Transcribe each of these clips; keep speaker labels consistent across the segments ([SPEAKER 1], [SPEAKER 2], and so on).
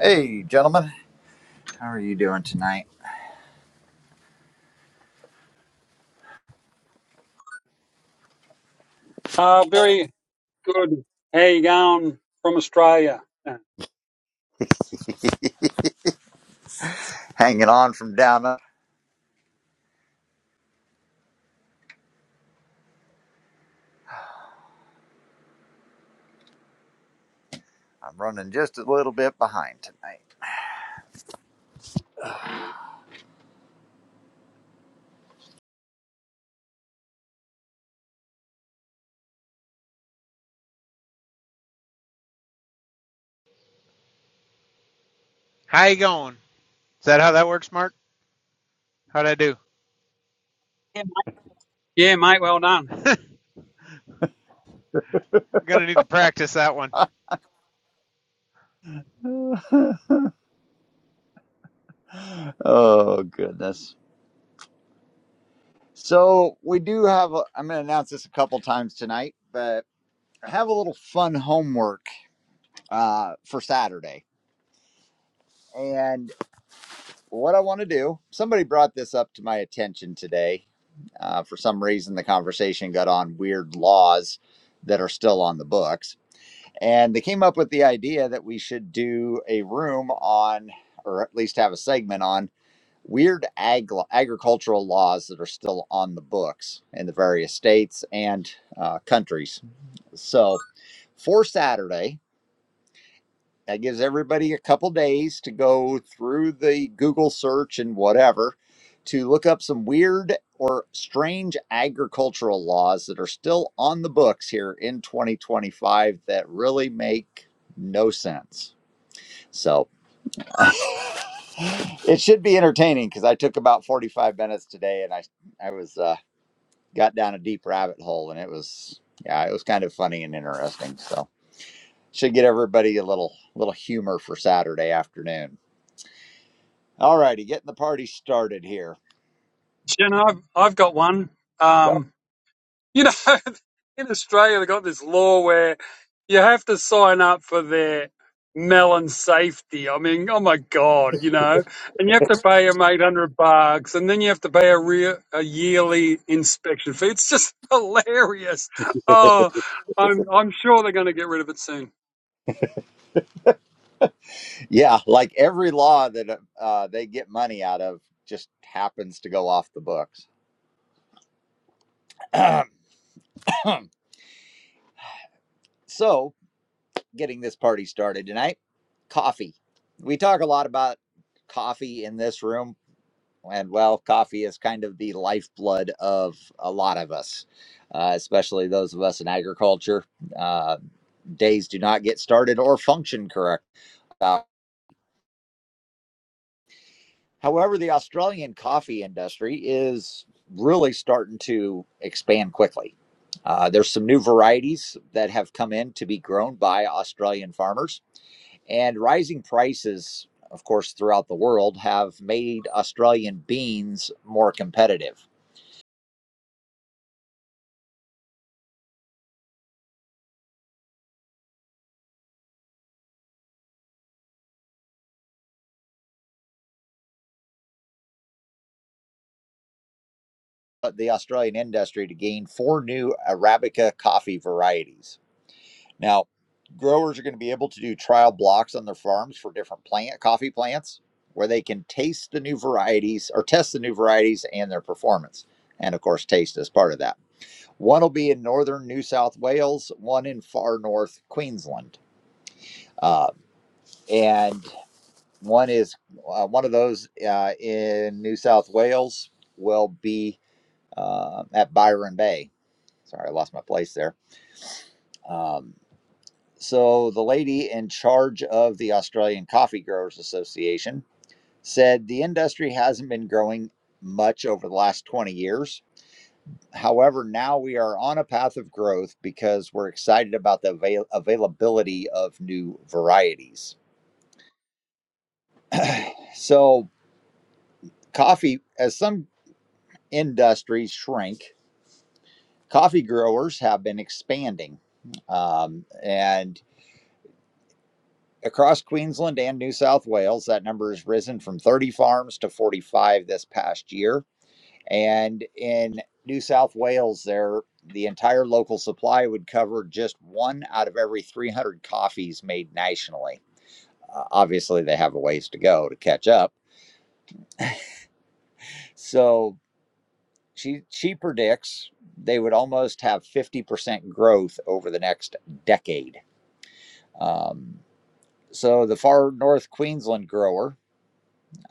[SPEAKER 1] Hey, gentlemen, how are you doing tonight?
[SPEAKER 2] Uh, very good. Hey, Gown from Australia. Yeah,
[SPEAKER 1] Hanging on from down up. I'm running just a little bit behind
[SPEAKER 3] How you going? Is that how that works, Mark? How'd I do?
[SPEAKER 2] mate, Yeah, mate, well done.
[SPEAKER 3] I'm Gonna need to practice that one.
[SPEAKER 1] tonight. oh, goodness. So, we do have, a, I'm going to announce this a couple times tonight, but I have a little fun homework uh, for Saturday. And what I want to do, somebody brought this up to my attention today. Uh, for some reason, the conversation got on weird laws that are still on the books And they came up with the idea that we should do a room on, or at least have a segment on, weird ag- agricultural laws that are still on the books in the various states and uh, countries. So for Saturday, that gives everybody a couple days to go through the Google search and whatever to look up some weird or strange agricultural laws that are still on the books here in 2025 that really make no sense. So it should be entertaining because I took about 45 minutes today and I I was uh, got down a deep rabbit hole and it was yeah it was kind of funny and interesting. So should get everybody a little little humor for Saturday afternoon. All righty, getting the party started here.
[SPEAKER 2] You know, I've, I've got one.
[SPEAKER 1] Go.
[SPEAKER 2] Um, you know, in Australia, they've got this law where you have to sign up for their melon safety. I mean, oh my God, you know, and you have to pay them 800 bucks and then you have to pay a, re- a yearly inspection fee. It's just hilarious. Oh, I'm, I'm sure they're going to get rid of it soon.
[SPEAKER 1] Yeah, like every law that uh, they get money out of just happens to go off the books. so, getting this party started tonight, coffee. We talk a lot about coffee in this room, and well, coffee is kind of the lifeblood of a lot of us, uh, especially those of us in agriculture. Uh, days do not get started or function correct. uh, However, the Australian coffee industry is really starting to expand quickly. Uh, there's some new varieties that have come in to be grown by Australian farmers, and rising prices, of course, throughout the world have made Australian beans more competitive. But The Australian industry to gain four new Arabica coffee varieties. Now, growers are going to be able to do trial blocks on their farms for different plant coffee plants where they can taste the new varieties or test the new varieties and their performance. And of course, taste is part of that. One will be in northern New South Wales, one in far north Queensland. Uh, and one is uh, one of those uh, in New South Wales will be uh, at Byron Bay. Sorry, I lost my place there. Um, So the lady in charge of the Australian Coffee Growers Association said the industry hasn't been growing much over the last 20 years. However, now we are on a path of growth because we're excited about the avail- availability of new varieties. So, coffee, as some industries shrink, coffee growers have been expanding. Um, and Across Queensland and New South Wales, that number has risen from 30 farms to 45 this past year. And in New South Wales, there the entire local supply would cover just one out of every 300 coffees made nationally. Uh, obviously, they have a ways to go to catch up. So she she predicts they would almost have 50% growth over the next decade. Um, so the far north Queensland grower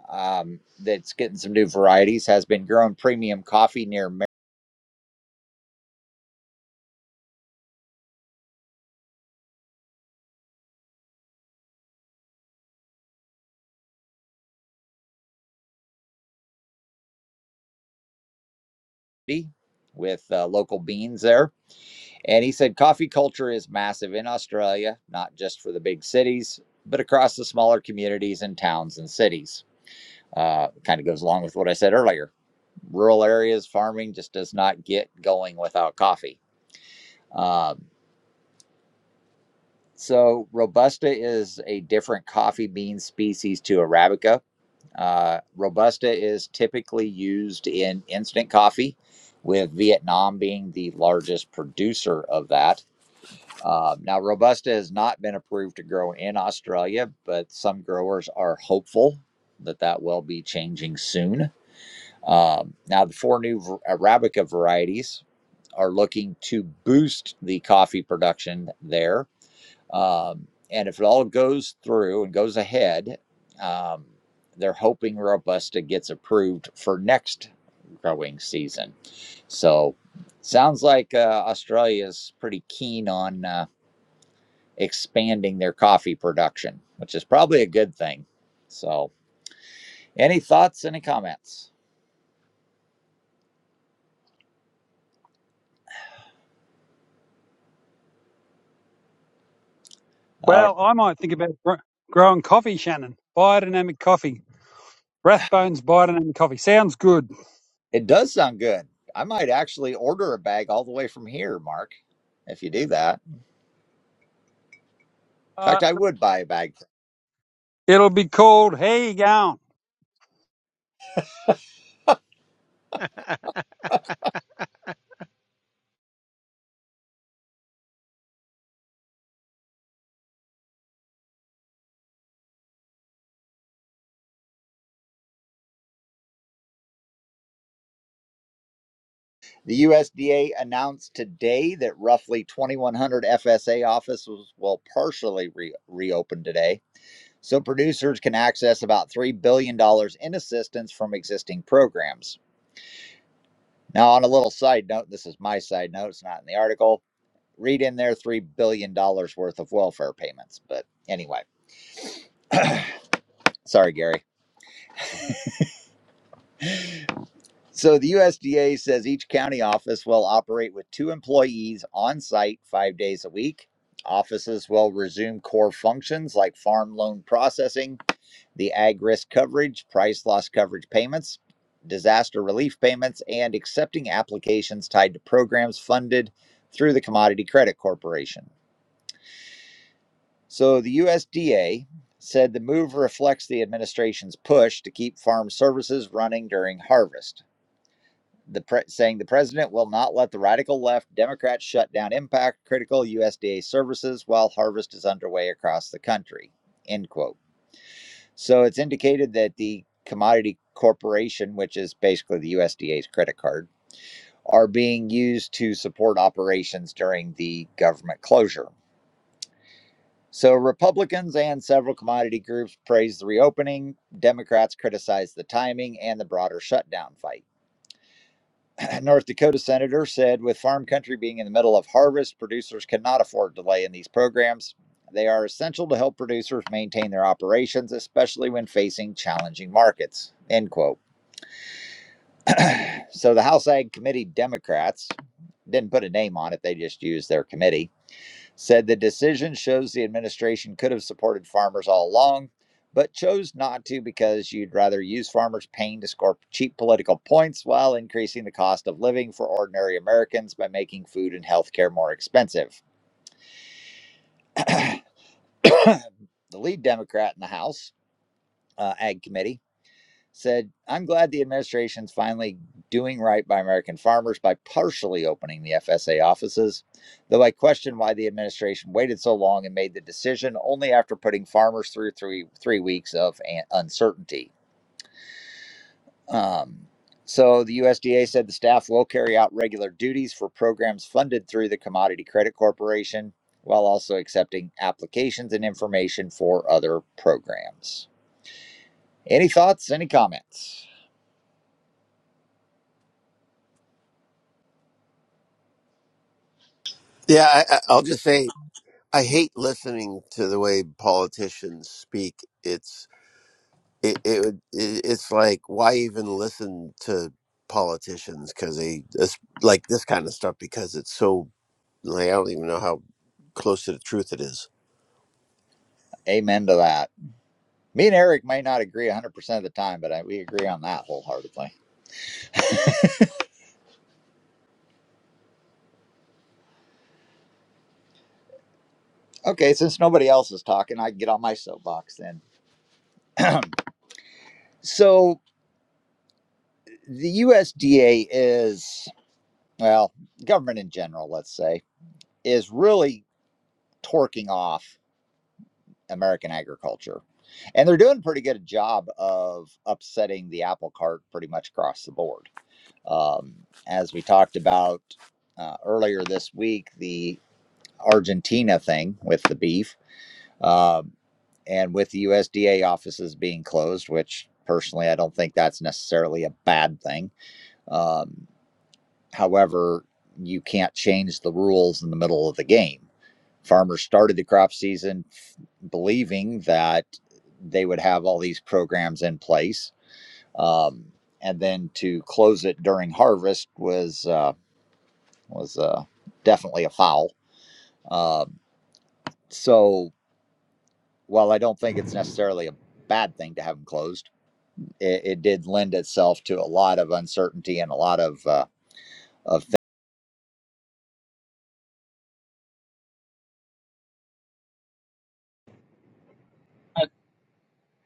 [SPEAKER 1] um, that's getting some new varieties, has been growing premium coffee near Merity with uh, local beans there. And he said coffee culture is massive in Australia, not just for the big cities, but across the smaller communities and towns and cities. Uh, kind of goes along with what I said earlier. Rural areas, farming just does not get going without coffee. Um, so, Robusta is a different coffee bean species to Arabica Uh, Robusta is typically used in instant coffee, with Vietnam being the largest producer of that. Uh, now, Robusta has not been approved to grow in Australia, but some growers are hopeful that that will be changing soon. Um, now, the four new Arabica varieties are looking to boost the coffee production there um, and if it all goes through and goes ahead, um, they're hoping Robusta gets approved for next growing season. So, sounds like uh, Australia is pretty keen on uh, expanding their coffee production, which is probably a good thing. So, any thoughts, any comments? Uh,
[SPEAKER 2] Well, I might think about gr- growing coffee, Shannon. Biodynamic coffee. Rathbones biodynamic coffee. Sounds good.
[SPEAKER 1] it does sound good. I might actually order a bag all the way from here, Mark, if you do that. In
[SPEAKER 2] Uh,
[SPEAKER 1] fact, I would buy a bag
[SPEAKER 2] it'll be called How You Going?
[SPEAKER 1] The USDA announced today that roughly 2,100 FSA offices will partially re- reopen today, so producers can access about $3 billion dollars in assistance from existing programs. Now, on a little side note, this is my side note, it's not in the article. Read in there $3 billion dollars worth of welfare payments. But anyway, sorry, Gary. So the USDA says each county office will operate with two employees on site five days a week. Offices will resume core functions like farm loan processing, the ag risk coverage, price loss coverage payments, disaster relief payments, and accepting applications tied to programs funded through the Commodity Credit Corporation. So the USDA said the move reflects the administration's push to keep farm services running during harvest the pre- saying the president will not let the radical left Democrats shut down impact critical USDA services while harvest is underway across the country. End quote. So it's indicated that the commodity corporation, which is basically the USDA's credit card, are being used to support operations during the government closure. So Republicans and several commodity groups praised the reopening. Democrats criticized the timing and the broader shutdown fight. North Dakota senator said with farm country being in the middle of harvest, producers cannot afford delay in these programs. They are essential to help producers maintain their operations, especially when facing challenging markets. End quote. So the House Ag Committee Democrats didn't put a name on it, they just used their committee said the decision shows the administration could have supported farmers all along, but chose not to because you'd rather use farmers' pain to score cheap political points while increasing the cost of living for ordinary Americans by making food and health care more expensive. The lead Democrat in the House uh, Ag Committee said, I'm glad the administration's finally doing right by American farmers by partially opening the FSA offices, though I question why the administration waited so long and made the decision only after putting farmers through three, three weeks of uncertainty. Um, so the USDA said the staff will carry out regular duties for programs funded through the Commodity Credit Corporation while also accepting applications and information for other programs. Any thoughts? Any comments?
[SPEAKER 4] Yeah, I, I- I'll just say I hate listening to the way politicians speak. It's it, it would- it- it's like why even listen to politicians because they this, like this kind of stuff because it's so like I don't even know how close to the truth it is.
[SPEAKER 1] Amen to that. Me and Eric may not agree 100% of the time, but I, we agree on that wholeheartedly. Okay, since nobody else is talking, I can get on my soapbox then. So, the USDA is, well, government in general, let's say, is really torquing off American agriculture. And they're doing a pretty good job of upsetting the apple cart pretty much across the board. Um, as we talked about uh, earlier this week, the Argentina thing with the beef Um, and with the USDA offices being closed, which personally I don't think that's necessarily a bad thing. Um, however, you can't change the rules in the middle of the game. Farmers started the crop season believing that they would have all these programs in place, um, and then to close it during harvest was uh, was uh, definitely a foul. Um so while I don't think it's necessarily a bad thing to have them closed it, it did lend itself to a lot of uncertainty and a lot of uh, of things.
[SPEAKER 5] I-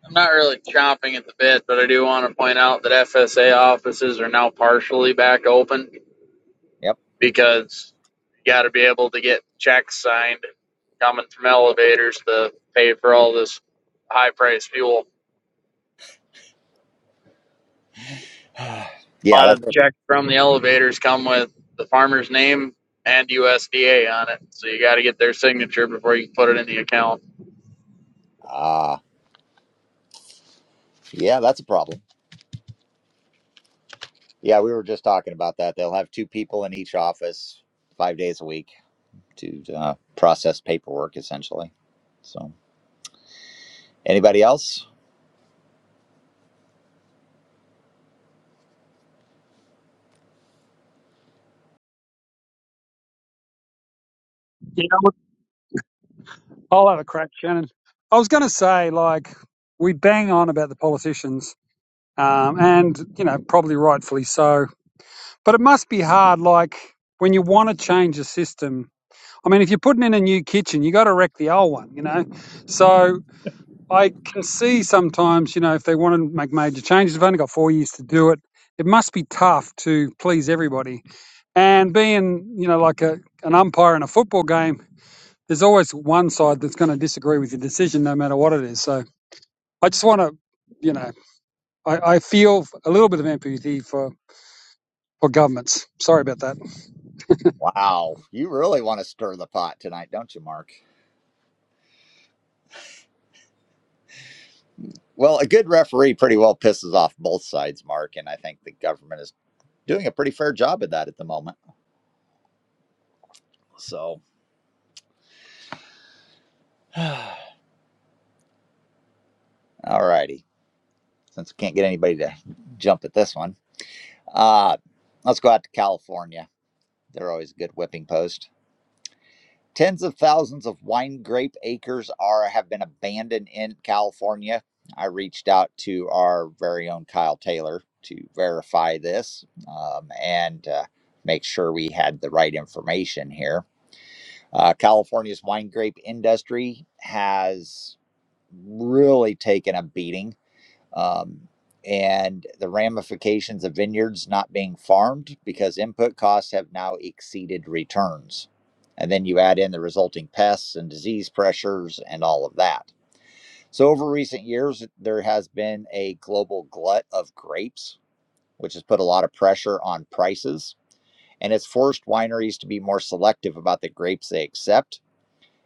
[SPEAKER 5] I'm not really chomping at the bit, but I do want to point out that FSA offices are now partially back open
[SPEAKER 1] yep.
[SPEAKER 5] because you got to be able to get checks signed coming from elevators to pay for all this high price fuel. A
[SPEAKER 1] yeah,
[SPEAKER 5] lot of
[SPEAKER 1] that's
[SPEAKER 5] the checks from the elevators come with the farmer's name and USDA on it, so you got to get their signature before you can put it in the account.
[SPEAKER 1] ah uh, yeah, that's a problem. Yeah, we were just talking about that. They'll have two people in each office, five days a week, to uh, process paperwork essentially. So, anybody else?
[SPEAKER 2] You know, what? I'll have a crack, Shannon. I was going to say, like, we bang on about the politicians, um, and, you know, probably rightfully so. But it must be hard, like, when you want to change a system. I mean, if you're putting in a new kitchen, you got to wreck the old one, you know? So I can see sometimes, you know, if they want to make major changes, they've only got four years to do it. It must be tough to please everybody. And being, you know, like a, an umpire in a football game, there's always one side that's going to disagree with your decision, no matter what it is. So I just want to, you know, I, I feel a little bit of empathy for, for governments. Sorry about that.
[SPEAKER 1] Wow, you really want to stir the pot tonight, don't you, Mark? Well, a good referee pretty well pisses off both sides, Mark, and I think the government is doing a pretty fair job of that at the moment. So, all righty. since we can't get anybody to jump at this one. Uh, let's go out to California. They're always a good whipping post. Tens of thousands of wine grape acres are have been abandoned in California. I reached out to our very own Kyle Taylor to verify this um, and uh, make sure we had the right information here. Uh, California's wine grape industry has really taken a beating um, and the ramifications of vineyards not being farmed because input costs have now exceeded returns. And then you add in the resulting pests and disease pressures and all of that. So, over recent years, there has been a global glut of grapes, which has put a lot of pressure on prices. And it's forced wineries to be more selective about the grapes they accept.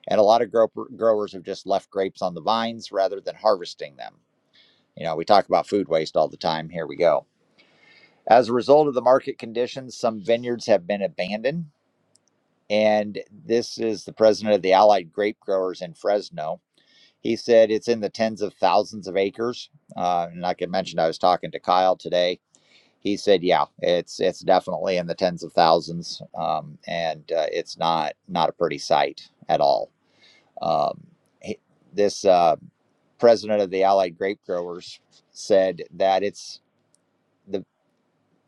[SPEAKER 1] And a lot of gro- growers have just left grapes on the vines rather than harvesting them. You know, we talk about food waste all the time. Here we go. As a result of the market conditions, some vineyards have been abandoned. And this is the president of the Allied Grape Growers in Fresno. He said it's in the tens of thousands of acres. Uh, and like I mentioned, I was talking to Kyle today. He said, "Yeah, it's it's definitely in the tens of thousands, um, and uh, it's not not a pretty sight at all." Um, he- this uh, president of the Allied Grape Growers said that it's the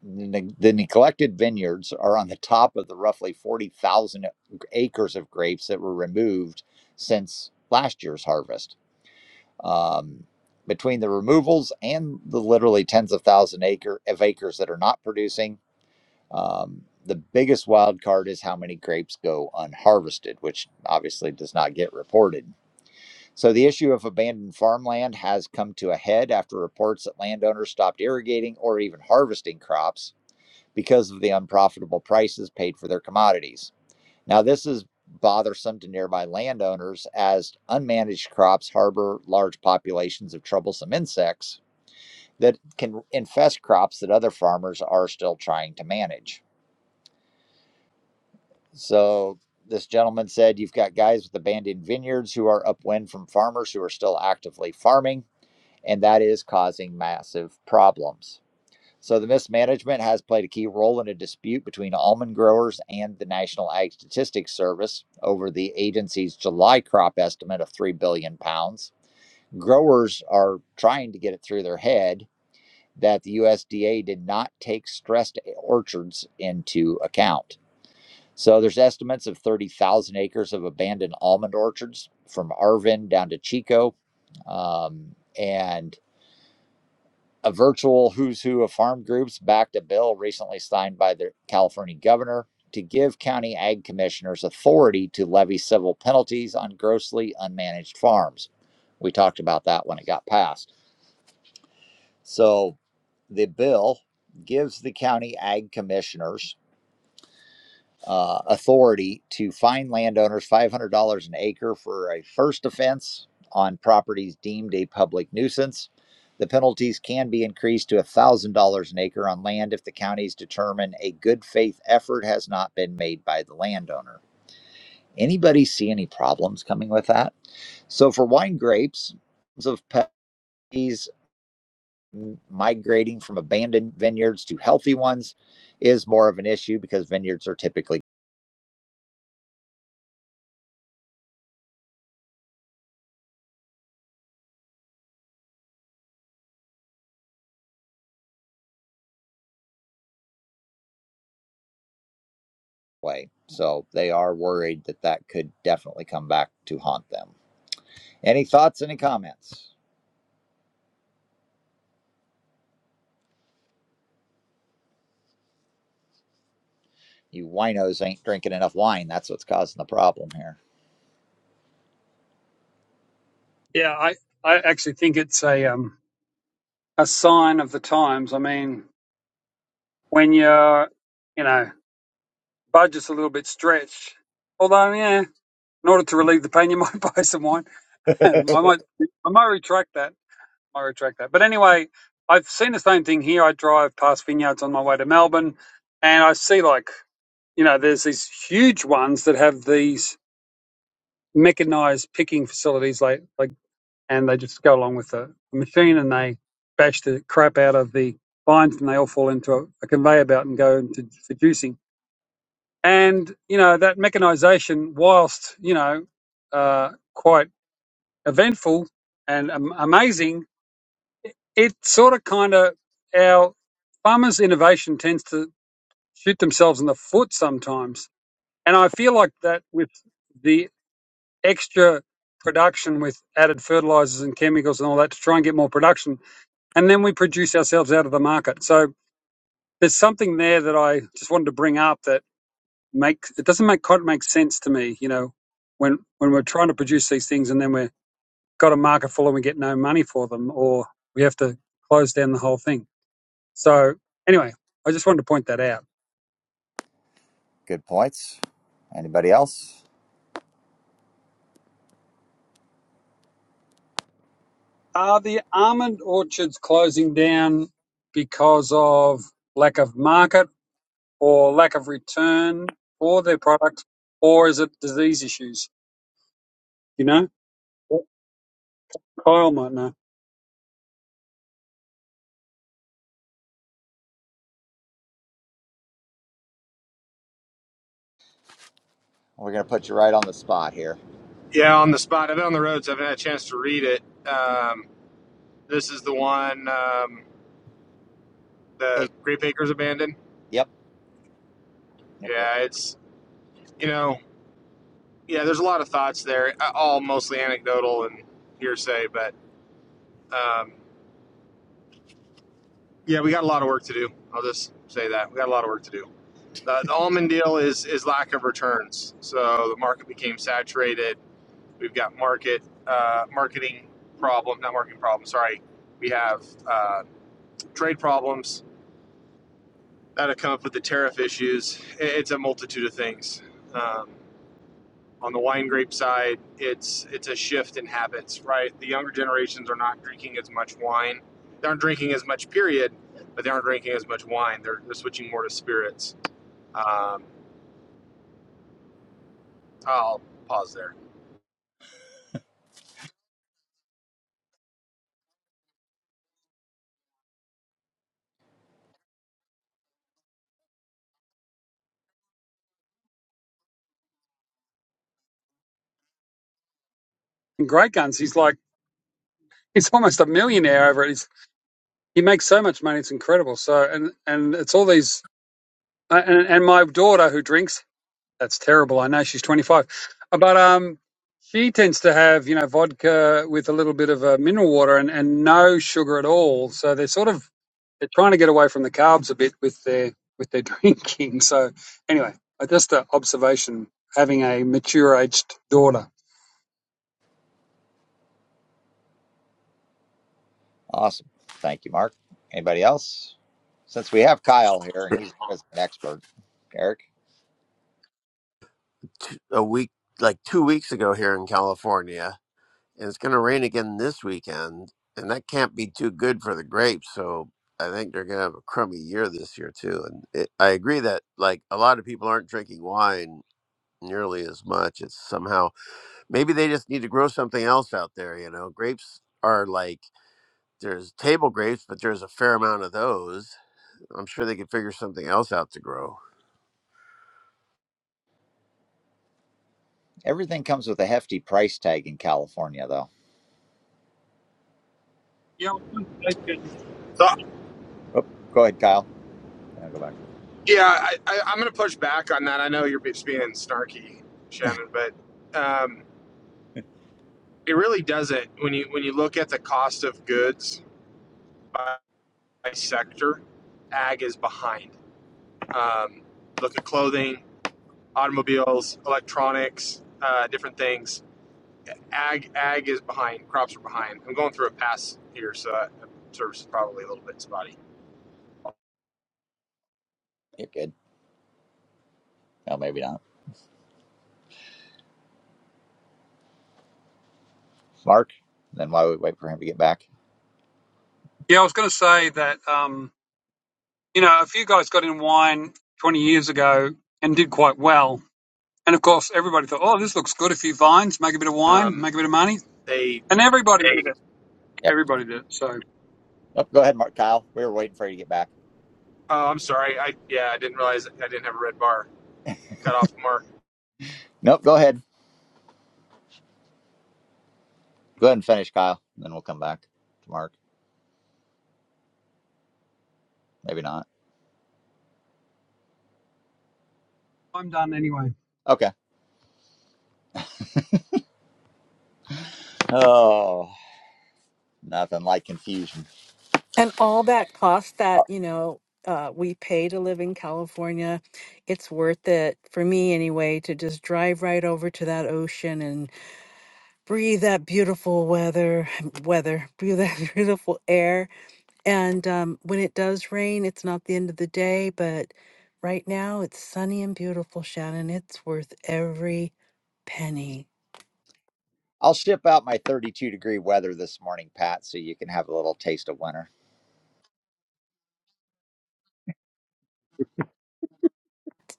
[SPEAKER 1] The the neglected vineyards are on the top of the roughly 40,000 acres of grapes that were removed since last year's harvest. Um, between the removals and the literally tens of thousand acre of acres that are not producing, um, the biggest wild card is how many grapes go unharvested, which obviously does not get reported. So the issue of abandoned farmland has come to a head after reports that landowners stopped irrigating or even harvesting crops because of the unprofitable prices paid for their commodities. Now, this is bothersome to nearby landowners as unmanaged crops harbor large populations of troublesome insects that can infest crops that other farmers are still trying to manage. So, this gentleman said you've got guys with abandoned vineyards who are upwind from farmers who are still actively farming, and that is causing massive problems. So the mismanagement has played a key role in a dispute between almond growers and the National Ag Statistics Service over the agency's July crop estimate of 3 billion pounds. Growers are trying to get it through their head that the USDA did not take stressed orchards into account. So there's estimates of 30,000 acres of abandoned almond orchards from Arvin down to Chico. Um, and a virtual who's who of farm groups backed a bill recently signed by the California governor to give county ag commissioners authority to levy civil penalties on grossly unmanaged farms. We talked about that when it got passed. So the bill gives the county ag commissioners uh, authority to fine landowners $500 an acre for a first offense on properties deemed a public nuisance. The penalties can be increased to $1,000 an acre on land if the counties determine a good faith effort has not been made by the landowner. Anybody see any problems coming with that? So, for wine grapes, of penalties migrating from abandoned vineyards to healthy ones is more of an issue because vineyards are typically way. So they are worried that that could definitely come back to haunt them. Any thoughts, any comments? You winos ain't drinking enough wine. That's what's causing the problem here.
[SPEAKER 2] Yeah, I, I actually think it's a um, a sign of the times. I mean, when your you know budget's a little bit stretched, although yeah, in order to relieve the pain, you might buy some wine. I might I might retract that. I might retract that. But anyway, I've seen the same thing here. I drive past vineyards on my way to Melbourne, and I see like you know there's these huge ones that have these mechanized picking facilities like like and they just go along with the machine and they bash the crap out of the vines and they all fall into a, a conveyor belt and go into for juicing. And you know that mechanization, whilst you know uh, quite eventful and um, amazing, it sort of kind of our farmers' innovation tends to shoot themselves in the foot sometimes. And I feel like that with the extra production with added fertilizers and chemicals and all that to try and get more production and then we produce ourselves out of the market. So there's something there that I just wanted to bring up that make it doesn't make quite make sense to me. You know, when when we're trying to produce these things and then we've got a market full and we get no money for them, or we have to close down the whole thing. So anyway, I just wanted to point that out.
[SPEAKER 1] Good points. Anybody else?
[SPEAKER 2] Are the almond orchards closing down because of lack of market or lack of return for their product, or is it disease issues? You know, Kyle might know.
[SPEAKER 1] We're going to put you right on the spot here.
[SPEAKER 6] Yeah, on the spot. I've been on the road, so I haven't had a chance to read it. Um, this is the one um, the
[SPEAKER 1] Hey,
[SPEAKER 6] Grape Acres abandoned.
[SPEAKER 1] yep, yep, yep.
[SPEAKER 6] Yeah, it's you know, yeah. There's a lot of thoughts there, uh, all mostly anecdotal and hearsay, but um, yeah, we got a lot of work to do. I'll just say that we got a lot of work to do. The, the almond deal is is lack of returns, so the market became saturated. We've got market uh, marketing problem, not marketing problem. Sorry, we have uh, trade problems that'll come up with the tariff issues. It's a multitude of things. Um, on the wine grape side, it's it's a shift in habits, right? The younger generations are not drinking as much wine. They aren't drinking as much, period, but they aren't drinking as much wine. They're, they're switching more to spirits. Um, I'll pause there.
[SPEAKER 2] and great guns. He's like he's almost a millionaire over it. He's, he makes so much money, it's incredible. So and and it's all these uh, and and my daughter who drinks. That's terrible. I know she's twenty five, but um, she tends to have you know vodka with a little bit of uh, mineral water and and no sugar at all. So they're sort of they're trying to get away from the carbs a bit with their with their drinking. So anyway, uh, just an observation. Having a mature aged daughter.
[SPEAKER 1] Awesome. Thank you, Mark. Anybody else? Since we have Kyle here and
[SPEAKER 4] A
[SPEAKER 1] he's the resident expert, Eric,
[SPEAKER 4] week like two weeks ago here in California. and it's going to rain again this weekend, and that can't be too good for the grapes. So I think they're going to have a crummy year this year too. And it, I agree that like a lot of people aren't drinking wine nearly as much. It's somehow maybe they just need to grow something else out there. You know, grapes are like there's table grapes, but there's a fair amount of those. I'm sure they could figure something else out to grow.
[SPEAKER 1] everything comes with a hefty price tag in California, though.
[SPEAKER 2] Yeah, I was gonna say-
[SPEAKER 6] So,
[SPEAKER 1] Oh, go ahead, Kyle. I'll go back.
[SPEAKER 6] yeah, I, I, I'm going to push back on that. I know you're just being snarky, Shannon, but um, it really doesn't. When you when you look at the cost of goods by by sector, ag is behind. Um, look at clothing, automobiles, electronics, uh, different things. Ag, ag is behind. Crops are behind. I'm going through a pass here, so that service is probably a little bit spotty.
[SPEAKER 1] You're good. No, maybe not. Mark. Then while we wait for him to get back.
[SPEAKER 2] yeah, I was going to say that. Um, You know, a few guys got in wine 20 years ago and did quite well. And of course, everybody thought, oh, this looks good. A few vines, make a bit of wine,
[SPEAKER 6] Um,
[SPEAKER 2] make a bit of money.
[SPEAKER 6] they,
[SPEAKER 2] And everybody did it.
[SPEAKER 1] Yep.
[SPEAKER 2] Everybody did it. So
[SPEAKER 1] Yep. Go ahead, Mark. Kyle. We were waiting for you to get back.
[SPEAKER 6] oh, I'm sorry. I yeah, I didn't realize I didn't have a red bar. Cut off the mark.
[SPEAKER 1] Nope. Go ahead. Go ahead and finish, Kyle. and Then we'll come back to Mark. Maybe not.
[SPEAKER 2] I'm done anyway.
[SPEAKER 1] Okay. Oh, nothing like confusion.
[SPEAKER 7] And all that cost that, you know, uh, we pay to live in California, it's worth it for me anyway to just drive right over to that ocean and breathe that beautiful weather, weather, breathe that beautiful air. And um, when it does rain, it's not the end of the day, but right now it's sunny and beautiful, Shannon. It's worth every penny.
[SPEAKER 1] I'll ship out my 32 degree weather this morning, Pat, so you can have a little taste of winter.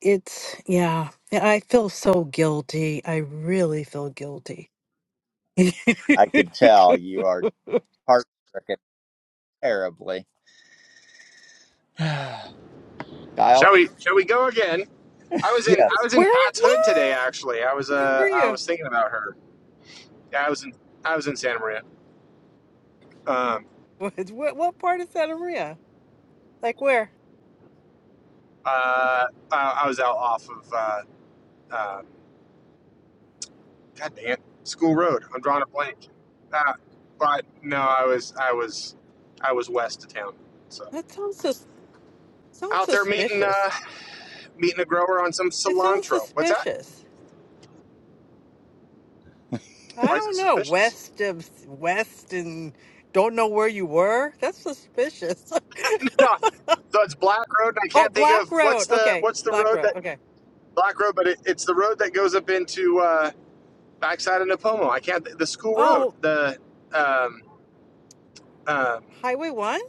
[SPEAKER 7] It's, yeah, I feel so guilty. I really feel guilty.
[SPEAKER 1] I can tell you are heart stricken terribly. Kyle?
[SPEAKER 6] Shall we? Shall we go again? I was in
[SPEAKER 1] Yes.
[SPEAKER 6] I was in
[SPEAKER 7] Where?
[SPEAKER 6] Pat's Hood today.
[SPEAKER 7] Where?
[SPEAKER 6] Actually, I was
[SPEAKER 7] Where were
[SPEAKER 6] uh I
[SPEAKER 7] you?
[SPEAKER 6] was thinking about her. Yeah, I was in I was in Santa Maria. Um,
[SPEAKER 7] What? What, what part of Santa Maria? Like where?
[SPEAKER 6] uh, I, I was out off of uh, uh, God damn! it, School Road. I'm drawing a blank. Uh, but no, I was I was I was west of town. So
[SPEAKER 7] That sounds sus- sounds
[SPEAKER 6] out there meeting
[SPEAKER 7] suspicious.
[SPEAKER 6] uh, meeting a grower on some
[SPEAKER 7] It sounds
[SPEAKER 6] cilantro. What's that?
[SPEAKER 7] suspicious. I
[SPEAKER 6] Why is it
[SPEAKER 7] don't know.
[SPEAKER 6] suspicious?
[SPEAKER 7] West of West and don't know where you were. That's suspicious.
[SPEAKER 6] no, so it's Black Road, and I
[SPEAKER 7] oh,
[SPEAKER 6] can't think
[SPEAKER 7] Black
[SPEAKER 6] of what's
[SPEAKER 7] Road.
[SPEAKER 6] the
[SPEAKER 7] Okay,
[SPEAKER 6] what's the
[SPEAKER 7] Black
[SPEAKER 6] road
[SPEAKER 7] Road.
[SPEAKER 6] that
[SPEAKER 7] Okay.
[SPEAKER 6] Black Road, but it, it's the road that goes up into uh, backside of Napomo. I can't the school road.
[SPEAKER 7] Oh,
[SPEAKER 6] The um, um,
[SPEAKER 7] Highway One.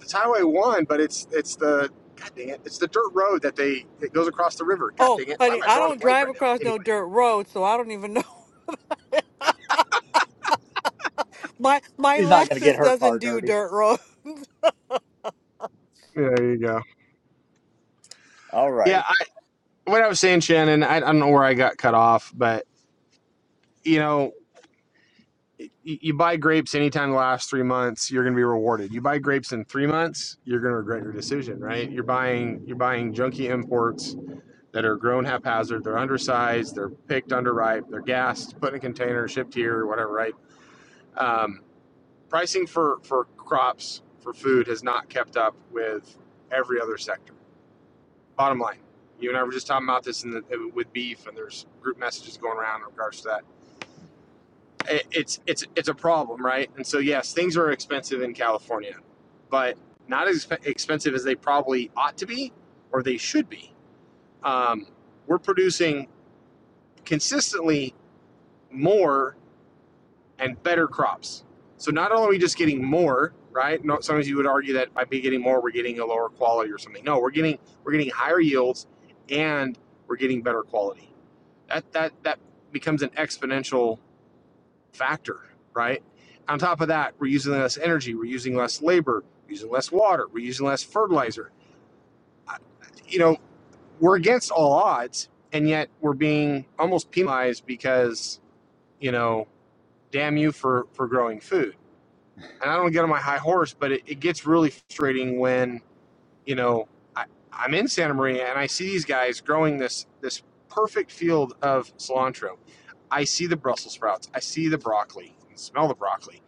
[SPEAKER 6] It's Highway One, but it's it's the God dang it! It's the dirt road that they it goes across the river. God
[SPEAKER 7] Oh,
[SPEAKER 6] dang it! Why
[SPEAKER 7] honey,
[SPEAKER 6] am I
[SPEAKER 7] I
[SPEAKER 6] drawing a
[SPEAKER 7] don't
[SPEAKER 6] blank
[SPEAKER 7] drive
[SPEAKER 6] right now?
[SPEAKER 7] across no
[SPEAKER 6] Anyway,
[SPEAKER 7] dirt road, so I don't even know. My my
[SPEAKER 1] She's not going to get
[SPEAKER 7] Lexus
[SPEAKER 1] her
[SPEAKER 7] doesn't
[SPEAKER 1] car
[SPEAKER 7] do
[SPEAKER 1] dirty.
[SPEAKER 7] dirt roads.
[SPEAKER 6] Yeah, there you go.
[SPEAKER 1] All
[SPEAKER 6] Yeah,
[SPEAKER 1] righty.
[SPEAKER 6] I, what I was saying, Shannon. I, I don't know where I got cut off, but you know, y- you buy grapes anytime the last three months, you're going to be rewarded. You buy grapes in three months, you're going to regret your decision, right? You're buying you're buying junky imports that are grown haphazard. They're undersized. They're picked underripe. They're gassed, put in a container, shipped here, or whatever, right? Um, pricing for for crops for food has not kept up with every other sector. Bottom line, you and I were just talking about this in the, with beef, and there's group messages going around in regards to that. It, it's it's it's a problem, right? And so yes, things are expensive in California, but not as expensive as they probably ought to be or they should be. Um, we're producing consistently more and better crops. So not only are we just getting more, right? No, sometimes you would argue that by be getting more, we're getting a lower quality or something. No, we're getting we're getting higher yields and we're getting better quality. That that that becomes an exponential factor, right? On top of that, we're using less energy, we're using less labor, we're using less water, we're using less fertilizer. Uh, You know, we're against all odds, and yet we're being almost penalized because you know, damn you for for growing food and I don't get on my high horse, but it, it gets really frustrating when you know I, I'm in Santa Maria and I see these guys growing this this perfect field of cilantro. I see the Brussels sprouts, I see the broccoli, I can smell the broccoli.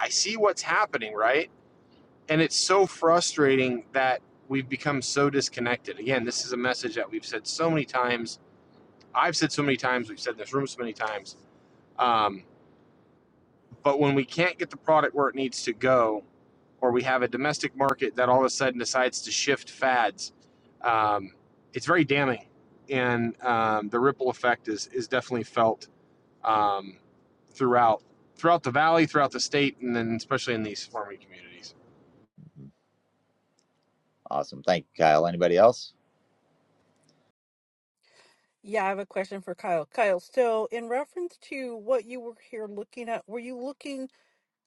[SPEAKER 6] I see what's happening, right? And it's so frustrating that we've become so disconnected. Again, this is a message that we've said so many times. I've said so many times. We've said in this room so many times. Um, but when we can't get the product where it needs to go, or we have a domestic market that all of a sudden decides to shift fads, um, it's very damning, and um, the ripple effect is is definitely felt um, throughout throughout the valley, throughout the state, and then especially in these farming communities.
[SPEAKER 1] Awesome. Thank you, Kyle. Anybody else?
[SPEAKER 7] Yeah, I have a question for Kyle. Kyle, so in reference to what you were here looking at, were you looking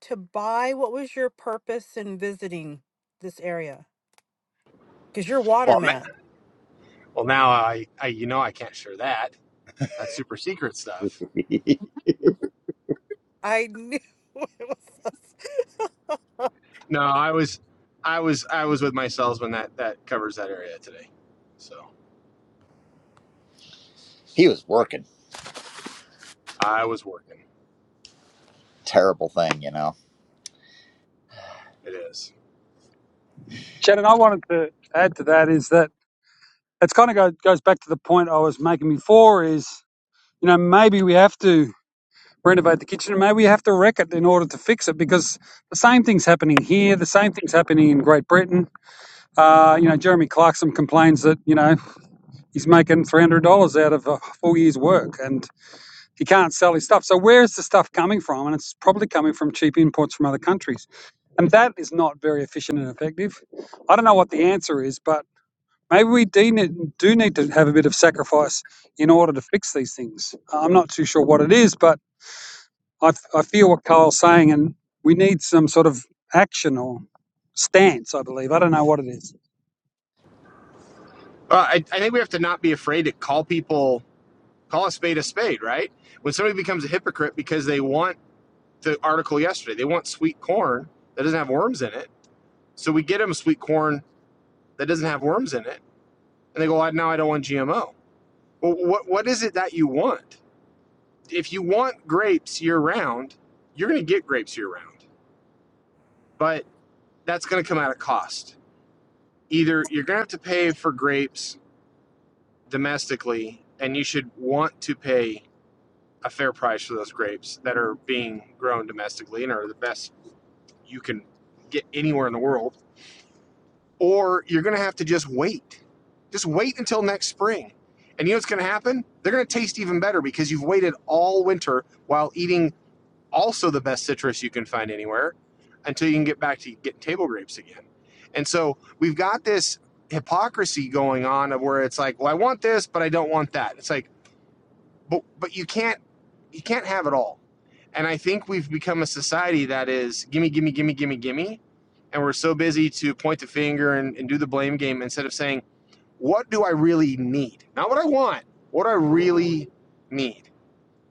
[SPEAKER 7] to buy? What was your purpose in visiting this area? Because you're a
[SPEAKER 6] Well,
[SPEAKER 7] waterman.
[SPEAKER 6] well, now I, I you know I can't share that. That's super secret stuff.
[SPEAKER 1] he
[SPEAKER 7] I knew it was us.
[SPEAKER 6] No, I was I was I was with my salesman that that covers that area today, so
[SPEAKER 1] was working.
[SPEAKER 6] I was working.
[SPEAKER 1] terrible thing, you know.
[SPEAKER 6] It is.
[SPEAKER 2] Shannon, I wanted to add to that is that it's kind of go, goes back to the point I was making before is, you know, maybe we have to renovate the kitchen and maybe we have to wreck it in order to fix it because the same thing's happening here. The same thing's happening in Great Britain. Uh, you know, Jeremy Clarkson complains that, you know, He's making three hundred dollars out of a full year's work, and he can't sell his stuff. So where is the stuff coming from? And it's probably coming from cheap imports from other countries, and that is not very efficient and effective. I don't know what the answer is, but maybe we do need, do need to have a bit of sacrifice in order to fix these things. I'm not too sure what it is, but I, f- I feel what Kyle's saying, and we need some sort of action or stance. I believe I don't know what it is.
[SPEAKER 6] Uh, I, I think we have to not be afraid to call people Call a spade a spade, right? When somebody becomes a hypocrite because they want the article yesterday, they want sweet corn that doesn't have worms in it. So we get them sweet corn that doesn't have worms in it, and they go, well, "Now I don't want GMO." Well, what what is it that you want? If you want grapes year round, you're going to get grapes year round, but that's going to come at a cost. Either you're going to have to pay for grapes domestically, and you should want to pay a fair price for those grapes that are being grown domestically and are the best you can get anywhere in the world, or you're going to have to just wait. Just wait until next spring. And you know what's going to happen? They're going to taste even better because you've waited all winter while eating also the best citrus you can find anywhere until you can get back to getting table grapes again. And so we've got this hypocrisy going on of where it's like, well, I want this, but I don't want that. It's like, but but you can't you can't have it all. And I think we've become a society that is gimme, gimme, gimme, gimme, gimme. And we're so busy to point the finger and, and do the blame game instead of saying, what do I really need? Not what I want, what do I really need.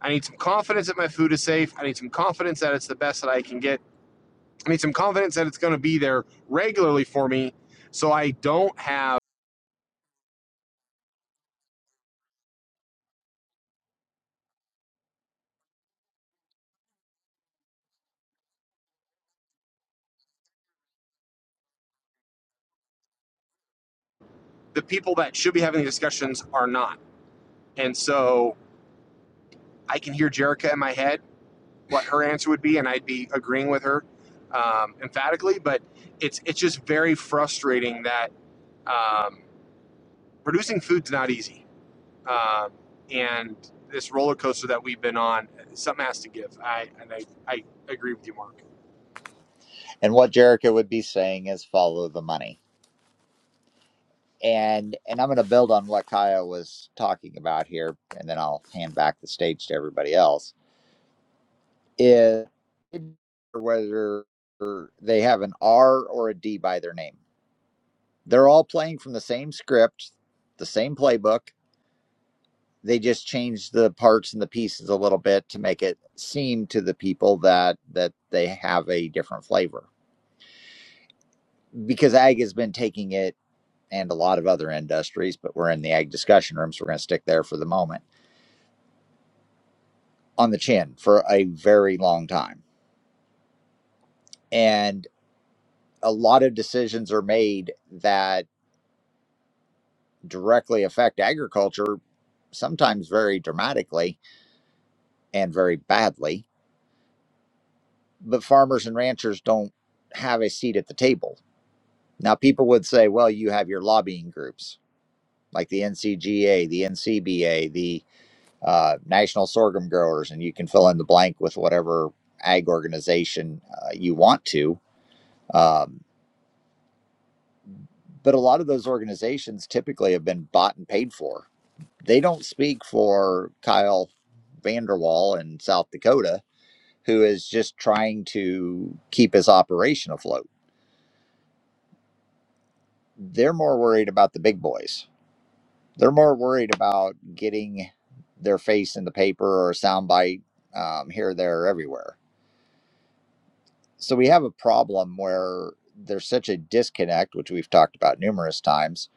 [SPEAKER 6] I need some confidence that my food is safe. I need some confidence that it's the best that I can get. I need some confidence that it's going to be there regularly for me so I don't have the people that should be having the discussions are not. And so I can hear Jerica in my head what her answer would be, and I'd be agreeing with her um, emphatically. But it's it's just very frustrating that um, producing food's not easy, um, and this roller coaster that we've been on, something has to give. I and I, I agree with you, Mark.
[SPEAKER 1] And what Jericho would be saying is follow the money. And and I'm going to build on what Kaya was talking about here, and then I'll hand back the stage to everybody else. Is whether they have an R or a D by their name. They're all playing from the same script, the same playbook. They just change the parts and the pieces a little bit to make it seem to the people that that they have a different flavor. Because Ag has been taking it and a lot of other industries, but we're in the ag discussion room, so we're going to stick there for the moment on the chin for a very long time. And a lot of decisions are made that directly affect agriculture, sometimes very dramatically and very badly. But farmers and ranchers don't have a seat at the table. Now, people would say, well, you have your lobbying groups like the NCGA, the NCBA, the." uh, National Sorghum Growers, and you can fill in the blank with whatever ag organization uh, you want to. Um, but a lot of those organizations typically have been bought and paid for. They don't speak for Kyle Vanderwall in South Dakota, who is just trying to keep his operation afloat. They're more worried about the big boys. They're more worried about getting their face in the paper or a soundbite um, here, there, or everywhere so we have a problem where there's such a disconnect, which we've talked about numerous times,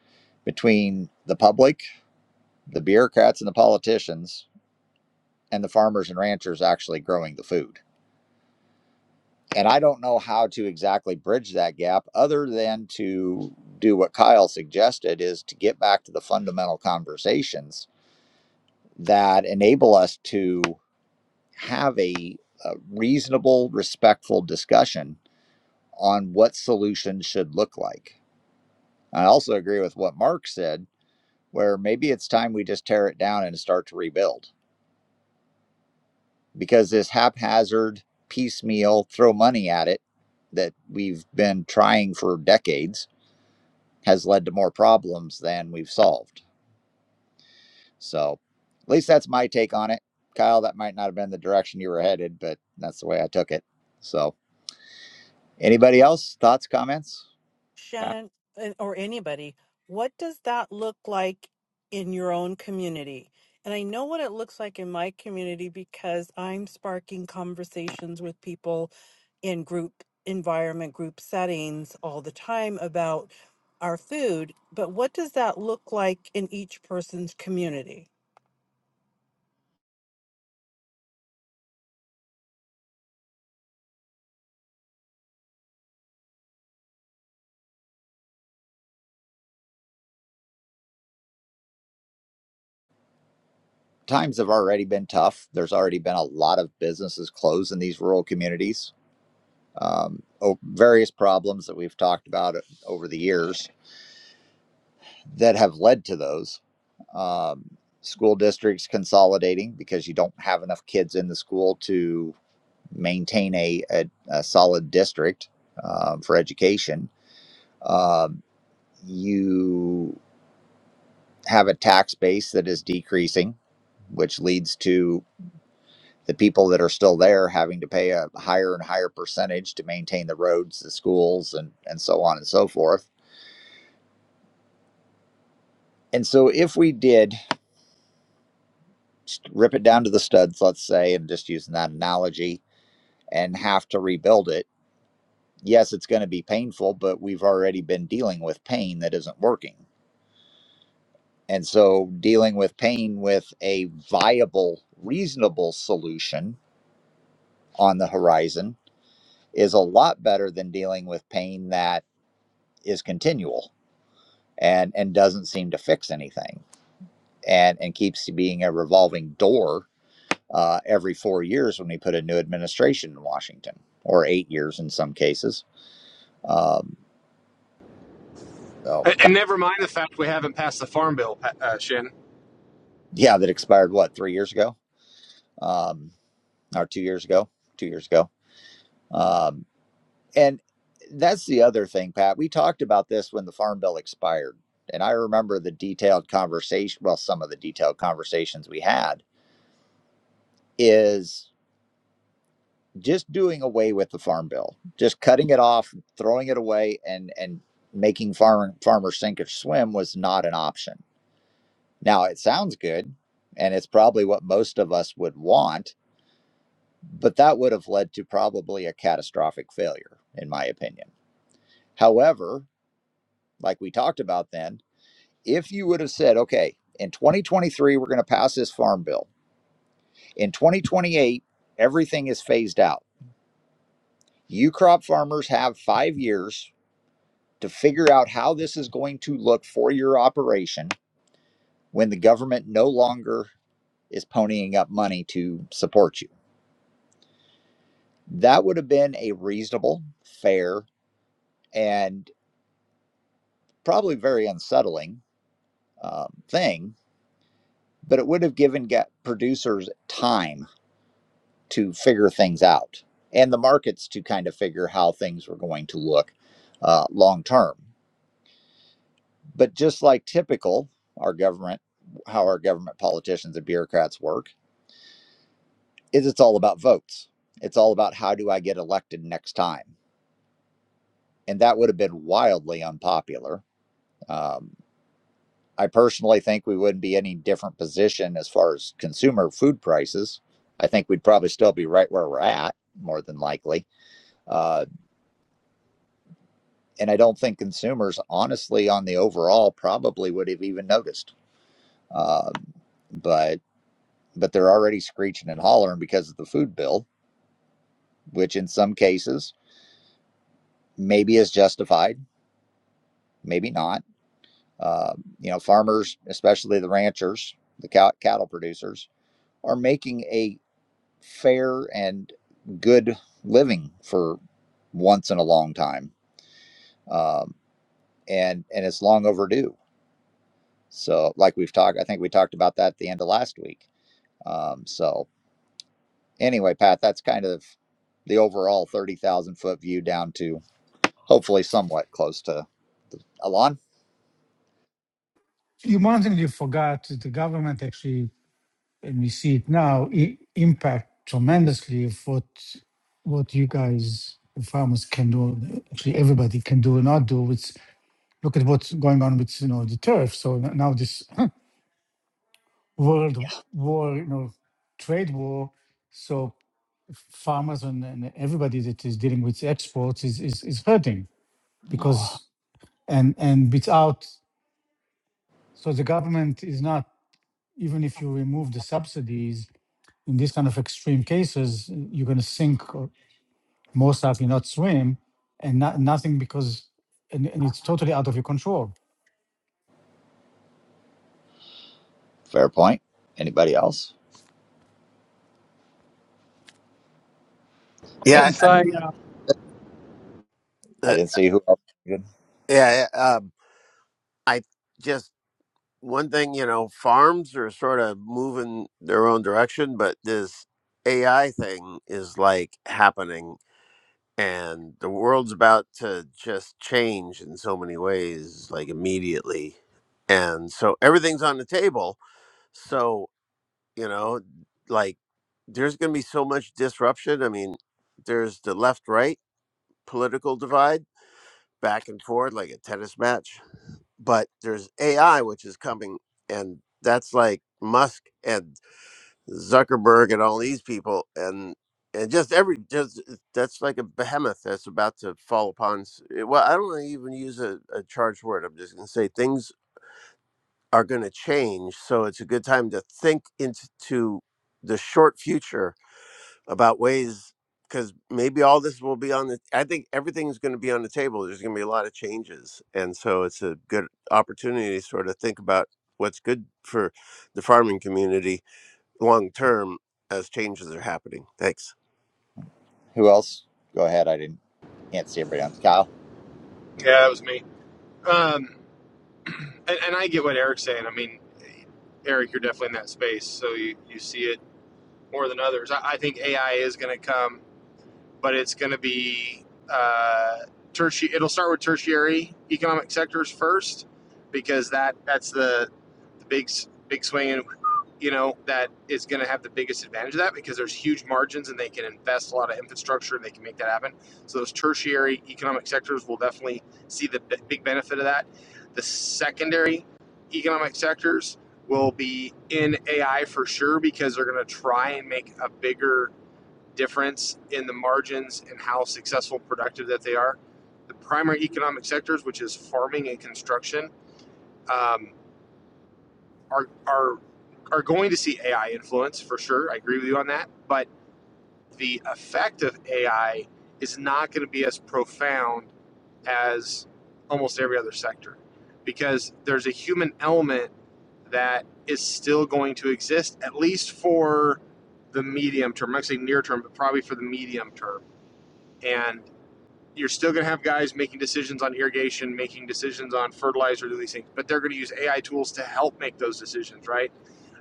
[SPEAKER 1] between the public, the bureaucrats and the politicians, and the farmers and ranchers actually growing the food. And I don't know how to exactly bridge that gap other than to do what Kyle suggested is to get back to the fundamental conversations that enable us to have a, a reasonable, respectful discussion on what solutions should look like I also agree with what Mark said, where maybe it's time we just tear it down and start to rebuild because this haphazard, piecemeal, throw money at it that we've been trying for decades has led to more problems than we've solved. So, at least that's my take on it. Kyle, that might not have been the direction you were headed, but that's the way I took it. So, anybody else? Thoughts, comments?
[SPEAKER 7] Shannon and- or anybody, what does that look like in your own community? And I know what it looks like in my community because I'm sparking conversations with people in group environment, group settings all the time about our food. But what does that look like in each person's community?
[SPEAKER 1] Times have already been tough. There's already been a lot of businesses closed in these rural communities um, various problems that we've talked about uh, over the years that have led to those. Um, school districts consolidating because you don't have enough kids in the school to maintain a, a, a solid district um, for education. Um, you have a tax base that is decreasing, which leads to the people that are still there having to pay a higher and higher percentage to maintain the roads, the schools, and, and so on and so forth And so, if we did rip it down to the studs, let's say, and just using that analogy, and have to rebuild it, yes, it's going to be painful, but we've already been dealing with pain that isn't working. And so, dealing with pain with a viable, reasonable solution on the horizon is a lot better than dealing with pain that is continual and, and doesn't seem to fix anything and, and keeps being a revolving door uh, every four years when we put a new administration in Washington, or eight years in some cases. Um, so,
[SPEAKER 6] And, and never mind the fact we haven't passed the farm bill, uh, Shin.
[SPEAKER 1] yeah, that expired what three years ago, um, or two years ago, two years ago. Um, and that's the other thing, Pat. We talked about this when the Farm Bill expired, and I remember the detailed conversation. Well, some of the detailed conversations we had is just doing away with the farm bill, just cutting it off, throwing it away, and and making farm farmers sink or swim was not an option. Now it sounds good, and it's probably what most of us would want, but that would have led to probably a catastrophic failure, in my opinion. However, like we talked about then, if you would have said, okay, in 2023 we're going to pass this farm bill, in 2028 everything is phased out. You crop farmers have five years to figure out how this is going to look for your operation when the government no longer is ponying up money to support you. That would have been a reasonable, fair, and probably very unsettling um, thing, but it would have given ga- producers time to figure things out and the markets to kind of figure how things were going to look uh, long term. But just like typical, our government, how our government politicians and bureaucrats work is it's all about votes. It's all about how do I get elected next time? And that would have been wildly unpopular. Um, I personally think we wouldn't be any different position as far as consumer food prices. I think we'd probably still be right where we're at, more than likely. Uh, and I don't think consumers, honestly, on the overall, probably would have even noticed. Um, but but they're already screeching and hollering because of the food bill, which in some cases maybe is justified, maybe not Uh, you know, farmers, especially the ranchers, the cow- cattle producers, are making a fair and good living for once in a long time, um, and and it's long overdue. So, like we've talked, I think we talked about that at the end of last week. Um, so, anyway, Pat, that's kind of the overall thirty thousand foot view down to hopefully somewhat close to Alon.
[SPEAKER 8] You, one thing you forgot is the government actually, and we see it now, i- impact tremendously of what what you guys, the farmers, can do. Actually, everybody can do or not do. It's look at what's going on with you know the tariff. So n- now this world war, you know, trade war. So farmers and, and everybody that is dealing with exports is, is is hurting because and and without so the government is not even if you remove the subsidies in these kind of extreme cases, you're going to sink or most likely not swim and not, nothing because, and, and it's totally out of your control.
[SPEAKER 1] Fair point. Anybody else?
[SPEAKER 2] I was
[SPEAKER 4] Yeah,
[SPEAKER 2] going to
[SPEAKER 1] And
[SPEAKER 2] say.
[SPEAKER 4] I-
[SPEAKER 1] I
[SPEAKER 4] uh,
[SPEAKER 1] didn't see who else.
[SPEAKER 4] yeah. I- Um, I just one thing you know farms are sort of moving their own direction but this ai thing is like happening and the world's about to just change in so many ways like immediately and so everything's on the table so you know like there's going to be so much disruption i mean there's the left right political divide back and forth like a tennis match but there's AI which is coming, and that's like Musk and Zuckerberg and all these people, and and just every just uh, that's like a behemoth that's about to fall upon. s- eh, Well, I don't wanna even use a, a charged word. I'm just gonna say things are gonna change, so it's a good time to think into the short future about ways because maybe all this will be on the i think everything's going to be on the table there's going to be a lot of changes and so it's a good opportunity to sort of think about what's good for the farming community long term as changes are happening thanks
[SPEAKER 1] Who else? Go ahead. I didn't can't see everybody else. Kyle.
[SPEAKER 6] Yeah, that was me. Um, and, and I get what Eric's saying. I mean, Eric, you're definitely in that space, so you, you see it more than others. I, I think AI is going to come but it's going to be uh, tertiary. It'll start with tertiary economic sectors first, because that that's the the big big swing, and you know, that is going to have the biggest advantage of that because there's huge margins and they can invest a lot of infrastructure and they can make that happen. So those tertiary economic sectors will definitely see the big benefit of that. The secondary economic sectors will be in AI for sure because they're going to try and make a bigger difference in the margins and how successful productive that they are. The primary economic sectors, which is farming and construction, um, are are are going to see AI influence for sure. I agree with you on that, but the effect of AI is not going to be as profound as almost every other sector because there's a human element that is still going to exist at least for the medium term. I'm not saying near term, but probably for the medium term. And You're still going to have guys making decisions on irrigation, making decisions on fertilizer, do these things, but they're going to use AI tools to help make those decisions, right?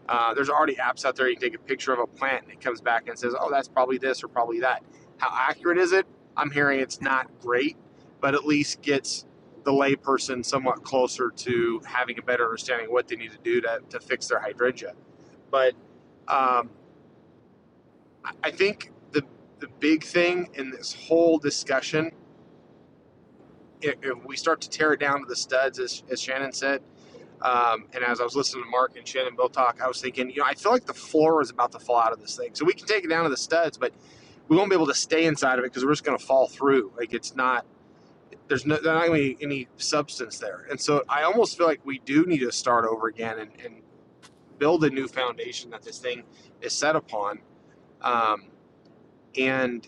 [SPEAKER 6] Uh, there's already apps out there. You can take a picture of a plant and it comes back and says, oh, that's probably this or probably that. How accurate is it? I'm hearing it's not great, but at least gets the layperson somewhat closer to having a better understanding of what they need to do to, to fix their hydrangea. But um, I think the the big thing in this whole discussion if, we start to tear it down to the studs, as, as Shannon said, um, and as I was listening to Mark and Shannon both talk, I was thinking, you know, I feel like the floor is about to fall out of this thing. So we can take it down to the studs, but we won't be able to stay inside of it because we're just going to fall through. Like it's not, there's no, there's not going to be any substance there. And so I almost feel like we do need to start over again and, and build a new foundation that this thing is set upon. Um, and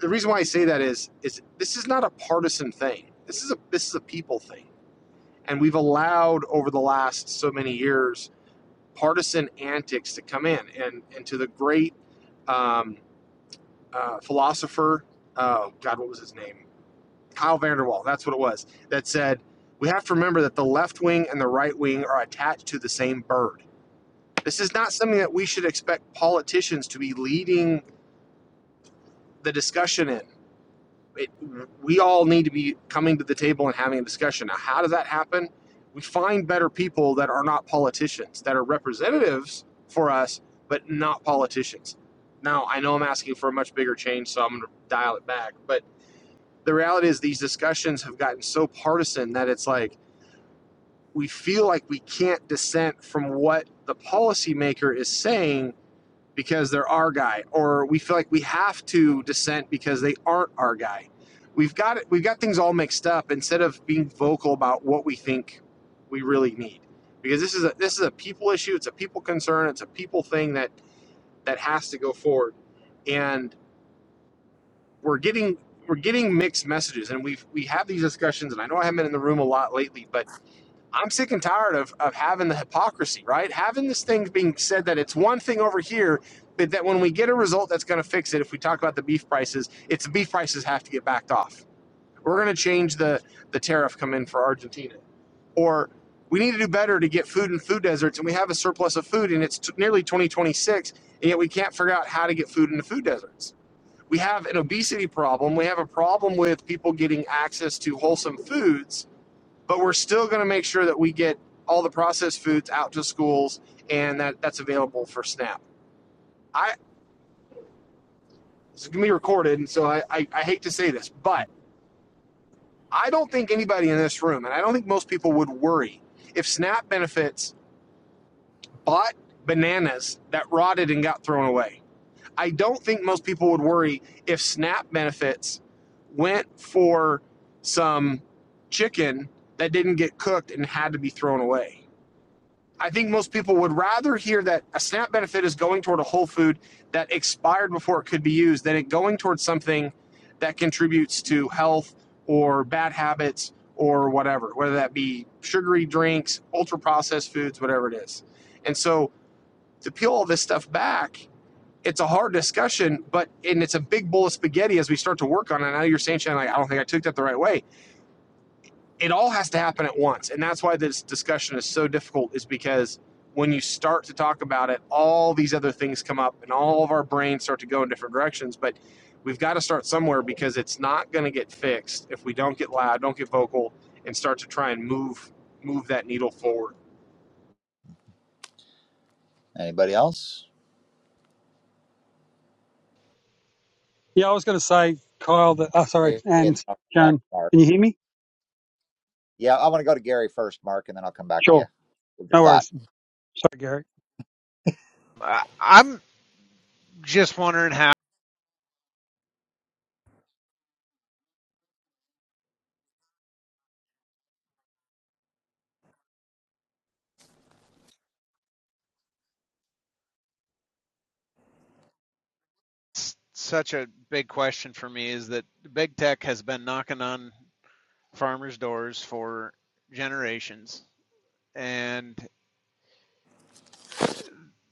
[SPEAKER 6] the reason why I say that is, is this is not a partisan thing. This is a this is a people thing. and we've allowed over the last so many years partisan antics to come in and and to the great um, uh, philosopher uh, god what was his name kyle vanderwall that's what it was that said we have to remember that the left wing and the right wing are attached to the same bird this is not something that we should expect politicians to be leading the discussion in it, we all need to be coming to the table and having a discussion. Now, how does that happen? We find better people that are not politicians, that are representatives for us, but not politicians. Now, I know I'm asking for a much bigger change, so I'm going to dial it back. But the reality is, these discussions have gotten so partisan that it's like we feel like we can't dissent from what the policymaker is saying because they're our guy, or we feel like we have to dissent because they aren't our guy. We've got it. We've got things all mixed up instead of being vocal about what we think we really need. Because this is a this is a people issue. It's a people concern. It's a people thing that that has to go forward. And we're getting we're getting mixed messages. And we've we have these discussions. And I know I haven't been in the room a lot lately, but I'm sick and tired of, of having the hypocrisy, right? Having this thing being said that it's one thing over here, but that when we get a result that's going to fix it, if we talk about the beef prices, it's beef prices have to get backed off. We're going to change the, the tariff come in for Argentina. Or we need to do better to get food in food deserts, and we have a surplus of food, and it's t- nearly 2026, and yet we can't figure out how to get food into food deserts. We have an obesity problem. We have a problem with people getting access to wholesome foods but we're still going to make sure that we get all the processed foods out to schools and that that's available for SNAP. I it's going to be recorded, and so I, I, I hate to say this, but I don't think anybody in this room, and I don't think most people would worry if SNAP benefits bought bananas that rotted and got thrown away. I don't think most people would worry if SNAP benefits went for some chicken that didn't get cooked and had to be thrown away. I think most people would rather hear that a SNAP benefit is going toward a whole food that expired before it could be used than it going towards something that contributes to health or bad habits or whatever, whether that be sugary drinks, ultra processed foods, whatever it is. And so to peel all this stuff back, it's a hard discussion, but and it's a big bowl of spaghetti as we start to work on it. Now you're saying, Shannon, like, I don't think I took that the right way it all has to happen at once and that's why this discussion is so difficult is because when you start to talk about it all these other things come up and all of our brains start to go in different directions but we've got to start somewhere because it's not going to get fixed if we don't get loud don't get vocal and start to try and move move that needle forward
[SPEAKER 1] Anybody else?
[SPEAKER 2] Yeah, I was going to say, Kyle, that, oh, sorry,
[SPEAKER 1] And
[SPEAKER 2] and
[SPEAKER 1] then I'll come back
[SPEAKER 2] Jan,
[SPEAKER 1] to Mark.
[SPEAKER 2] can you hear me?
[SPEAKER 1] Yeah, I want to go to Gary first, Mark, and then I'll come back to you
[SPEAKER 2] Sure,
[SPEAKER 1] with your
[SPEAKER 2] no
[SPEAKER 1] thought.
[SPEAKER 2] worries. Sorry, Gary.
[SPEAKER 3] I- I'm just wondering how it's such a big question for me is that big tech has been knocking on farmers' doors for generations, and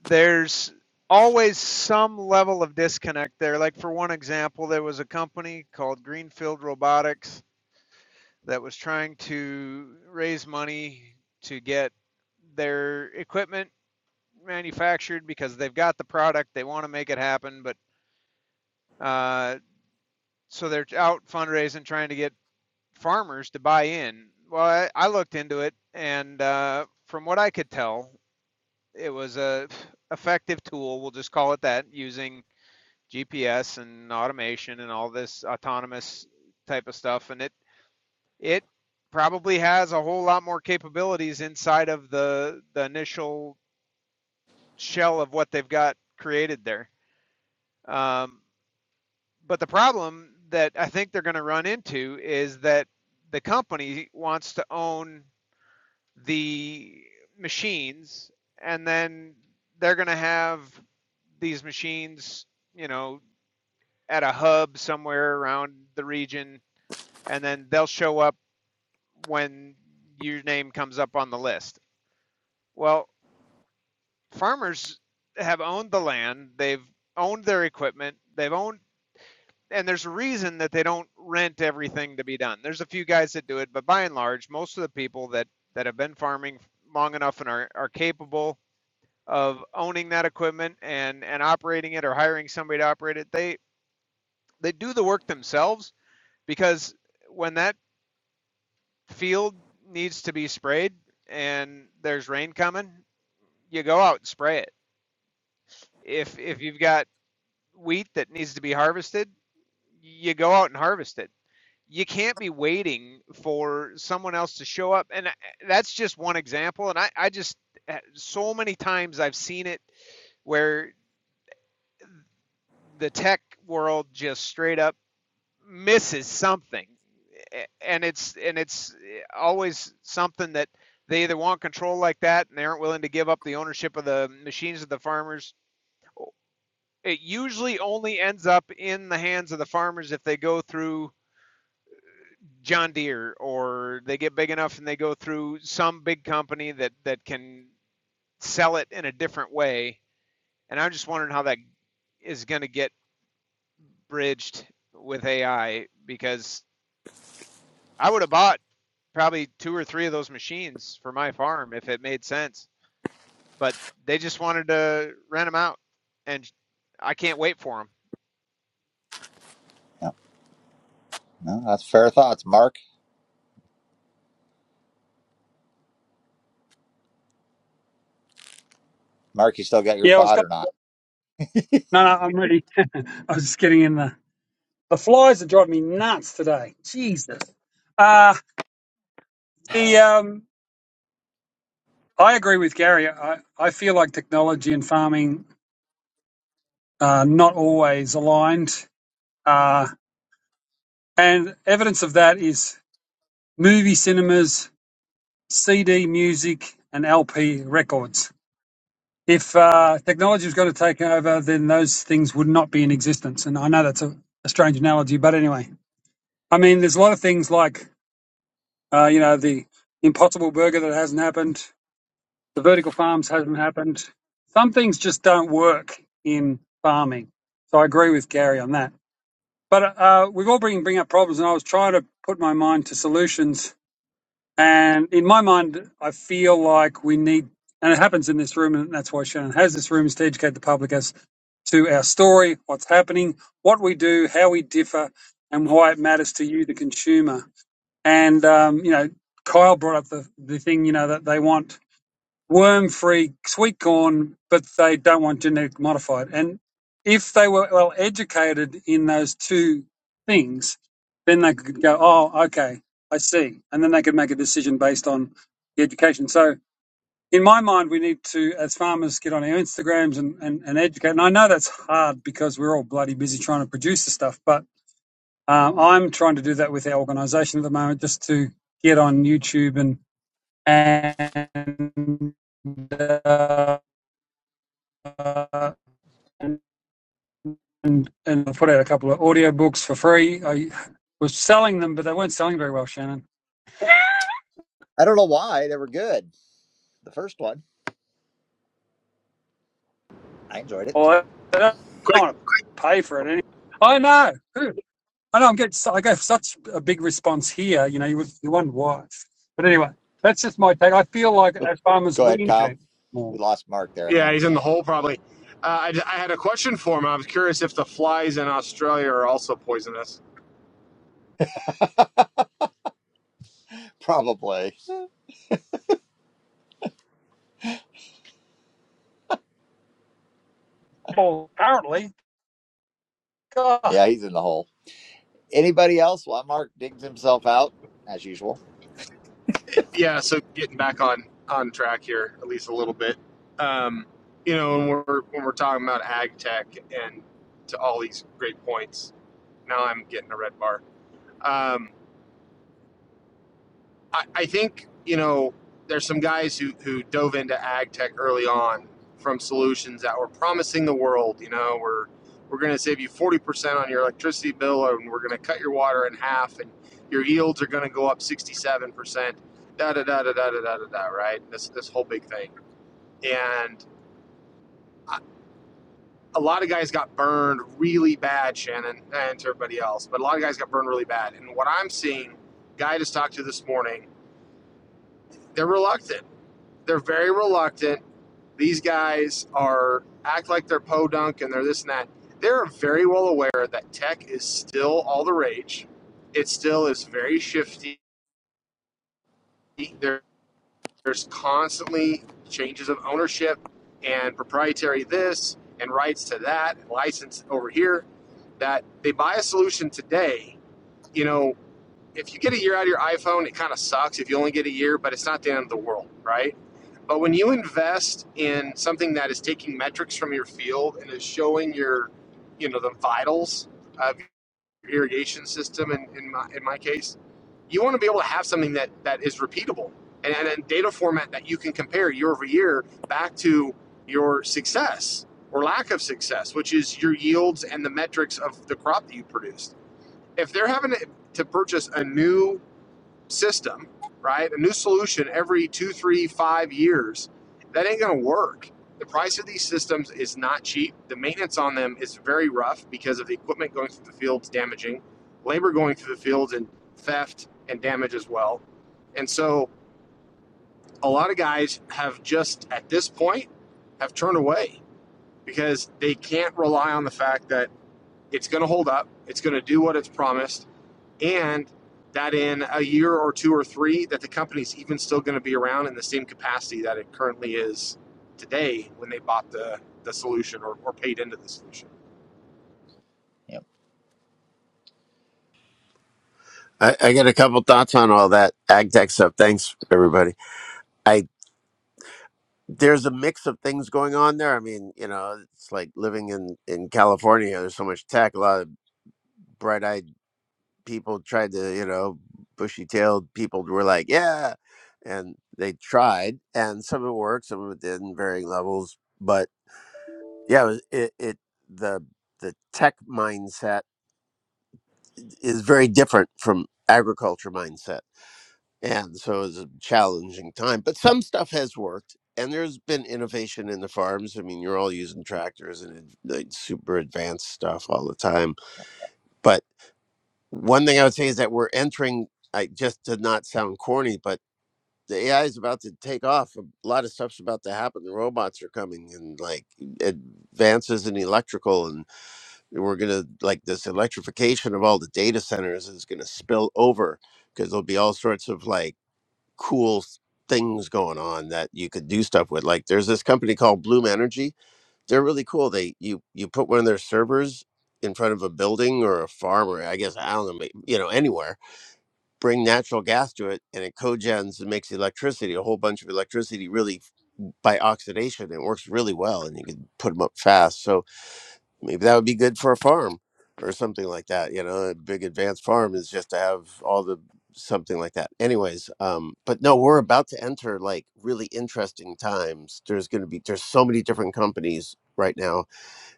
[SPEAKER 3] there's always some level of disconnect there. Like for one example, there was a company called Greenfield Robotics that was trying to raise money to get their equipment manufactured because they've got the product, they want to make it happen, but uh, so they're out fundraising, trying to get farmers to buy in. Well, I, I looked into it, and uh, from what I could tell, it was a effective tool. We'll just call it that, using GPS and automation and all this autonomous type of stuff, and it it probably has a whole lot more capabilities inside of the the initial shell of what they've got created there. Um, But the problem that I think they're going to run into is that the company wants to own the machines and then they're going to have these machines, you know, at a hub somewhere around the region and then they'll show up when your name comes up on the list. Well, farmers have owned the land, they've owned their equipment, they've owned and there's a reason that they don't rent everything to be done. There's a few guys that do it, but by and large, most of the people that that have been farming long enough and are are capable of owning that equipment and and operating it or hiring somebody to operate it, they they do the work themselves because when that field needs to be sprayed and there's rain coming, you go out and spray it. If if you've got wheat that needs to be harvested, you go out and harvest it. you can't be waiting for someone else to show up. And uh, that's just one example. And I, I just, uh, so many times I've seen it where the tech world just straight up misses something. And it's, and it's uh, always something that they either want control like that and they aren't willing to give up the ownership of the machines of the farmers. It usually only ends up in the hands of the farmers if they go through John Deere or they get big enough and they go through some big company that that can sell it in a different way. And I'm just wondering how that is going to get bridged with AI because I would have bought probably two or three of those machines for my farm if it made sense, but they just wanted to rent them out and I can't wait for them.
[SPEAKER 1] No, no, that's fair thoughts, Mark. Mark, you still got your
[SPEAKER 2] Yeah, I was
[SPEAKER 1] thought
[SPEAKER 2] going,
[SPEAKER 1] or not?
[SPEAKER 2] no, no, I'm ready. I was just getting in the, the flies are driving me nuts today. Jesus. Uh, the, um, I agree with Gary. I, I feel like technology and farming are not always aligned. Uh, and evidence of that is movie cinemas, CD music, and LP records. If uh, technology was going to take over, then those things would not be in existence. And I know that's a, a strange analogy, but anyway, I mean, there's a lot of things like, uh, you know, the impossible burger that hasn't happened, the vertical farms hasn't happened. Some things just don't work in farming. So I agree with Gary on that. But uh, we've all been bringing up problems, and I was trying to put my mind to solutions. And in my mind, I feel like we need, and it happens in this room, and that's why Shannon has this room, is to educate the public as to our story, what's happening, what we do, how we differ, and why it matters to you, the consumer. And, um, you know, Kyle brought up the, the thing, you know, that they want worm free sweet corn, but they don't want genetic modified. And if they were well educated in those two things, then they could go, oh, okay, I see. And then they could make a decision based on the education. So, in my mind, we need to, as farmers, get on our Instagrams and, and, and educate. And I know that's hard because we're all bloody busy trying to produce the stuff, but um, I'm trying to do that with our organisation at the moment just to get on YouTube and, and, uh, and, and, and I put out a couple of audio books for free. I was selling them, but they weren't selling very well, Shannon.
[SPEAKER 1] I don't know why they were good. The first one, I enjoyed it.
[SPEAKER 2] Or I don't
[SPEAKER 6] Quick,
[SPEAKER 2] want to pay for it. Any- I know. I know I'm getting, so- I get such a big response here. You know, you would you wonder why. But anyway, that's just my take. I feel like
[SPEAKER 1] Whoop.
[SPEAKER 2] as farmers
[SPEAKER 1] Go
[SPEAKER 2] we
[SPEAKER 1] ahead, Kyle.
[SPEAKER 2] communicate more.
[SPEAKER 1] We lost Mark there, I
[SPEAKER 6] yeah
[SPEAKER 1] think.
[SPEAKER 6] he's in the hole probably uh, I, I had a question for him i was curious if the flies in australia are also poisonous
[SPEAKER 1] Probably.
[SPEAKER 2] Well, apparently, God, I
[SPEAKER 1] Yeah, he's in the hole. Anybody else? While Mark digs himself out, as usual.
[SPEAKER 6] yeah, so getting back on on track here at least a little bit. Um, you know, when we're when we're talking about ag tech and to all these great points, now I'm getting a red bar. Um, I, I think you know there's some guys who who dove into ag tech early on from solutions that were promising the world. You know, we're we're going to save you 40% on your electricity bill, and we're going to cut your water in half, and your yields are going to go up 67%. Da da da da da da da da. Right? This this whole big thing, and a lot of guys got burned really bad, Shannon, eh, and to everybody else. But a lot of guys got burned really bad, and what I'm seeing, guy I just talked to this morning, they're reluctant they're very reluctant. These guys are act like they're podunk and they're this and that. They're very well aware that tech is still all the rage. It still is very shifty. There, there's constantly changes of ownership and proprietary this and rights to that, and license over here. That they buy a solution today. You know, if you get a year out of your iPhone, it kind of sucks. If you only get a year, but it's not the end of the world, right? But when you invest in something that is taking metrics from your field and is showing your, you know, the vitals of your irrigation system, in, in, my, in my case, you want to be able to have something that, that is repeatable and, and a data format that you can compare year over year back to your success or lack of success, which is your yields and the metrics of the crop that you produced. If they're having to to purchase a new system, right? A new solution every two, three, five years. That ain't going to work. The price of these systems is not cheap. The maintenance on them is very rough because of the equipment going through the fields damaging, labor going through the fields and theft and damage as well. And so a lot of guys have just at this point have turned away because they can't rely on the fact that it's going to hold up, it's going to do what it's promised, and that in a year or two or three that the company's even still going to be around in the same capacity that it currently is today when they bought the, the solution or, or paid into the solution
[SPEAKER 1] Yep.
[SPEAKER 4] i, I got a couple thoughts on all that ag tech stuff thanks everybody I. there's a mix of things going on there. I mean, you know, it's like living in in California. There's so much tech. A lot of bright eyed people tried to, you know, bushy tailed people were like, yeah, and they tried, and some of it worked, some of it didn't, varying levels. But yeah, it, was- it, it the the tech mindset is very different from agriculture mindset and so it was a challenging time but some stuff has worked and there's been innovation in the farms i mean you're all using tractors and like super advanced stuff all the time but one thing i would say is that we're entering i just to not sound corny but the ai is about to take off. A lot of stuff's about to happen. The robots are coming, and like advances in electrical, and we're gonna like this electrification of all the data centers is gonna spill over because there'll be all sorts of like cool things going on that you could do stuff with. Like there's this company called Bloom Energy. They're really cool. They you you put one of their servers in front of a building or a farm or I guess I don't know, may- you know, anywhere. Bring natural gas to it and it cogens and makes electricity, a whole bunch of electricity really f- by oxidation. It works really well and you can put them up fast. So maybe that would be good for a farm or something like that you know a big advanced farm is just to have all the something like that anyways um but no we're about to enter like really interesting times there's going to be there's so many different companies right now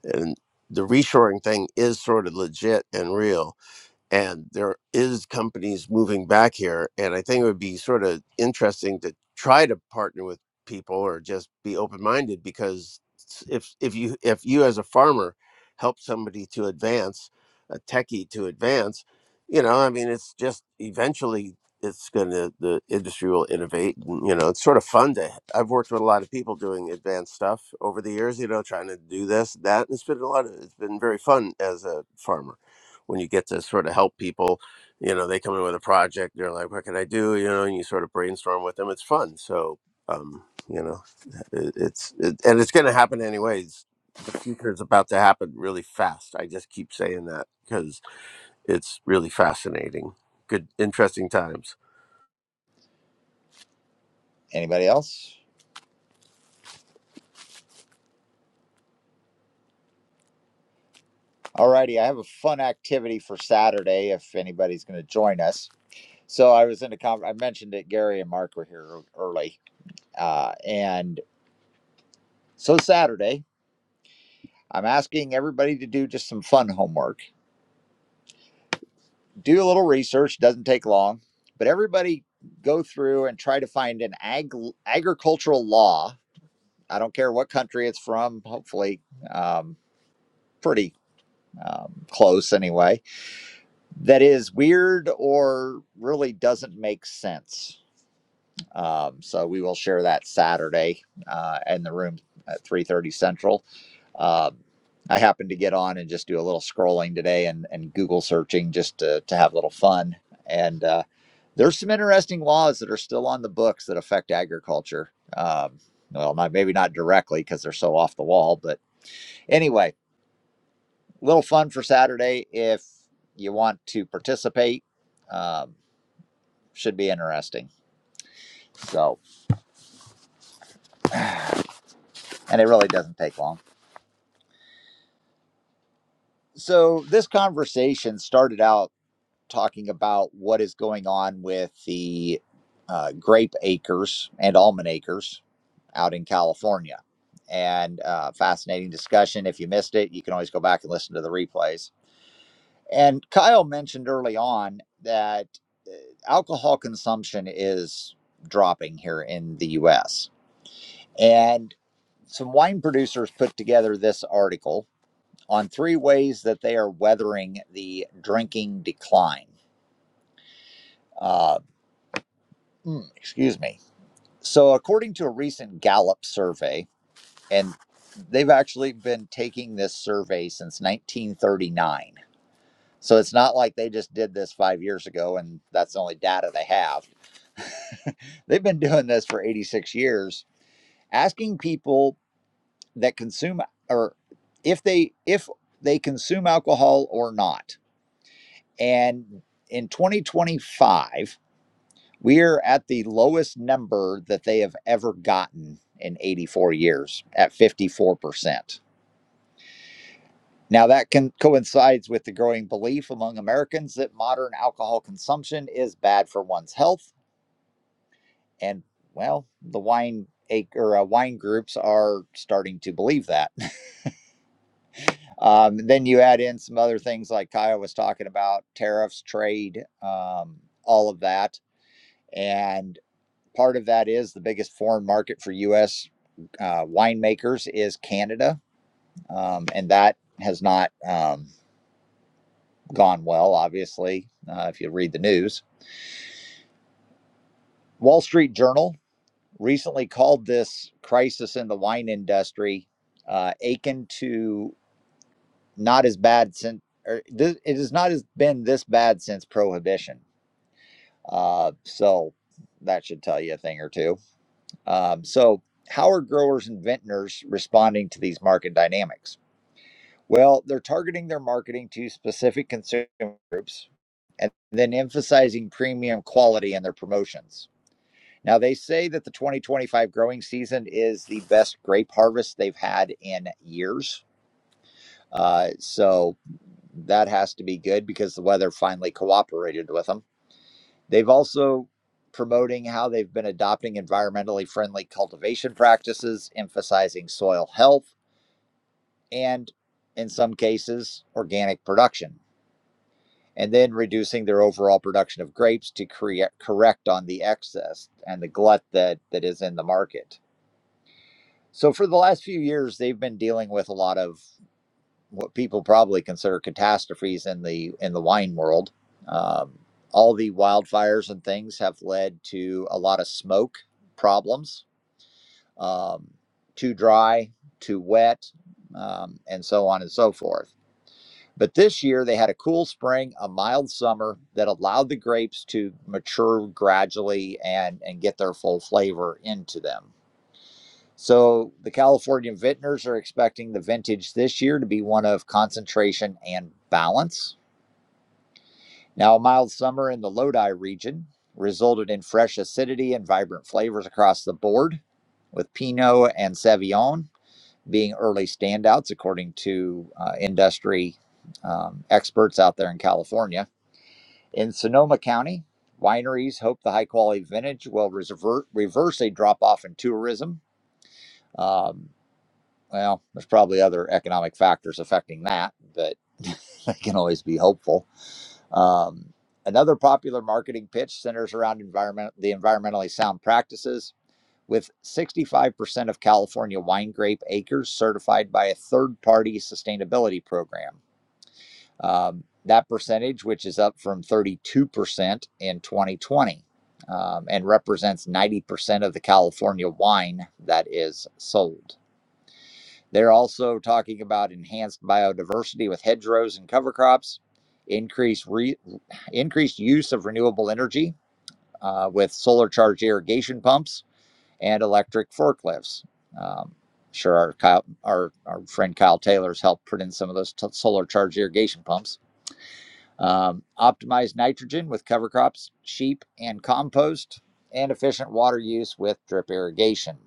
[SPEAKER 4] and the reshoring thing is sort of legit and real and there is companies moving back here and i think it would be sort of interesting to try to partner with people or just be open minded because s- if if you if you as a farmer help somebody to advance a techie to advance you know i mean it's just eventually it's going to the industry will innovate and, you know it's sort of fun to i've worked with a lot of people doing advanced stuff over the years you know trying to do this that and it's been a lot of it's been very fun as a farmer when you get to sort of help people you know they come in with a project they're like what can i do you know and you sort of brainstorm with them it's fun so um you know it, it's it, and it's going to happen anyways the future is about to happen really fast i just keep saying that because it's really fascinating good interesting times
[SPEAKER 1] Anybody else? Alrighty, I have a fun activity for Saturday if anybody's going to join us. So I was in a con- I mentioned it. Gary and Mark were here early, uh, and so Saturday I'm asking everybody to do just some fun homework. Do a little research; doesn't take long. But everybody go through and try to find an ag- agricultural law. I don't care what country it's from. Hopefully, um, pretty um, close anyway. That is weird or really doesn't make sense Um, so we will share that Saturday uh, in the room at 3:30 Central. Um, I happened to get on and just do a little scrolling today and, and Google searching just to, to have a little fun. And uh, there's some interesting laws that are still on the books that affect agriculture. Um, well, not, maybe not directly because they're so off the wall, but anyway, little fun for Saturday if you want to participate. Um, should be interesting. So, and it really doesn't take long. so this conversation started out talking about what is going on with the uh, grape acres and almond acres out in California. And uh, fascinating discussion. If you missed it, you can always go back and listen to the replays. And Kyle mentioned early on that alcohol consumption is dropping here in the US. And some wine producers put together this article on three ways that they are weathering the drinking decline. Uh, mm, excuse me. So, according to a recent Gallup survey, and they've actually been taking this survey since 1939. So, it's not like they just did this five years ago and that's the only data they have. They've been doing this for 86 years, asking people that consume or if they if they consume alcohol or not. And in 2025, We're at the lowest number that they have ever gotten in 84 years at 54%. Now, that can, coincides with the growing belief among Americans that modern alcohol consumption is bad for one's health. And, well, the wine or uh, wine groups are starting to believe that. Um, then you add in some other things like Kyle was talking about tariffs, trade, um, all of that. And Part of that is the biggest foreign market for U.S. Uh, winemakers is Canada, um, and that has not um, gone well, obviously, uh, if you read the news. Wall Street Journal recently called this crisis in the wine industry uh, akin to not as bad since, or this, it has not been this bad since prohibition. Uh, so that should tell you a thing or two. Um, so, how are growers and vintners responding to these market dynamics? Well, they're targeting their marketing to specific consumer groups and then emphasizing premium quality in their promotions. Now, they say that the 2025 growing season is the best grape harvest they've had in years. Uh, so, that has to be good because the weather finally cooperated with them. They've also promoting how they've been adopting environmentally friendly cultivation practices, emphasizing soil health and, in some cases, organic production, and then reducing their overall production of grapes to create correct on the excess and the glut that that is in the market. So for the last few years, they've been dealing with a lot of what people probably consider catastrophes in the in the wine world. Um, all the wildfires and things have led to a lot of smoke problems, um, too dry, too wet, um, and so on and so forth. But this year they had a cool spring, a mild summer that allowed the grapes to mature gradually and and get their full flavor into them. So the California vintners are expecting the vintage this year to be one of concentration and balance. Now, a mild summer in the Lodi region resulted in fresh acidity and vibrant flavors across the board, with Pinot and Sauvignon being early standouts, according to uh, industry um, experts out there in California. In Sonoma County, wineries hope the high quality vintage will reserver- reverse a drop off in tourism. Um, Well, there's probably other economic factors affecting that, but they can always be hopeful. Um, another popular marketing pitch centers around environment, the environmentally sound practices. With 65% of California wine grape acres certified by a third party sustainability program. Um, that percentage, which is up from 32% in 2020, um, and represents 90% of the California wine that is sold. They're also talking about enhanced biodiversity with hedgerows and cover crops, increased re- increased use of renewable energy uh, with solar charged irrigation pumps and electric forklifts. Um, sure, our, Kyle, our our friend Kyle Taylor's helped put in some of those t- solar charged irrigation pumps. Um, optimized nitrogen with cover crops, sheep, and compost, and efficient water use with drip irrigation.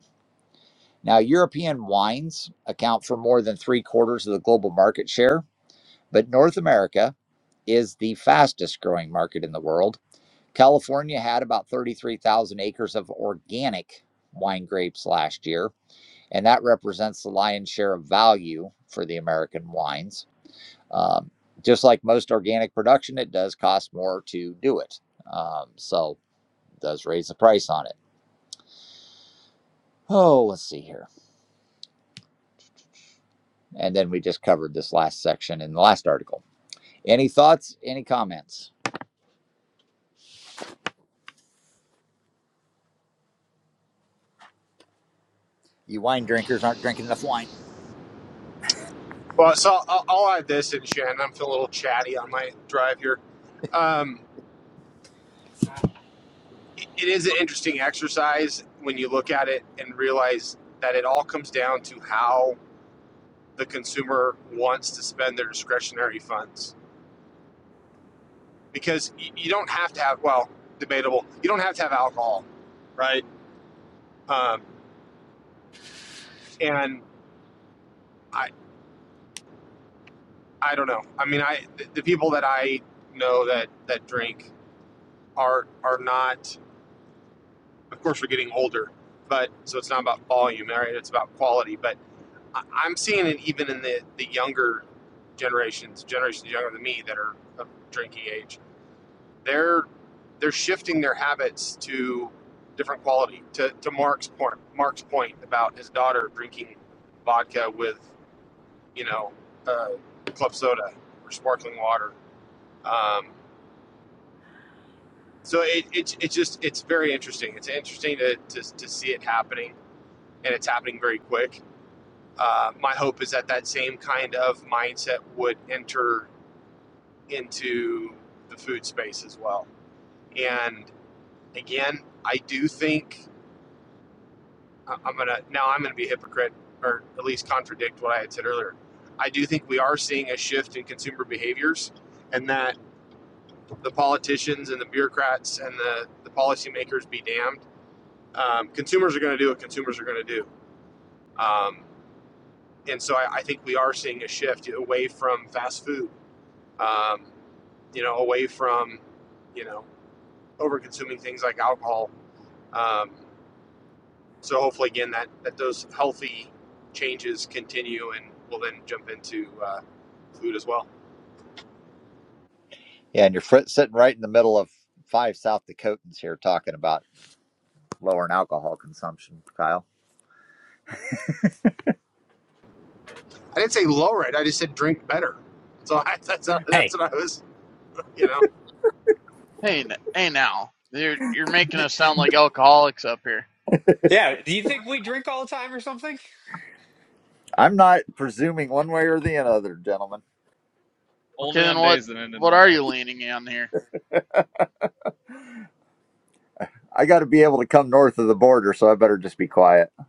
[SPEAKER 1] Now, European wines account for more than three quarters of the global market share, but North America is the fastest growing market in the world. California had about 33,000 acres of organic wine grapes last year, and that represents the lion's share of value for the American wines. Um, just like most organic production, it does cost more to do it. Um, so, it does raise the price on it. Oh, let's see here. And then we just covered this last section in the last article. Any thoughts? Any comments? You wine drinkers aren't drinking enough wine.
[SPEAKER 6] well so i'll, I'll add this and shannon i'm feeling a little chatty on my drive here um, it it is an interesting exercise when you look at it and realize that it all comes down to how the consumer wants to spend their discretionary funds because you, you don't have to have well debatable you don't have to have alcohol right um, and i i don't know i mean i the, the people that i know that that drink are are not of course we're getting older but so it's not about volume right it's about quality but I, i'm seeing it even in the the younger generations generations younger than me that are of drinking age they're they're shifting their habits to different quality. To to Mark's point, Mark's point about his daughter drinking vodka with you know uh, club soda or sparkling water. Um, so it, it's it's just it's very interesting. It's interesting to, to to see it happening, and it's happening very quick. Uh, my hope is that that same kind of mindset would enter into the food space as well. And again, I do think I- am gonna now I'm gonna be a hypocrite or at least contradict what I had said earlier. I do think we are seeing a shift in consumer behaviors, and that the politicians and the bureaucrats and the the policymakers be damned. Um, consumers are going to do what consumers are going to do, um, and so I, I think we are seeing a shift away from fast food. Um, you know, away from you know over consuming things like alcohol. Um, So hopefully, again, that that those healthy changes continue, and we'll then jump into uh, food as well.
[SPEAKER 1] Yeah, and you're sitting right in the middle of five South Dakotans here talking about lowering alcohol consumption, Kyle.
[SPEAKER 6] I didn't say lower it; I just said drink better. So I, that's
[SPEAKER 9] Hey,
[SPEAKER 6] that's what I was. You know,
[SPEAKER 5] Hey, n- hey, now you're you're making
[SPEAKER 9] d-
[SPEAKER 5] us sound like alcoholics up here.
[SPEAKER 9] yeah. Do you think we drink all the time or something?
[SPEAKER 1] I'm not presuming one way or the other, gentlemen.
[SPEAKER 5] Okay,
[SPEAKER 10] Only
[SPEAKER 5] then
[SPEAKER 10] on
[SPEAKER 5] what
[SPEAKER 10] days that end in
[SPEAKER 5] what are
[SPEAKER 10] Y.
[SPEAKER 5] you leaning on here?
[SPEAKER 1] I got to be able to come north of the border, so I better just be quiet.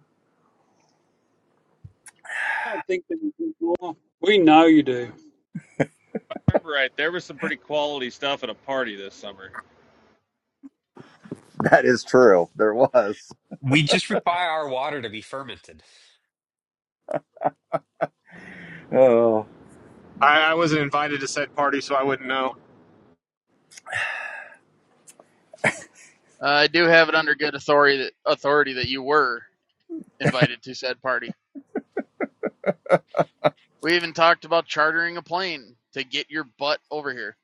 [SPEAKER 2] don't think that you do more. We know you do,
[SPEAKER 10] Remember right, there was some pretty quality stuff at a party this summer.
[SPEAKER 1] That is true. There was.
[SPEAKER 9] We just require our water to be fermented.
[SPEAKER 1] Oh,
[SPEAKER 6] I, I wasn't invited to said party, so I wouldn't know
[SPEAKER 5] Uh, I do have it under good authority that, authority that you were invited to said party. We even talked about chartering a plane to get your butt over here.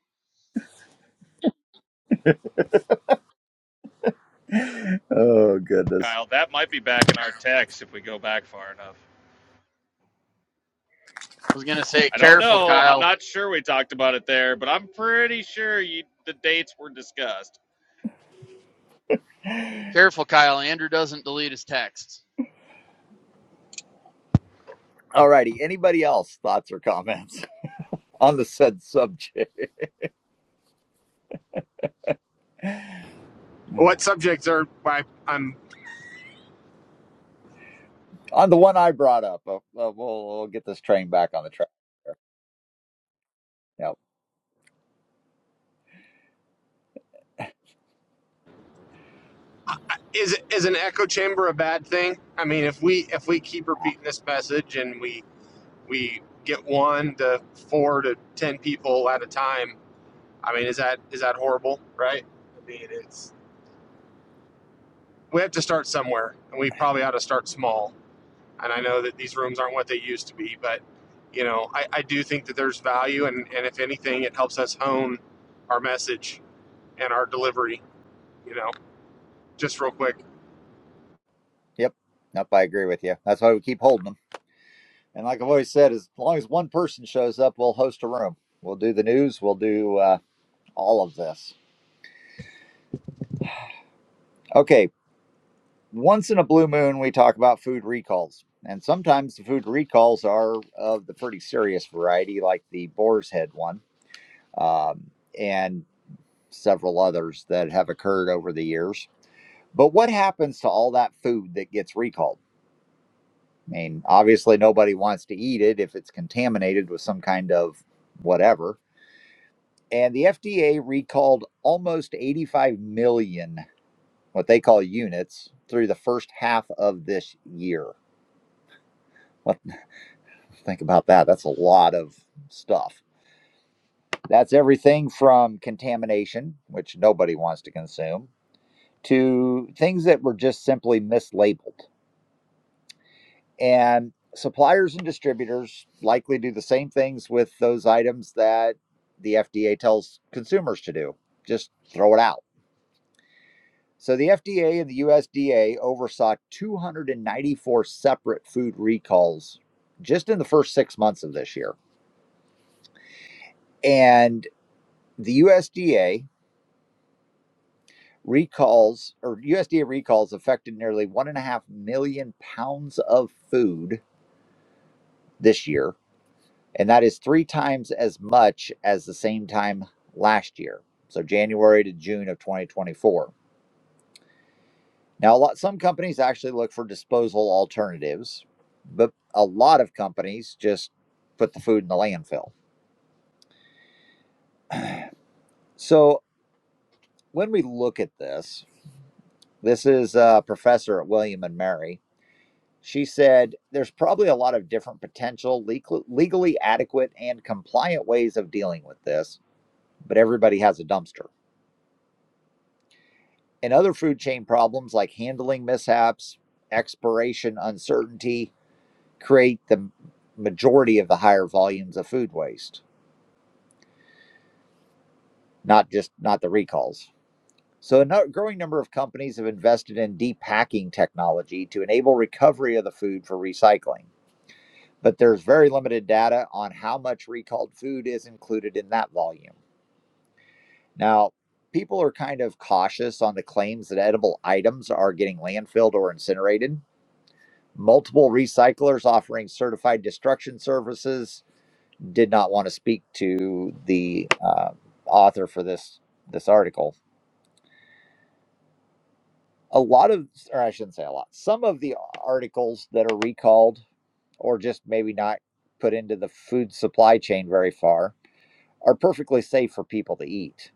[SPEAKER 1] oh goodness.
[SPEAKER 10] Kyle, that might be back in our text if we go back far enough.
[SPEAKER 5] I was gonna say,
[SPEAKER 10] I don't
[SPEAKER 5] careful,
[SPEAKER 10] know. I'm
[SPEAKER 5] Kyle.
[SPEAKER 10] not sure we talked about it there, but I'm pretty sure you, the dates were discussed.
[SPEAKER 5] Careful, Kyle. Andrew doesn't delete his texts.
[SPEAKER 1] All righty. Anybody else thoughts or comments on the said subject?
[SPEAKER 6] what subjects are. Why I'm
[SPEAKER 1] On the one I brought up, uh, uh, we'll, we'll get this train back on the track. Yep.
[SPEAKER 6] is is an echo chamber a bad thing? I mean, if we if we keep
[SPEAKER 1] Ah,
[SPEAKER 6] repeating this message and we we get one to four to ten people at a time, I mean, is that is that horrible? Right? I mean, it's we have to start somewhere and we probably ought to start small and i know that these rooms aren't what they used to be but you know i, I do think that there's value and, and if anything it helps us hone our message and our delivery you know just real quick
[SPEAKER 1] Yep. Nope, I agree with you. That's why we keep holding them. And like I've always said, as long as one person shows up, we'll host a room. We'll do the news. We'll do uh, all of this. Okay. Once in a blue moon, we talk about food recalls. And sometimes the food recalls are of the pretty serious variety, like the boar's head one um, and several others that have occurred over the years. But what happens to all that food that gets recalled? I mean, obviously, nobody wants to eat it if it's contaminated with some kind of whatever. And the FDA recalled almost 85 million, what they call units, through the first half of this year. What, think about that. That's a lot of stuff. That's everything from contamination, which nobody wants to consume, to things that were just simply mislabeled. And suppliers and distributors likely do the same things with those items that the FDA tells consumers to do just throw it out. So the FDA and the USDA oversaw 294 separate food recalls just in the first six months of this year. And the USDA recalls or USDA recalls affected nearly one and a half million pounds of food this year and that is three times as much as the same time last year. So January to June of 2024. Now, a lot some companies actually look for disposal alternatives, but a lot of companies just put the food in the landfill. So when we look at this, this is a professor at William and Mary. She said there's probably a lot of different potential legal- legally adequate and compliant ways of dealing with this, but everybody has a dumpster. and other food chain problems like handling mishaps, expiration uncertainty create the majority of the higher volumes of food waste, not just not the recalls. So a no- growing number of companies have invested in depacking technology to enable recovery of the food for recycling. But there's very limited data on how much recalled food is included in that volume. Now, people are kind of cautious on the claims that edible items are getting landfilled or incinerated multiple recyclers offering certified destruction services did not want to speak to the uh, author for this this article a lot of or i shouldn't say a lot some of the articles that are recalled or just maybe not put into the food supply chain very far are perfectly safe for people to eat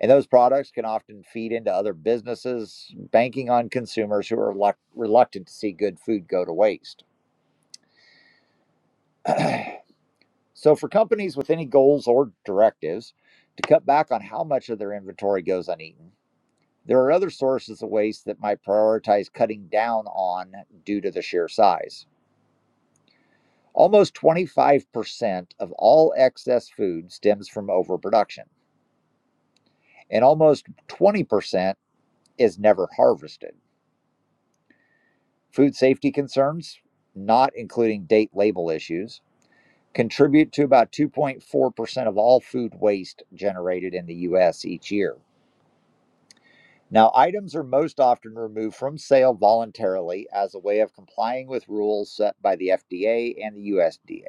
[SPEAKER 1] and those products can often feed into other businesses banking on consumers who are reluct- reluctant to see good food go to waste So, for companies with any goals or directives to cut back on how much of their inventory goes uneaten, there are other sources of waste that might prioritize cutting down on due to the sheer size. Almost 25% of all excess food stems from overproduction, and almost 20% is never harvested. Food safety concerns, not including date label issues, contribute to about 2.4% of all food waste generated in the US each year. Now, items are most often removed from sale voluntarily as a way of complying with rules set by the FDA and the USDA.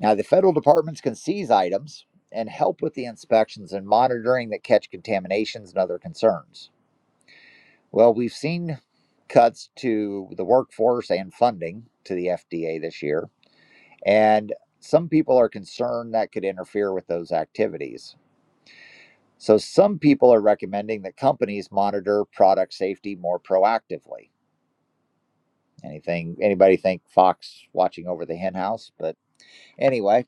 [SPEAKER 1] Now, the federal departments can seize items and help with the inspections and monitoring that catch contaminations and other concerns. Well, we've seen cuts to the workforce and funding to the FDA this year, and some people are concerned that could interfere with those activities. So, some people are recommending that companies monitor product safety more proactively. Anything, anybody think Fox watching over the hen house? But anyway,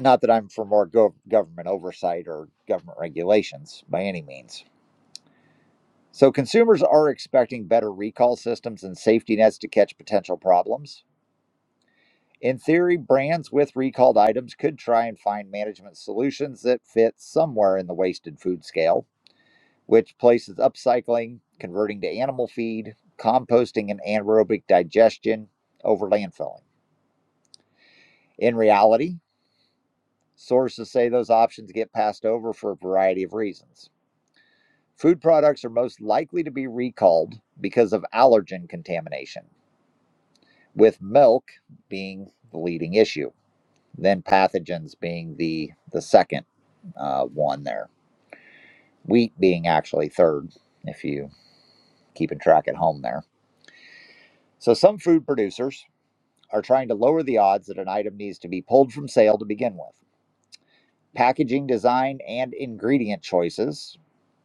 [SPEAKER 1] not that I'm for more gov- government oversight or government regulations by any means. So consumers are expecting better recall systems and safety nets to catch potential problems. In theory, brands with recalled items could try and find management solutions that fit somewhere in the wasted food scale, which places upcycling, converting to animal feed, composting, and anaerobic digestion over landfilling. In reality, Sources say those options get passed over for a variety of reasons. Food products are most likely to be recalled because of allergen contamination, with milk being the leading issue, then pathogens being the, the second uh, one there, wheat being actually third, if you keep in track at home there. So some food producers are trying to lower the odds that an item needs to be pulled from sale to begin with. Packaging design and ingredient choices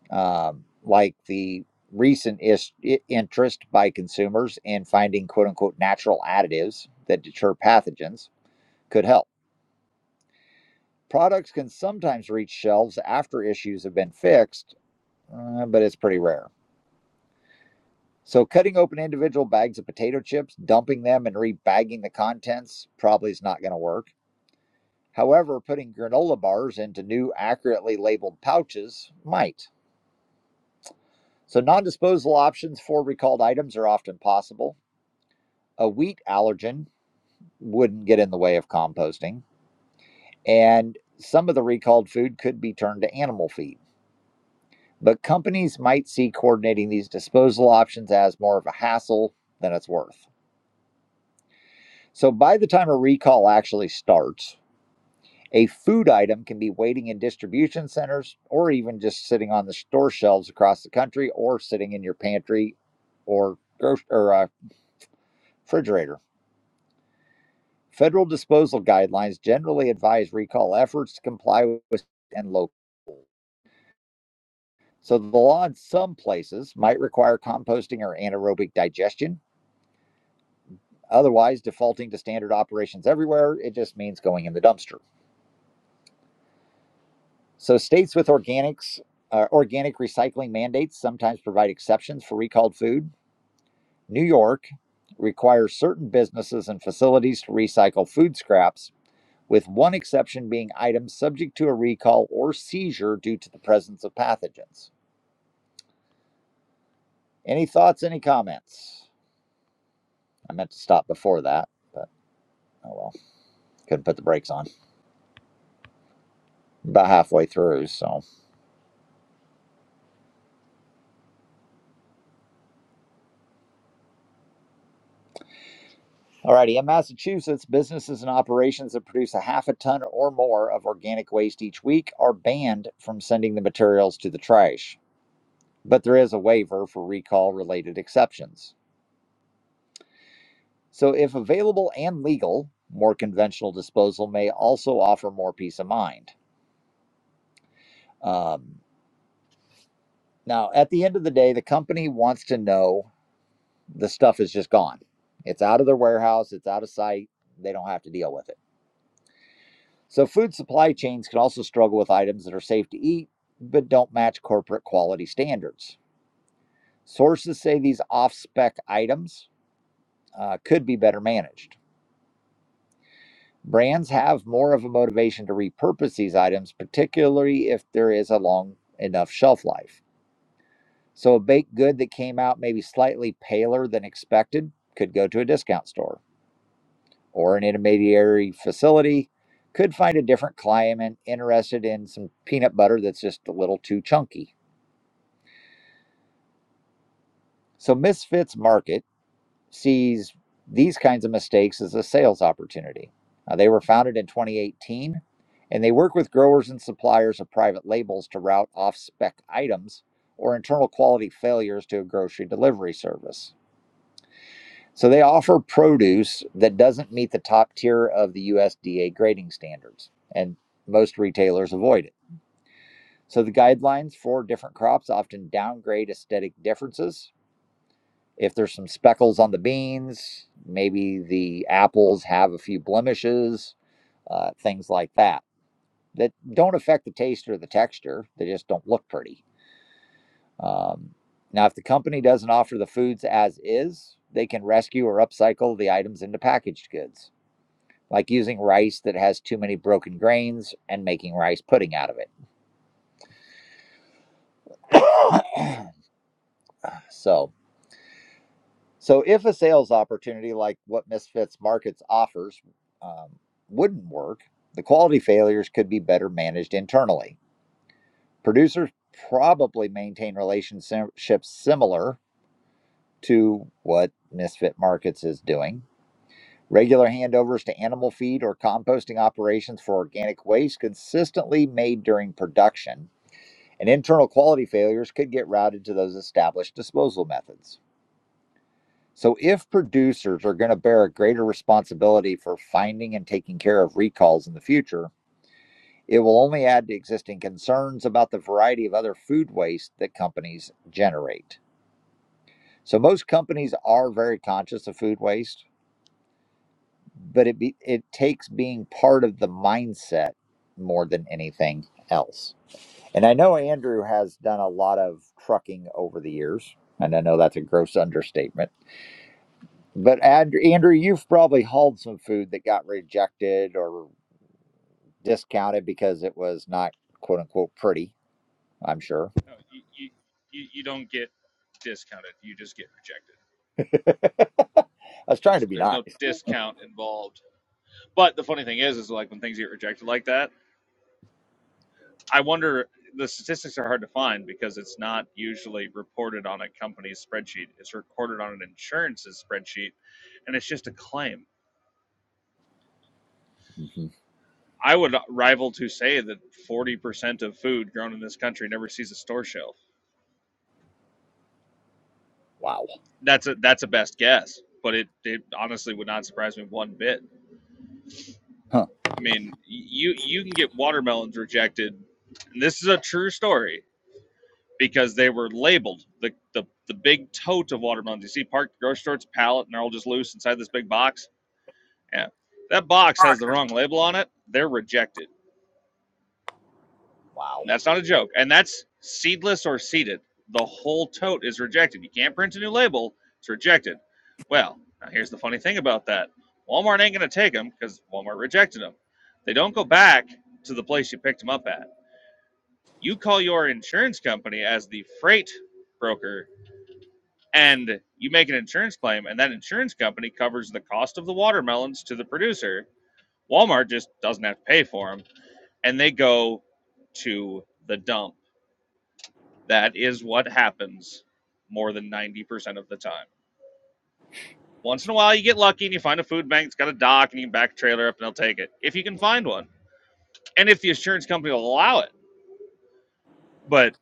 [SPEAKER 1] um, like the recent is- interest by consumers in finding quote unquote natural additives that deter pathogens could help. Products can sometimes reach shelves after issues have been fixed, uh, but it's pretty rare. So, cutting open individual bags of potato chips, dumping them, and rebagging the contents probably is not going to work. However, putting granola bars into new, accurately labeled pouches might. So, non disposal options for recalled items are often possible. A wheat allergen wouldn't get in the way of composting, and some of the recalled food could be turned to animal feed. But companies might see coordinating these disposal options as more of a hassle than it's worth. So by the time a recall actually starts, a food item can be waiting in distribution centers or even just sitting on the store shelves across the country or sitting in your pantry or, or uh, refrigerator. Federal disposal guidelines generally advise recall efforts to comply with and local. So the law in some places might require composting or anaerobic digestion. Otherwise, defaulting to standard operations everywhere, it just means going in the dumpster. So states with organics, uh, organic recycling mandates sometimes provide exceptions for recalled food. New York requires certain businesses and facilities to recycle food scraps with one exception being items subject to a recall or seizure due to the presence of pathogens. Any thoughts, any comments? I meant to stop before that, but oh well, couldn't put the brakes on. About halfway through, so. Alrighty, in Massachusetts, businesses and operations that produce a half a ton or more of organic waste each week are banned from sending the materials to the trash. But there is a waiver for recall related exceptions. So, if available and legal, more conventional disposal may also offer more peace of mind. Um, now, at the end of the day, the company wants to know the stuff is just gone. It's out of their warehouse, it's out of sight, they don't have to deal with it. So, food supply chains can also struggle with items that are safe to eat but don't match corporate quality standards. Sources say these off spec items uh, could be better managed. Brands have more of a motivation to repurpose these items, particularly if there is a long enough shelf life. So, a baked good that came out maybe slightly paler than expected could go to a discount store or an intermediary facility, could find a different client interested in some peanut butter that's just a little too chunky. So, Misfits Market sees these kinds of mistakes as a sales opportunity. Uh, they were founded in 2018 and they work with growers and suppliers of private labels to route off spec items or internal quality failures to a grocery delivery service. So they offer produce that doesn't meet the top tier of the USDA grading standards, and most retailers avoid it. So the guidelines for different crops often downgrade aesthetic differences if there's some speckles on the beans, maybe the apples have a few blemishes, uh, things like that, that don't affect the taste or the texture. They just don't look pretty. Um, now, if the company doesn't offer the foods as is, they can rescue or upcycle the items into packaged goods, like using rice that has too many broken grains and making rice pudding out of it. so, So, if a sales opportunity like what Misfits Markets offers um, wouldn't work, the quality failures could be better managed internally. Producers probably maintain relationships similar to what Misfit Markets is doing. Regular handovers to animal feed or composting operations for organic waste consistently made during production, and internal quality failures could get routed to those established disposal methods. So if producers are going to bear a greater responsibility for finding and taking care of recalls in the future, it will only add to existing concerns about the variety of other food waste that companies generate. So most companies are very conscious of food waste, but it be, it takes being part of the mindset more than anything else. And I know Andrew has done a lot of trucking over the years, and I know that's a gross understatement But Ad- Andrew, you've probably hauled some food that got rejected or discounted because it was not quote unquote pretty, I'm sure.
[SPEAKER 10] No, you, you, you, you don't get discounted. You just get rejected.
[SPEAKER 1] I was trying to
[SPEAKER 10] There's,
[SPEAKER 1] be
[SPEAKER 10] there's no
[SPEAKER 1] nice.
[SPEAKER 10] discount involved. But the funny thing is, is like when things get rejected like that, I wonder the statistics are hard to find because it's not usually reported on a company's spreadsheet. It's recorded on an insurance's spreadsheet, and it's just a claim.
[SPEAKER 1] hmm
[SPEAKER 10] I would rival to say that forty percent of food grown in this country never sees a store shelf.
[SPEAKER 1] Wow.
[SPEAKER 10] That's a that's a best guess, but it, it honestly would not surprise me one bit.
[SPEAKER 1] Huh.
[SPEAKER 10] I mean, you you can get watermelons rejected. And this is a true story because they were labeled the, the the big tote of watermelons. You see, parked at the grocery store, it's a pallet, and they're all just loose inside this big box. Yeah, that box has the wrong label on it. They're rejected.
[SPEAKER 1] Wow.
[SPEAKER 10] And that's not a joke, and that's seedless or seeded. The whole tote is rejected. You can't print a new label. It's rejected. Well, now here's the funny thing about that. Walmart ain't gonna take them because Walmart rejected them. They don't go back to the place you picked them up at. You call your insurance company as the freight broker and you make an insurance claim and that insurance company covers the cost of the watermelons to the producer walmart just doesn't have to pay for them and they go to the dump that is what happens more than 90% of the time once in a while you get lucky and you find a food bank that's got a dock and you can back a trailer up and they'll take it if you can find one and if the insurance company will allow it but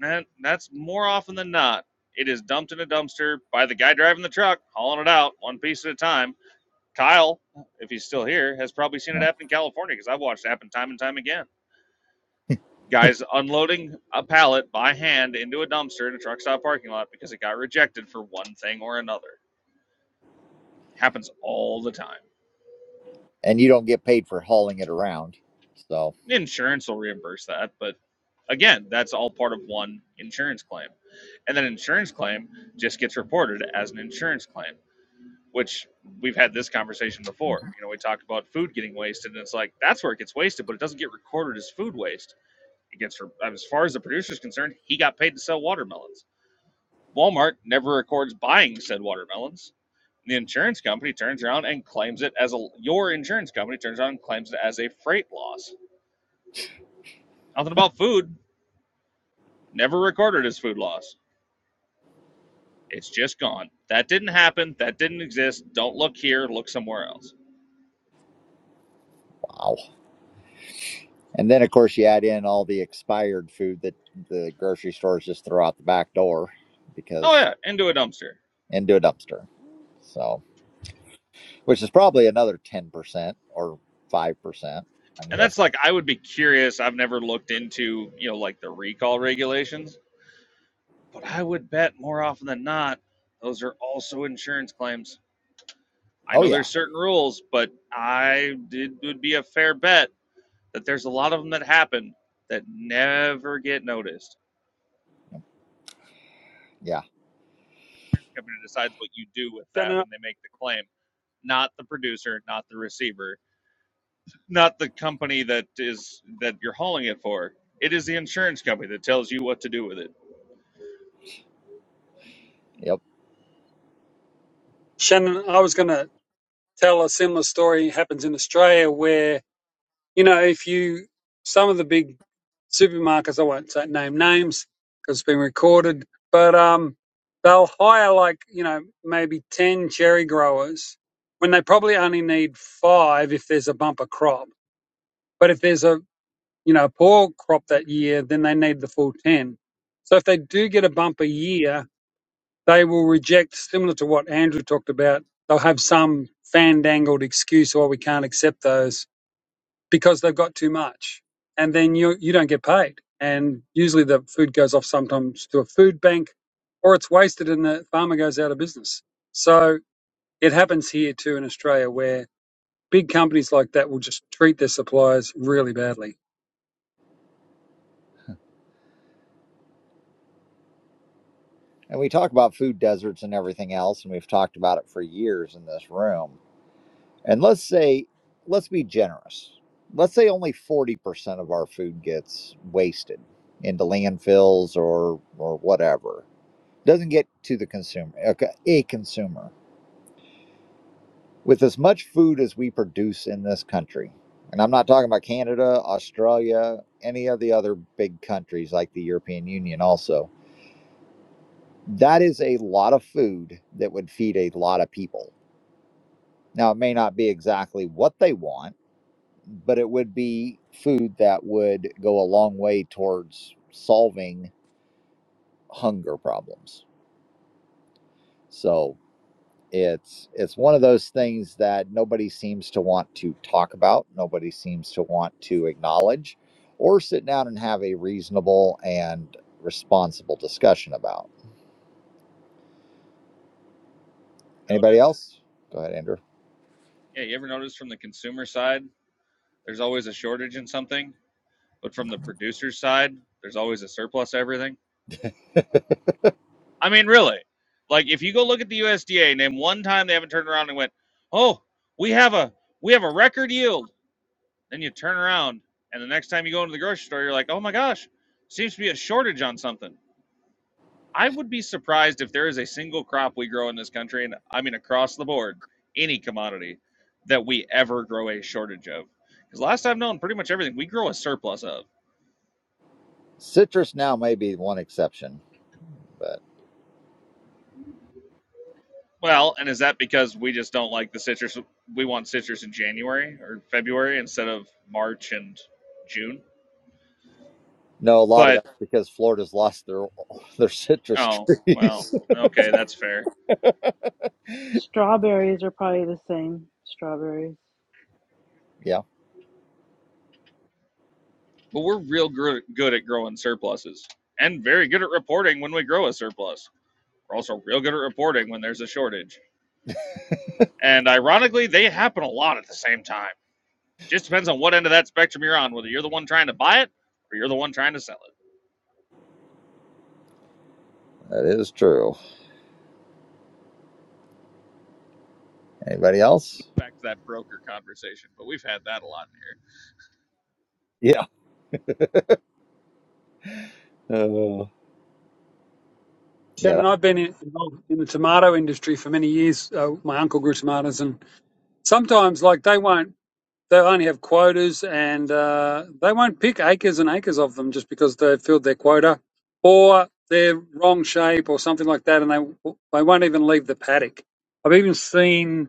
[SPEAKER 10] that, that's more often than not it is dumped in a dumpster by the guy driving the truck hauling it out one piece at a time Kyle, if he's still here, has probably seen it
[SPEAKER 1] No.
[SPEAKER 10] happen in California because I've watched it happen time and time again. Guys unloading a pallet by hand into a dumpster in a truck stop parking lot because it got rejected for one thing or another. Happens all the time.
[SPEAKER 1] And you don't get paid for hauling it around. So,
[SPEAKER 10] Insurance will reimburse that, but again, that's all part of one insurance claim. And then insurance claim just gets reported as an insurance claim, which we've had this conversation before.
[SPEAKER 1] mhm.
[SPEAKER 10] You know, we talked about food getting wasted, and it's like that's where it gets wasted, but it doesn't get recorded as food waste He gets for as far as the producer's concerned, he got paid to sell watermelons. Walmart never records buying said watermelons. The insurance company turns around and claims it as a your insurance company turns around and claims it as a freight loss. Nothing about food. Never recorded as food loss. It's just gone. That didn't happen. That didn't exist. Don't look here. Look somewhere else.
[SPEAKER 1] wow. And then, of course, you add in all the expired food that the grocery stores just throw out the back door
[SPEAKER 10] Oh
[SPEAKER 1] because
[SPEAKER 10] yeah, into a dumpster.
[SPEAKER 1] into a dumpster. So, which is probably another 10% or 5%, I'm
[SPEAKER 10] And that's
[SPEAKER 1] guessing.
[SPEAKER 10] like I would be curious. I've never looked into you know like the recall regulations But I would bet more often than not, those are also insurance claims. I
[SPEAKER 1] Oh,
[SPEAKER 10] know
[SPEAKER 1] yeah.
[SPEAKER 10] there's certain rules, but I did, it would be a fair bet that there's a lot of them that happen that never get noticed.
[SPEAKER 1] Yeah.
[SPEAKER 10] The insurance company decides what you do with that
[SPEAKER 2] Shannon.
[SPEAKER 10] when they make the claim, not the producer, not the receiver, not the company that is that you're hauling it for. It is the insurance company that tells you what to do with it.
[SPEAKER 1] Yep.
[SPEAKER 2] Shannon, I was going to tell a similar story. It happens in Australia where You know, if you, some of the big supermarkets, I won't say, name names because it's been recorded, but um, they'll hire like, you know, maybe 10 cherry growers when they probably only need five if there's a bumper crop. But if there's a, you know, poor crop that year, then they need the full 10. So if they do get a bumper year, they will reject, similar to what Andrew talked about, they'll have some fandangled excuse why we can't accept those because they've got too much, and then you you don't get paid. And usually the food goes off sometimes to a food bank, or it's wasted, and the farmer goes out of business. So it happens here too in Australia, where big companies like that will just treat their suppliers really badly.
[SPEAKER 1] And we talk about food deserts and everything else, and we've talked about it for years in this room. And let's say, let's be generous. Let's say only 40% of our food gets wasted into landfills or, or whatever. Doesn't get to the consumer, a a consumer. With as much food as we produce in this country, and I'm not talking about Canada, Australia, any of the other big countries like the European Union, also, that is a lot of food that would feed a lot of people Now, it may not be exactly what they want, but it would be food that would go a long way towards solving hunger problems. So it's it's one of those things that nobody seems to want to talk about, nobody seems to want to acknowledge, or sit down and have a reasonable and responsible discussion about. Anybody
[SPEAKER 10] Notice
[SPEAKER 1] else? Go ahead, Andrew.
[SPEAKER 10] Yeah, you ever notice from the consumer side, there's always a shortage in something, but from the producer's side, there's always a surplus of everything? I mean, really. Like if you go look at the USDA, name one time they haven't turned around and went, "Oh, we have a we have a record yield." Then you turn around and the next time you go into the grocery store, you're like, "Oh my gosh, seems to be a shortage on something." I would be surprised if there is a single crop we grow in this country, and I mean across the board, any commodity that we ever grow a shortage of. Because last I've known, pretty much everything we grow a surplus of.
[SPEAKER 1] Citrus now may be one exception, but.
[SPEAKER 10] Well, and is that because we just don't like the citrus? We want citrus in January or February instead of March and June.
[SPEAKER 1] No, a lot of
[SPEAKER 10] But
[SPEAKER 1] that's because Florida's lost their their citrus
[SPEAKER 10] oh well,
[SPEAKER 1] trees.
[SPEAKER 10] okay, that's fair.
[SPEAKER 7] Strawberries are probably the same. Strawberries.
[SPEAKER 1] yeah,
[SPEAKER 10] But we're real gr- good at growing surpluses, and very good at reporting when we grow a surplus. We're also real good at reporting when there's a shortage And ironically, they happen a lot at the same time. Just depends on what end of that spectrum you're on, whether you're the one trying to buy it or you're the one trying to sell it.
[SPEAKER 1] that is true. Anybody else?
[SPEAKER 10] Back to that broker conversation, but we've had that a lot in here.
[SPEAKER 1] Yeah. Uh, yeah.
[SPEAKER 2] Shannon, I've been in- involved in the tomato industry for many years. Uh, my uncle grew tomatoes, and sometimes like they won't they only have quotas and uh, they won't pick acres and acres of them just because they've filled their quota or they're wrong shape or something like that and they they won't even leave the paddock. I've even seen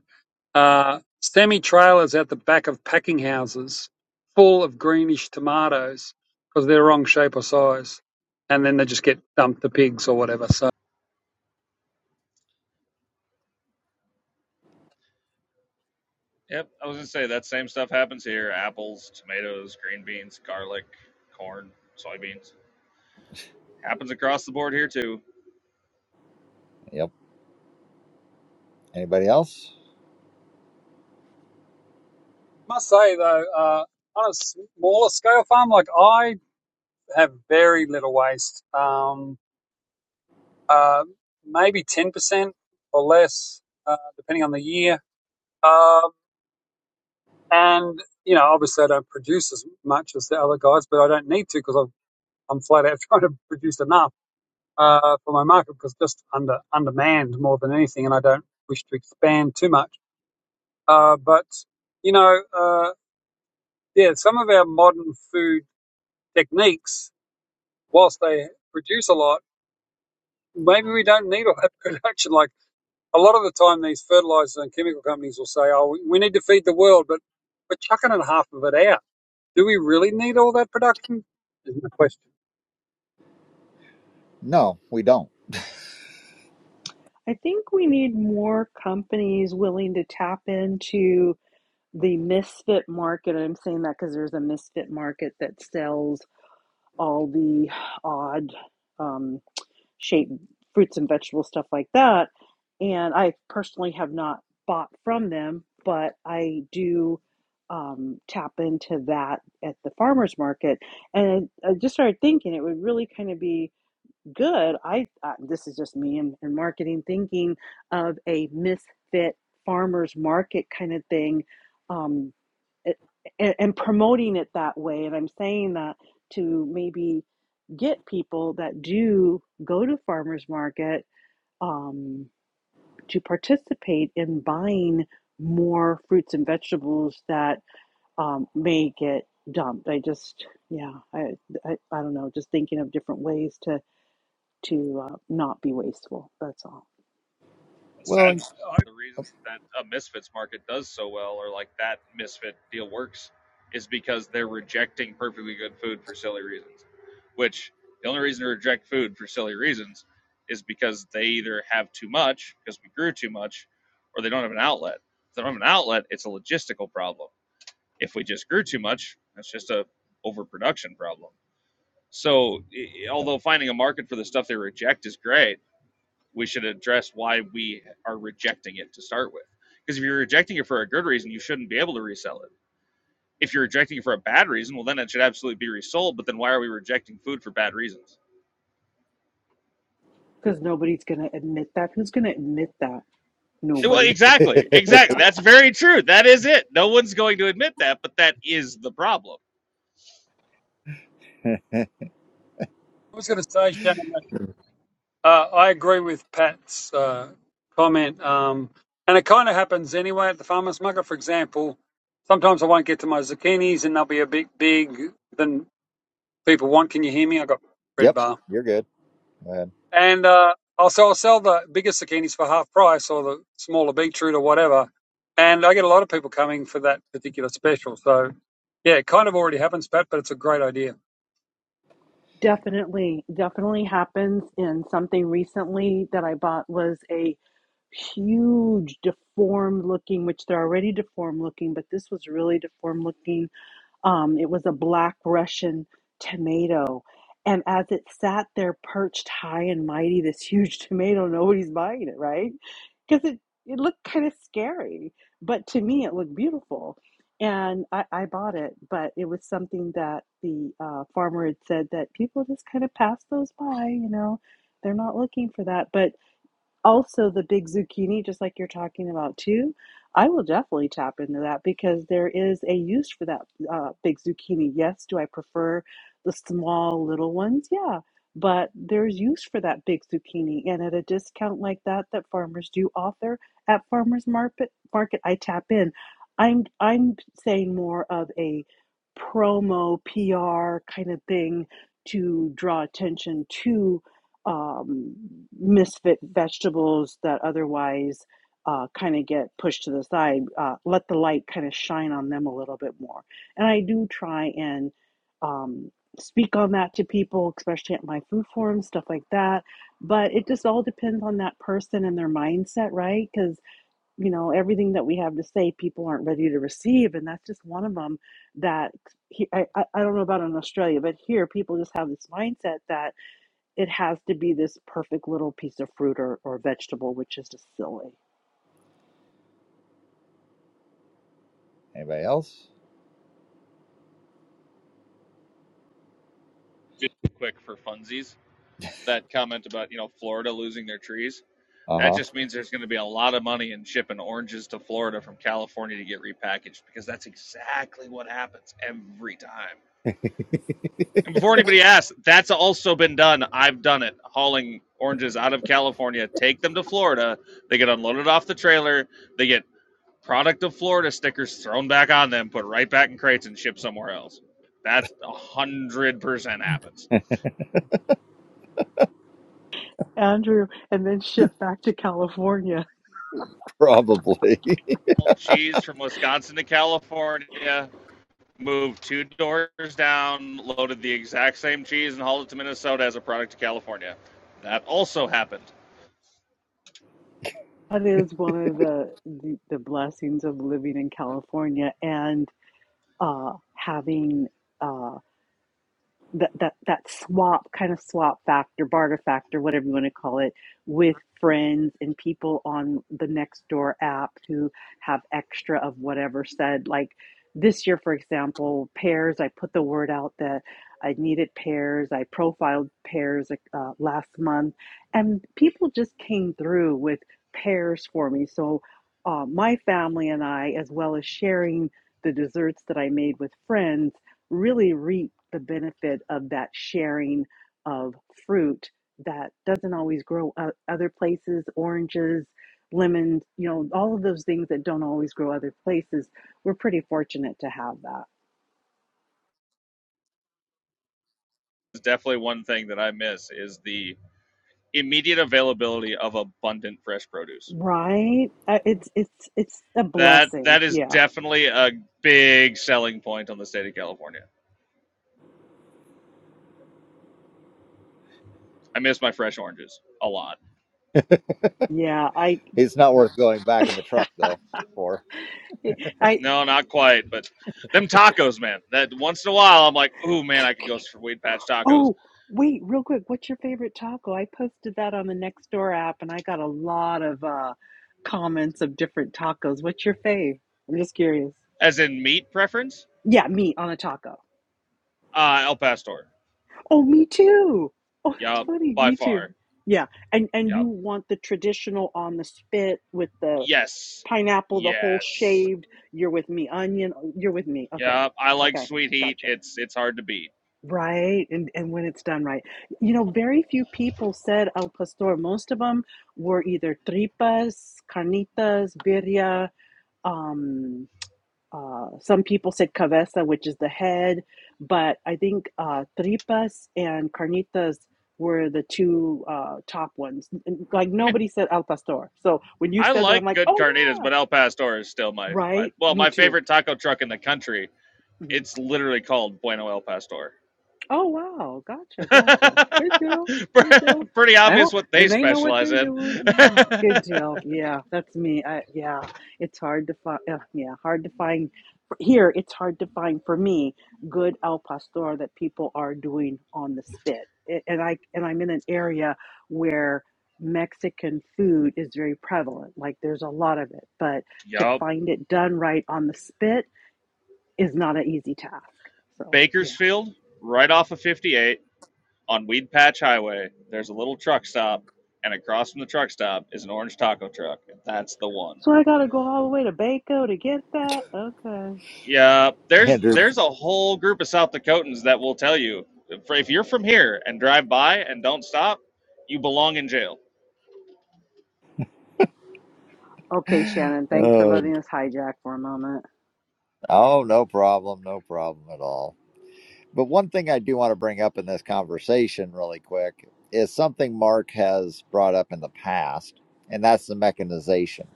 [SPEAKER 2] uh, semi trailers out the back of packing houses full of greenish tomatoes because they're wrong shape or size and then they just get dumped to pigs or whatever. So I
[SPEAKER 10] Yep, I was gonna say that same stuff happens here: apples, tomatoes, green beans, garlic, corn, soybeans. Happens across the board here too.
[SPEAKER 1] Yep. Anybody else?
[SPEAKER 2] must say though, uh, on a smaller scale farm, like I have very little waste. Um, um, maybe 10% or less, uh, depending on the year. Um, and, you know, obviously I don't produce as much as the other guys, but I don't need to because I'm I'm flat out trying to produce enough uh, for my market because just under undermanned more than anything, and I don't wish to expand too much. Uh, but, you know, uh, yeah, some of our modern food techniques, whilst they produce a lot, maybe we don't need all that production. Like, a lot of the time these fertilizers and chemical companies will say, "Oh, we need to feed the world," but we're chucking in half of it out. Do we really need all that production? Is my question.
[SPEAKER 1] No, we don't.
[SPEAKER 7] I think we need more companies willing to tap into the misfit market, I'm saying that because there's a misfit market that sells all the odd um, shaped fruits and vegetable stuff like that. And I personally have not bought from them, but I do um, tap into that at the farmer's market. And I, I just started thinking it would really kind of be good. I uh, This is just me and, and marketing thinking of a misfit farmer's market kind of thing um a- and, and promoting it that way. And I'm saying that to maybe get people that do go to farmers market um, to participate in buying more fruits and vegetables that um, may get dumped. I just, yeah, I, I, I don't know, just thinking of different ways to to uh, not be wasteful. That's all.
[SPEAKER 10] a Sad.
[SPEAKER 1] Well,
[SPEAKER 10] market.
[SPEAKER 2] I
[SPEAKER 10] The reason that a misfits market does so well, or like that misfit deal works, is because they're rejecting perfectly good food for silly reasons. Which the only reason to reject food for silly reasons is because they either have too much because we grew too much, or they don't have an outlet. If they don't have an outlet, it's a logistical problem. If we just grew too much, that's just a overproduction problem. So, e, e, although finding a market for the stuff they reject is great we should address why we are rejecting it to start with. Because if you're rejecting it for a good reason, you shouldn't be able to resell it. If you're rejecting it for a bad reason, well, then it should absolutely be resold. But then why are we rejecting food for bad reasons?
[SPEAKER 7] Because nobody's going to admit that. Who's going to admit that?
[SPEAKER 10] Well,
[SPEAKER 7] Nobody.
[SPEAKER 10] exactly, exactly. That's very true. That is it. No one's going to admit that, but that is the problem.
[SPEAKER 2] I was going to say, Shannon, that, uh, I agree with Pat's uh, comment, um, and it kind of happens anyway at the farmers' market. For example, sometimes I won't get to my zucchinis, and they'll be a bit big than people want. Can you hear me? I got red
[SPEAKER 1] yep.
[SPEAKER 2] bar.
[SPEAKER 1] You're good. Go ahead.
[SPEAKER 2] And uh, I'll, so I'll sell the bigger zucchinis for half price or the smaller beetroot or whatever. And I get a lot of people coming for that particular special. So, yeah, it kind of already happens, Pat, but it's a great idea.
[SPEAKER 7] Definitely, definitely happens. And something recently that I bought was a huge deformed looking, which they're already deformed looking, but this was really deformed looking um, it was a black Russian tomato. And as it sat there perched high and mighty, this huge tomato, nobody's buying it, right? Because it, it looked kind of scary. But to me, it looked beautiful. And I, I bought it, but it was something that the uh, farmer had said that people just kind of pass those by, you know, they're not looking for that. But also the big zucchini, just like you're talking about too, I will definitely tap into that because there is a use for that uh, big zucchini. Yes, do I prefer the small little ones? Yeah, but there's use for that big zucchini, and at a discount like that that farmers do offer at farmers market, market I tap in. I'm I'm saying more of a promo PR kind of thing to draw attention to um, misfit vegetables that otherwise uh, kind of get pushed to the side, uh, let the light kind of shine on them a little bit more. And I do try and um, speak on that to people, especially at my food forums, stuff like that. But it just all depends on that person and their mindset, right? Because, you know, everything that we have to say, people aren't ready to receive. And that's just one of them that he, I, I don't know about in Australia, but here people just have this mindset that it has to be this perfect little piece of fruit or, or vegetable, which is just silly.
[SPEAKER 1] Anybody else?
[SPEAKER 10] Just quick for funsies, that comment about you know Florida losing their trees.
[SPEAKER 1] Uh
[SPEAKER 10] That
[SPEAKER 1] huh.
[SPEAKER 10] just means there's going to be a lot of money in shipping oranges to Florida from California to get repackaged because that's exactly what happens every time And before anybody asks, that's also been done. I've done it, hauling oranges out of California, take them to Florida. They get unloaded off the trailer. They get product of Florida stickers thrown back on them, put right back in crates, and shipped somewhere else. That's a hundred percent happens.
[SPEAKER 7] Andrew, and then shipped back to California.
[SPEAKER 1] Probably.
[SPEAKER 10] Cheese from Wisconsin to California, moved two doors down, loaded the exact same cheese, and hauled it to Minnesota as a product to California. That also happened.
[SPEAKER 7] That is one of the the, the blessings of living in California and uh, having. uh, that that that swap kind of swap factor, barter factor, whatever you want to call it, with friends and people on the next door app who have extra of whatever said. Like this year, for example, pears. I put the word out that I needed pears. I profiled pears like, uh, last month, and people just came through with pears for me. So uh, my family and I, as well as sharing the desserts that I made with friends really reap the benefit of that sharing of fruit that doesn't always grow o- other places oranges lemons you know all of those things that don't always grow other places we're pretty fortunate to have that
[SPEAKER 10] It's definitely one thing that I miss is the immediate availability of abundant fresh produce.
[SPEAKER 7] right Uh, it's it's it's a
[SPEAKER 10] That
[SPEAKER 7] blessing
[SPEAKER 10] that is
[SPEAKER 7] yeah
[SPEAKER 10] definitely a big selling point on the state of California. I miss my fresh oranges a lot.
[SPEAKER 7] yeah i
[SPEAKER 1] it's not worth going back in the truck though. For
[SPEAKER 7] i
[SPEAKER 10] No, not quite, but them tacos, man. That once in a while, I'm like, ooh, man, I could go for weed patch tacos.
[SPEAKER 7] Oh, wait, real quick, what's your favorite taco? I posted that on the Nextdoor app and I got a lot of uh comments of different tacos. What's your fave? I'm just curious.
[SPEAKER 10] As in meat preference,
[SPEAKER 7] Yeah, meat on a taco.
[SPEAKER 10] uh, El Pastor.
[SPEAKER 7] Oh, me too. Oh, that's
[SPEAKER 10] Yup,
[SPEAKER 7] funny.
[SPEAKER 10] by
[SPEAKER 7] Me too.
[SPEAKER 10] far.
[SPEAKER 7] Yeah. And and you
[SPEAKER 10] Yup.
[SPEAKER 7] want the traditional on the spit with the
[SPEAKER 10] Yes.
[SPEAKER 7] pineapple, the whole
[SPEAKER 10] Yes.
[SPEAKER 7] shaved. You're with me. Onion, you're with me. Okay.
[SPEAKER 10] Yup. I like
[SPEAKER 7] Okay.
[SPEAKER 10] sweet heat.
[SPEAKER 7] Gotcha.
[SPEAKER 10] It's it's hard to beat.
[SPEAKER 7] Right. And, and when it's done right. You know, very few people said al pastor. Most of them were either tripas, carnitas, birria. Um, uh, some people said cabeza, which is the head. But I think uh, tripas and carnitas were the two uh, top ones. N- Like
[SPEAKER 10] I mean,
[SPEAKER 7] nobody said al pastor. So when you
[SPEAKER 10] I
[SPEAKER 7] said that, I'm
[SPEAKER 10] like
[SPEAKER 7] like,
[SPEAKER 10] good
[SPEAKER 7] oh,
[SPEAKER 10] carnitas,
[SPEAKER 7] yeah.
[SPEAKER 10] but El Pastor is still my my
[SPEAKER 7] Right.
[SPEAKER 10] well
[SPEAKER 7] Me
[SPEAKER 10] my
[SPEAKER 7] too.
[SPEAKER 10] favorite taco truck in the country.
[SPEAKER 7] Mm-hmm.
[SPEAKER 10] It's literally called Bueno El Pastor.
[SPEAKER 7] Oh wow, gotcha, gotcha. Good deal, good deal.
[SPEAKER 10] Pretty
[SPEAKER 7] I
[SPEAKER 10] obvious
[SPEAKER 7] hope
[SPEAKER 10] what they
[SPEAKER 7] then they know what
[SPEAKER 10] specialize
[SPEAKER 7] they're
[SPEAKER 10] in.
[SPEAKER 7] doing. Yeah, good deal. Yeah, that's me. I yeah, it's hard to find. Uh, yeah, hard to find for- here. It's hard to find for me good al pastor that people are doing on the spit. A- And I and I'm in an area where Mexican food is very prevalent. Like there's a lot of it, but to
[SPEAKER 10] yup,
[SPEAKER 7] find it done right on the spit is not an easy task. So yeah.
[SPEAKER 10] Bakersfield, right off of 58 on Weed Patch Highway. There's a little truck stop, and across from the truck stop is an orange taco truck. That's the one.
[SPEAKER 7] So I gotta go all the way to Baco to get that? Okay.
[SPEAKER 10] Yeah, there's
[SPEAKER 1] Andrew.
[SPEAKER 10] there's a whole group of South Dakotans that will tell you if if you're from here and drive by and don't stop, you belong in jail.
[SPEAKER 7] Okay, Shannon, thanks for
[SPEAKER 1] Uh,
[SPEAKER 7] letting us hijack for a moment.
[SPEAKER 1] oh, no problem. No problem at all. But one thing I do want to bring up in this conversation, really quick, is something Mark has brought up in the past, and that's the mechanization.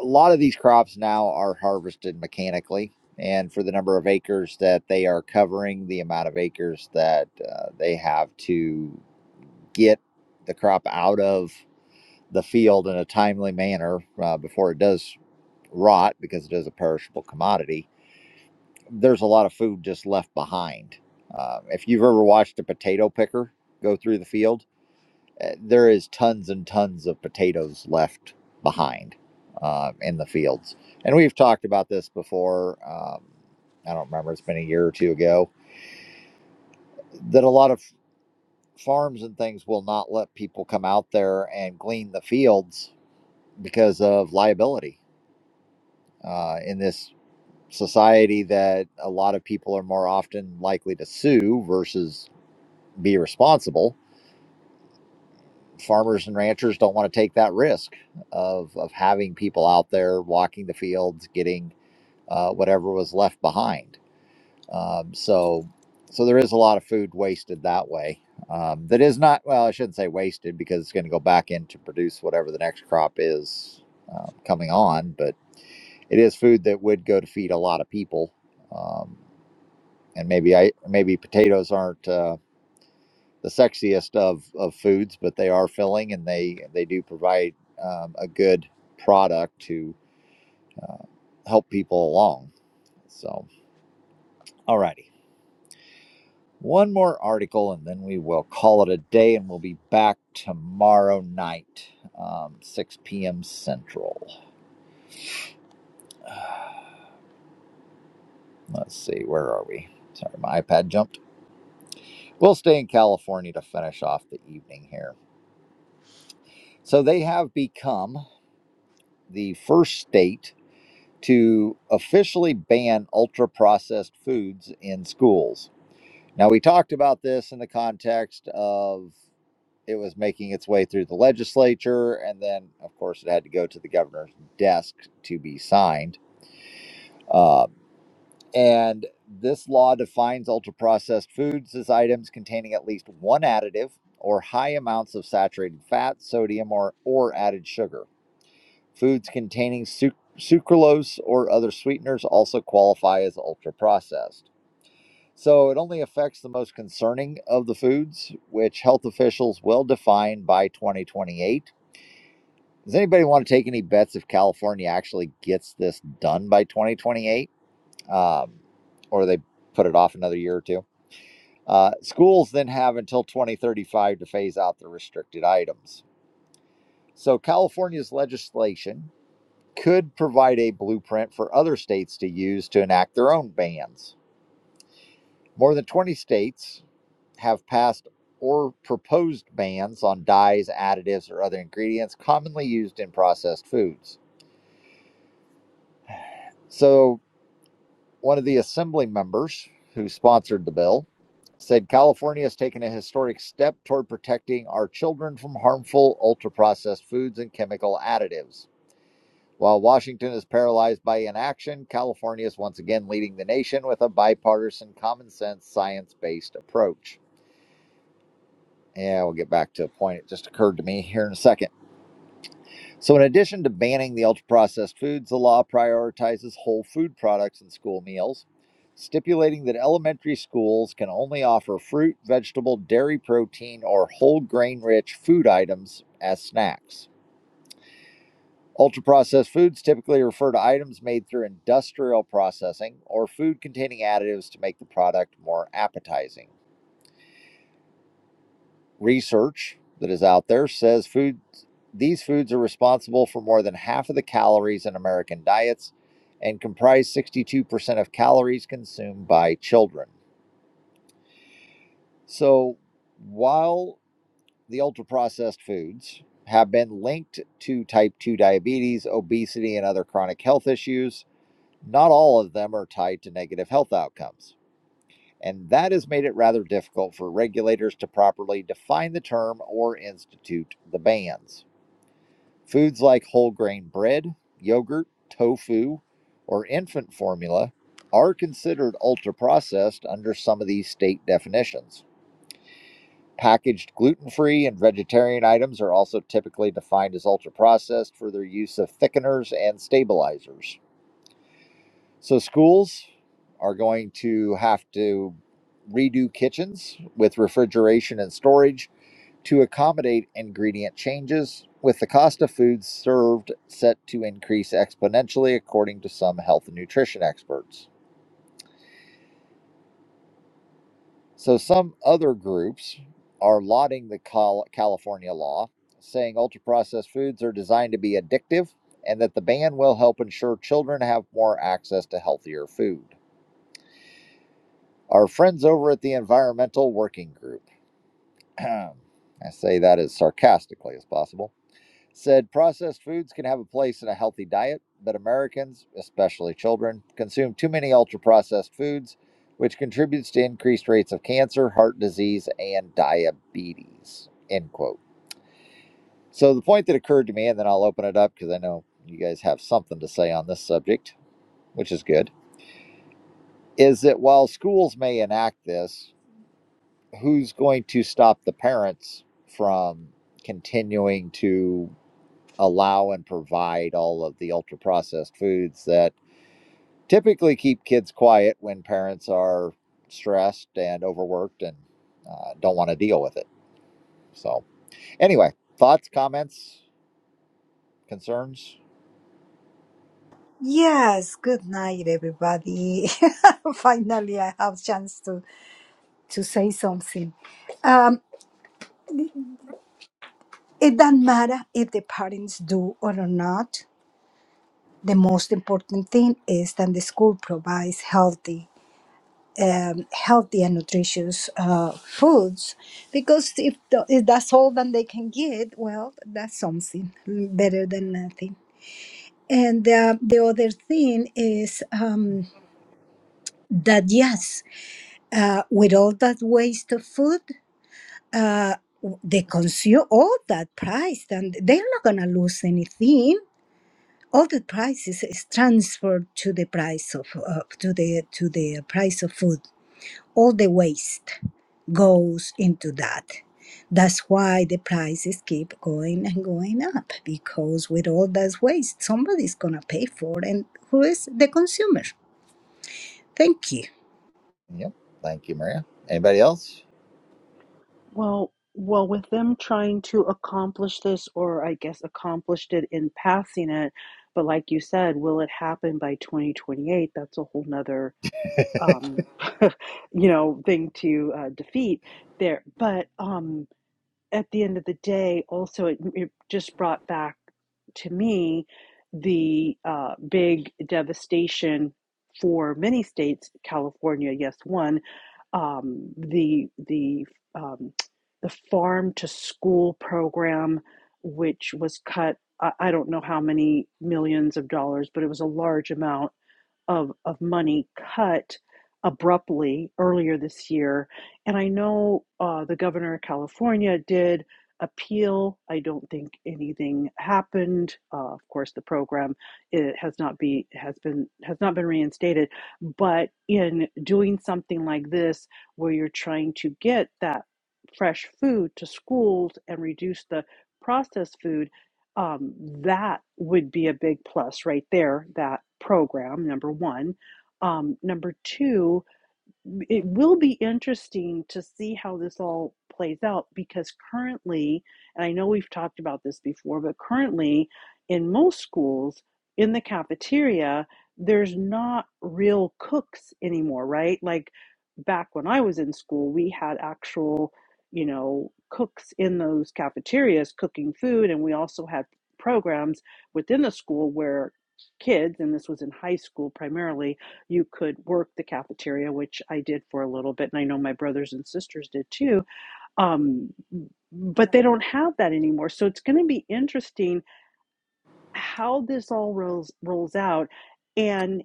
[SPEAKER 1] A lot of these crops now are harvested mechanically, and for the number of acres that they are covering, the amount of acres that uh, they have to get the crop out of the field in a timely manner uh, before it does rot because it is a perishable commodity there's a lot of food just left behind. Uh, if you've ever watched a potato picker go through the field, uh, there is tons and tons of potatoes left behind uh, in the fields. And we've talked about this before. Um, I don't remember, it's been a year or two ago, that a lot of farms and things will not let people come out there and glean the fields because of liability uh, in this society that a lot of people are more often likely to sue versus be responsible. Farmers and ranchers don't want to take that risk of, of having people out there walking the fields, getting uh, whatever was left behind. Um, so, so there is a lot of food wasted that way. Um, that is not well. I shouldn't say wasted because it's going to go back in to produce whatever the next crop is uh, coming on. But it is food that would go to feed a lot of people. Um, and maybe I maybe potatoes aren't. Uh, the sexiest of of foods, but they are filling and they they do provide um, a good product to uh, help people along. So, alrighty, one more article and then we will call it a day, and we'll be back tomorrow night, um, 6 p.m. Central. Let's see, where are we? Sorry, my iPad jumped. We'll stay in California to finish off the evening here. So they have become the first state to officially ban ultra processed foods in schools. Now, we talked about this in the context of it was making its way through the legislature, and then, of course, it had to go to the governor's desk to be signed. Uh, and this law defines ultra processed foods as items containing at least one additive or high amounts of saturated fat, sodium, or, or added sugar. Foods containing suc- sucralose or other sweeteners also qualify as ultra processed. So it only affects the most concerning of the foods, which health officials will define by 2028. Does anybody want to take any bets if California actually gets this done by 2028? Um, or they put it off another year or two? Uh, schools then have until 2035 to phase out the restricted items. So California's legislation could provide a blueprint for other states to use to enact their own bans. More than 20 states have passed or proposed bans on dyes, additives, or other ingredients commonly used in processed foods. So, one of the assembly members who sponsored the bill said California has taken a historic step toward protecting our children from harmful ultra processed foods and chemical additives. While Washington is paralyzed by inaction, California is once again leading the nation with a bipartisan, common sense, science based approach. Yeah, we'll get back to a point. It just occurred to me here in a second. So, in addition to banning the ultra processed foods, the law prioritizes whole food products in school meals, stipulating that elementary schools can only offer fruit, vegetable, dairy protein, or whole grain rich food items as snacks. Ultra processed foods typically refer to items made through industrial processing or food containing additives to make the product more appetizing. Research that is out there says foods these foods are responsible for more than half of the calories in American diets and comprise 62% of calories consumed by children. So, while the ultra processed foods have been linked to type 2 diabetes, obesity, and other chronic health issues, Not all of them are tied to negative health outcomes, and that has made it rather difficult for regulators to properly define the term or institute the bans. Foods like whole grain bread, yogurt, tofu, or infant formula are considered ultra processed under some of these state definitions. Packaged gluten free and vegetarian items are also typically defined as ultra processed for their use of thickeners and stabilizers. So schools are going to have to redo kitchens with refrigeration and storage to accommodate ingredient changes, with the cost of food served set to increase exponentially, according to some health and nutrition experts. So some other groups are lauding the Cal- California law, saying ultra processed foods are designed to be addictive and that the ban will help ensure children have more access to healthier food. Our friends over at the Environmental Working Group, I say that as sarcastically as possible, said processed foods can have a place in a healthy diet, but Americans, especially children, consume too many ultra processed foods, which contributes to increased rates of cancer, heart disease, and diabetes. End quote. So the point that occurred to me, and then I'll open it up because I know you guys have something to say on this subject, which is good, is that while schools may enact this, who's going to stop the parents from continuing to allow and provide all of the ultra processed foods that typically keep kids quiet when parents are stressed and overworked and uh, don't want to deal with it? So, anyway, thoughts, comments, concerns?
[SPEAKER 11] Yes, good night, everybody. Finally, I have chance to to say something. Um, it doesn't matter if the parents do or not. The most important thing is that the school provides healthy, um, healthy and nutritious uh, foods, because if, the, if that's all that they can get, well, that's something better than nothing. And uh, the other thing is um, that yes. uh, with all that waste of food, uh, they consume all that price, and they're not going to lose anything. All the price is, is transferred to the price of uh, to the to the price of food. All the waste goes into that. That's why the prices keep going and going up because with all that waste, somebody's gonna pay for, it, and who is the consumer? Thank you.
[SPEAKER 1] Yep. Thank you, Maria. Anybody else?
[SPEAKER 7] Well, well, with them trying to accomplish this, or I guess accomplished it in passing it, but like you said, will it happen by 2028? That's a whole nother, um, you know, thing to uh, defeat there. But, um, at the end of the day, also it, it just brought back to me the uh, big devastation for many states. California, yes, one. Um, the the um, the farm to school program, which was cut. I I don't know how many millions of dollars, but it was a large amount of of money cut abruptly earlier this year, and I know uh, the governor of California did appeal. I don't think anything happened. Uh, of course, the program it has not be has been has not been reinstated. But in doing something like this, where you're trying to get that fresh food to schools and reduce the processed food um, that would be a big plus right there, that program, number one. Um, number two, it will be interesting to see how this all plays out because currently, and I know we've talked about this before, but currently in most schools in the cafeteria, there's not real cooks anymore, right? Like back when I was in school, we had actual, you know, cooks in those cafeterias cooking food, and we also had programs within the school where kids, and this was in high school primarily you could work the cafeteria, which I did for a little bit, and I know my brothers and sisters did too. Um, but they don't have that anymore. So it's going to be interesting how this all rolls rolls out. And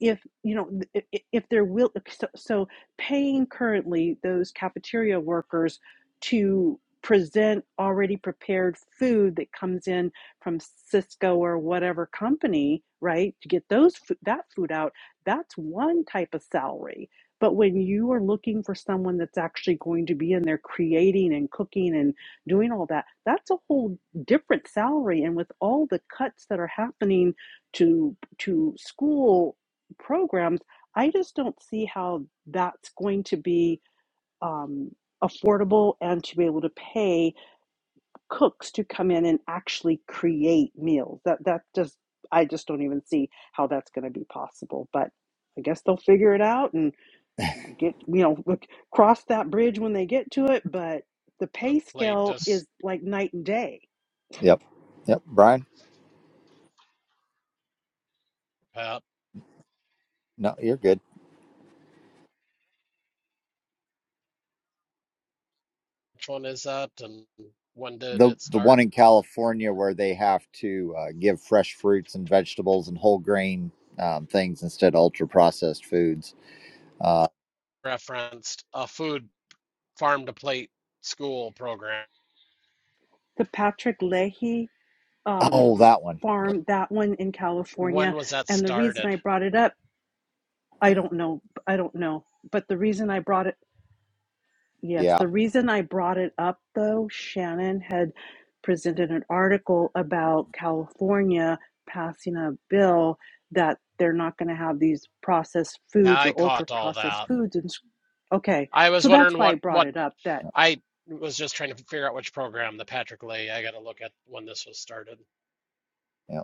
[SPEAKER 7] if you know th- if there will uh, so, so paying currently those cafeteria workers to present already prepared food that comes in from Cisco or whatever company right to get those that food out that's one type of salary but when you are looking for someone that's actually going to be in there creating and cooking and doing all that that's a whole different salary and with all the cuts that are happening to to school programs, I just don't see how that's going to be um, affordable and to be able to pay cooks to come in and actually create meals. That that just I just don't even see how that's going to be possible. But I guess they'll figure it out and get you know look, cross that bridge when they get to it. But the
[SPEAKER 12] uh,
[SPEAKER 7] pay
[SPEAKER 12] played
[SPEAKER 7] scale
[SPEAKER 12] just
[SPEAKER 7] is like night and day
[SPEAKER 1] Yep. Yep. Brian?
[SPEAKER 12] about
[SPEAKER 1] No, you're good.
[SPEAKER 12] which one is that and when did
[SPEAKER 1] the
[SPEAKER 12] it
[SPEAKER 1] the one
[SPEAKER 12] start?
[SPEAKER 1] in California where they have to uh, give fresh fruits and vegetables and whole grain um, things instead of ultra processed foods. Uh,
[SPEAKER 12] Referenced a food farm to plate school program.
[SPEAKER 7] the Patrick Leahy um,
[SPEAKER 1] oh, that one.
[SPEAKER 7] farm, that one in
[SPEAKER 12] When
[SPEAKER 7] California.
[SPEAKER 12] was that
[SPEAKER 7] And the reason I
[SPEAKER 12] started?
[SPEAKER 7] brought it up, I don't know, I don't know, but the reason I brought it Yes,
[SPEAKER 1] Yeah,
[SPEAKER 7] the reason I brought it up though, Shannon had presented an article about California passing a bill that they're not going to have these processed
[SPEAKER 12] Yeah,
[SPEAKER 7] foods
[SPEAKER 12] I
[SPEAKER 7] or ultra
[SPEAKER 12] caught all
[SPEAKER 7] processed
[SPEAKER 12] that.
[SPEAKER 7] foods. And s- okay,
[SPEAKER 12] I was
[SPEAKER 7] so that's
[SPEAKER 12] wondering
[SPEAKER 7] why I
[SPEAKER 12] what
[SPEAKER 7] brought
[SPEAKER 12] what
[SPEAKER 7] it up that,
[SPEAKER 12] I was just trying to figure out which program the Patrick Lay. I got to look at when this was started.
[SPEAKER 1] yeah.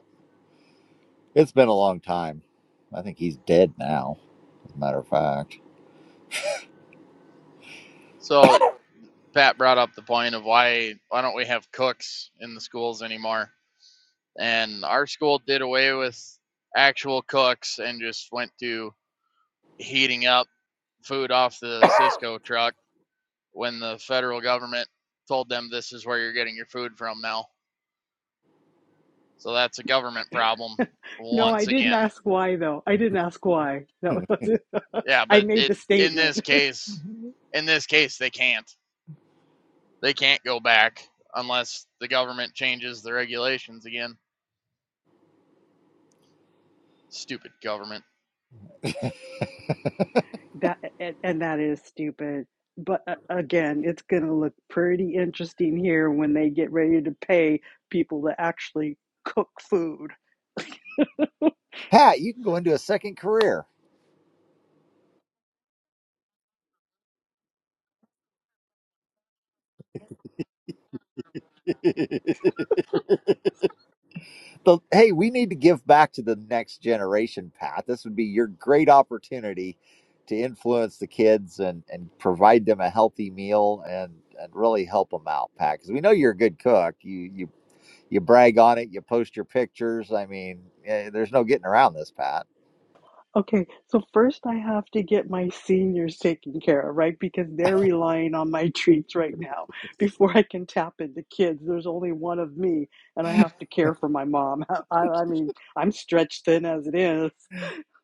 [SPEAKER 1] It's been a long time. I think he's dead now. As a matter of fact,
[SPEAKER 5] So Pat brought up the point of why why don't we have cooks in the schools anymore? And our school did away with actual cooks and just went to heating up food off the Cisco truck when the federal government told them this is where you're getting your food from now. So that's a government problem
[SPEAKER 7] No, I
[SPEAKER 5] once
[SPEAKER 7] didn't
[SPEAKER 5] again.
[SPEAKER 7] ask why though. I didn't ask why. That was
[SPEAKER 5] Yeah,
[SPEAKER 7] I
[SPEAKER 5] but
[SPEAKER 7] made
[SPEAKER 5] it
[SPEAKER 7] the
[SPEAKER 5] in this
[SPEAKER 7] statement.
[SPEAKER 5] case, in this case they can't. They can't go back unless the government changes the regulations again. Stupid government.
[SPEAKER 7] That and, and that is stupid. But uh, again, it's going to look pretty interesting here when they get ready to pay people to actually cook food.
[SPEAKER 1] Pat, you can go into a second career. the hey, we need to give back to the next generation, Pat. This would be your great opportunity to influence the kids and and provide them a healthy meal and and really help them out, Pat. Because we know you're a good cook. You you you brag on it. You post your pictures. I mean, eh, there's no getting around this, Pat.
[SPEAKER 7] Okay, so first I have to get my seniors taken care of, right? Because they're relying on my treats right now. Before I can tap into kids, there's only one of me, and I have to care for my mom. I, I mean, I'm stretched thin as it is.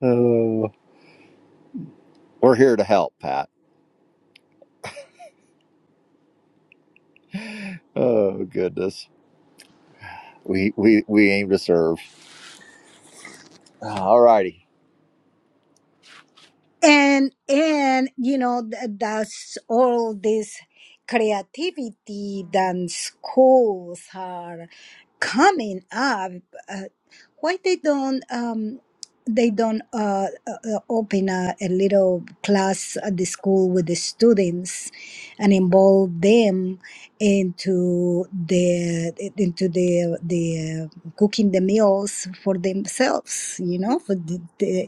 [SPEAKER 1] Oh, We're here to help, Pat. Oh goodness, we we we aim to serve. Ah, All righty,
[SPEAKER 11] and and you know th- that's all this creativity that schools are coming up uh, why they don't um they don't uh, uh, uh, open a, a little class at the school with the students and involve them into the into the the uh, cooking the meals for themselves you know for the, the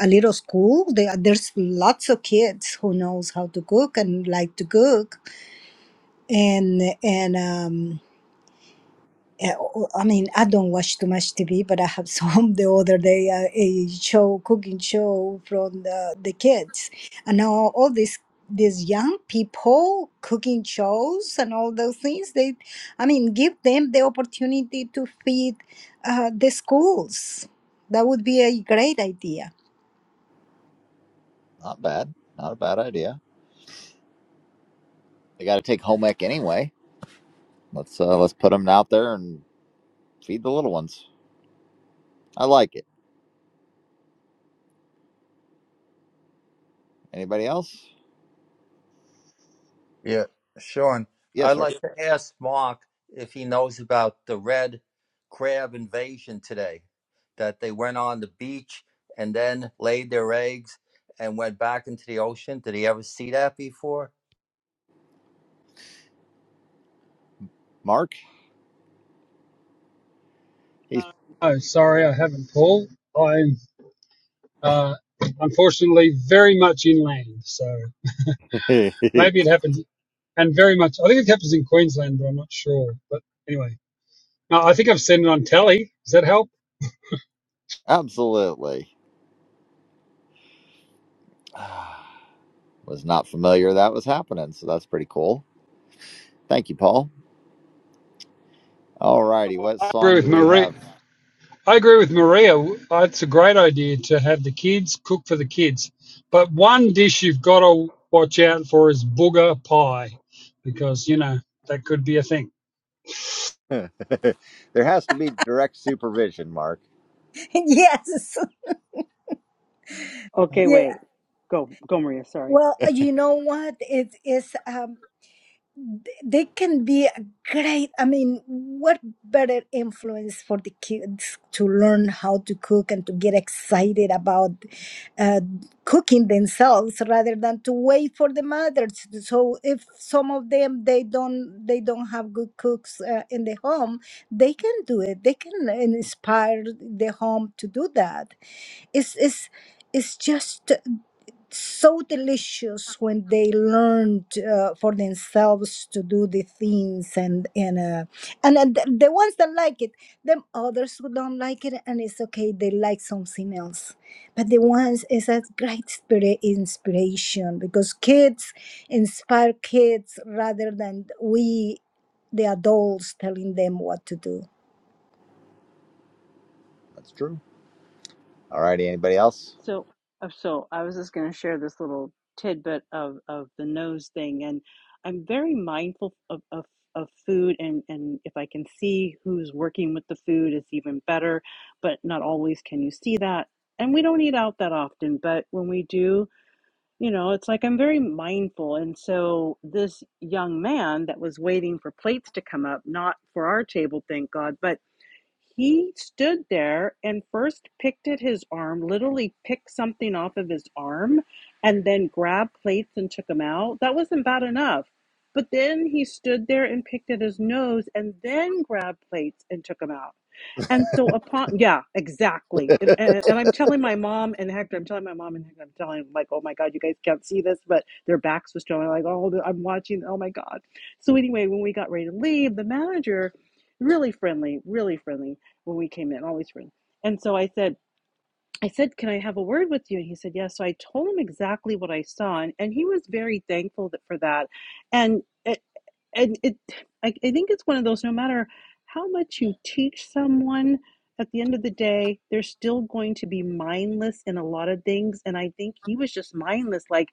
[SPEAKER 11] a little school there, there's lots of kids who knows how to cook and like to cook and and um eh, I mean, I don't watch too much TV, but I have some the other day uh, a show, cooking show from the, the kids, and now all these these young people cooking shows and all those things. They, I mean, give them the opportunity to feed uh, the schools. That would be a great idea.
[SPEAKER 1] not bad, not a bad idea. They got to take home ec anyway. Let's uh, let's put them out there and. Feed the little ones. I like it. Anybody else?
[SPEAKER 13] Yeah, Sean,
[SPEAKER 1] Yes,
[SPEAKER 13] I'd
[SPEAKER 1] sir.
[SPEAKER 13] like to ask Mark if he knows about the red crab invasion today, that they went on the beach and then laid their eggs and went back into the ocean. Did he ever see that before?
[SPEAKER 1] Mark? He's
[SPEAKER 2] Oh, sorry, I haven't, Paul. I'm uh, unfortunately very much inland, so maybe it happens, and very much. I think it happens in Queensland, but I'm not sure. But anyway, no, I think I've seen it on telly. Does that help?
[SPEAKER 1] absolutely was not familiar that was happening, so that's pretty cool. Thank you, Paul. All righty,
[SPEAKER 2] Well,
[SPEAKER 1] what
[SPEAKER 2] I agree
[SPEAKER 1] song do
[SPEAKER 2] with
[SPEAKER 1] we
[SPEAKER 2] Maria.
[SPEAKER 1] have?
[SPEAKER 2] I agree with Maria. It's a great idea to have the kids cook for the kids. But one dish you've got to watch out for is booger pie, because you know that could be a thing.
[SPEAKER 1] there has to be direct supervision, Mark.
[SPEAKER 11] yes,
[SPEAKER 7] Okay, wait. Go, go, Maria. Sorry.
[SPEAKER 11] Well, you know what? It is, um, th- they can be a great. I mean, what better influence for the kids to learn how to cook and to get excited about uh, cooking themselves rather than to wait for the mothers. So, if some of them they don't they don't have good cooks uh, in the home, they can do it. They can inspire the home to do that it's it's it's just so delicious when they learned uh, for themselves to do the things and and uh, and uh, the, the ones that like it them others who don't like it and it's okay they like something else but the ones is a great spirit inspiration because kids inspire kids rather than we the adults telling them what to do
[SPEAKER 1] That's true. All righty, anybody else?
[SPEAKER 7] So, uh, so I was just going to share this little tidbit of of the nose thing, and I'm very mindful of of, of food, and and if I can see who's working with the food, it's even better. But not always can you see that, and we don't eat out that often. But when we do, you know, it's like I'm very mindful, and so this young man that was waiting for plates to come up, not for our table, thank God, but he stood there and first picked at his arm, literally picked something off of his arm, and then grabbed plates and took them out. That wasn't bad enough. But then he stood there and picked at his nose and then grabbed plates and took them out. And so upon, yeah, exactly. And, and and I'm telling my mom and Hector, I'm telling my mom and Hector, I'm telling them, like, oh my God, you guys can't see this, but their backs was showing, like, oh, the- I'm watching, oh my God. So anyway, when we got ready to leave, the manager, really friendly, really friendly when we came in, always friendly. And so I said, I said, can I have a word with you? And he said, yes. So I told him exactly what I saw, and, and he was very thankful that, for that. And eh, and it I, I think it's one of those no matter how much you teach someone at the end of the day they're still going to be mindless in a lot of things and i think he was just mindless like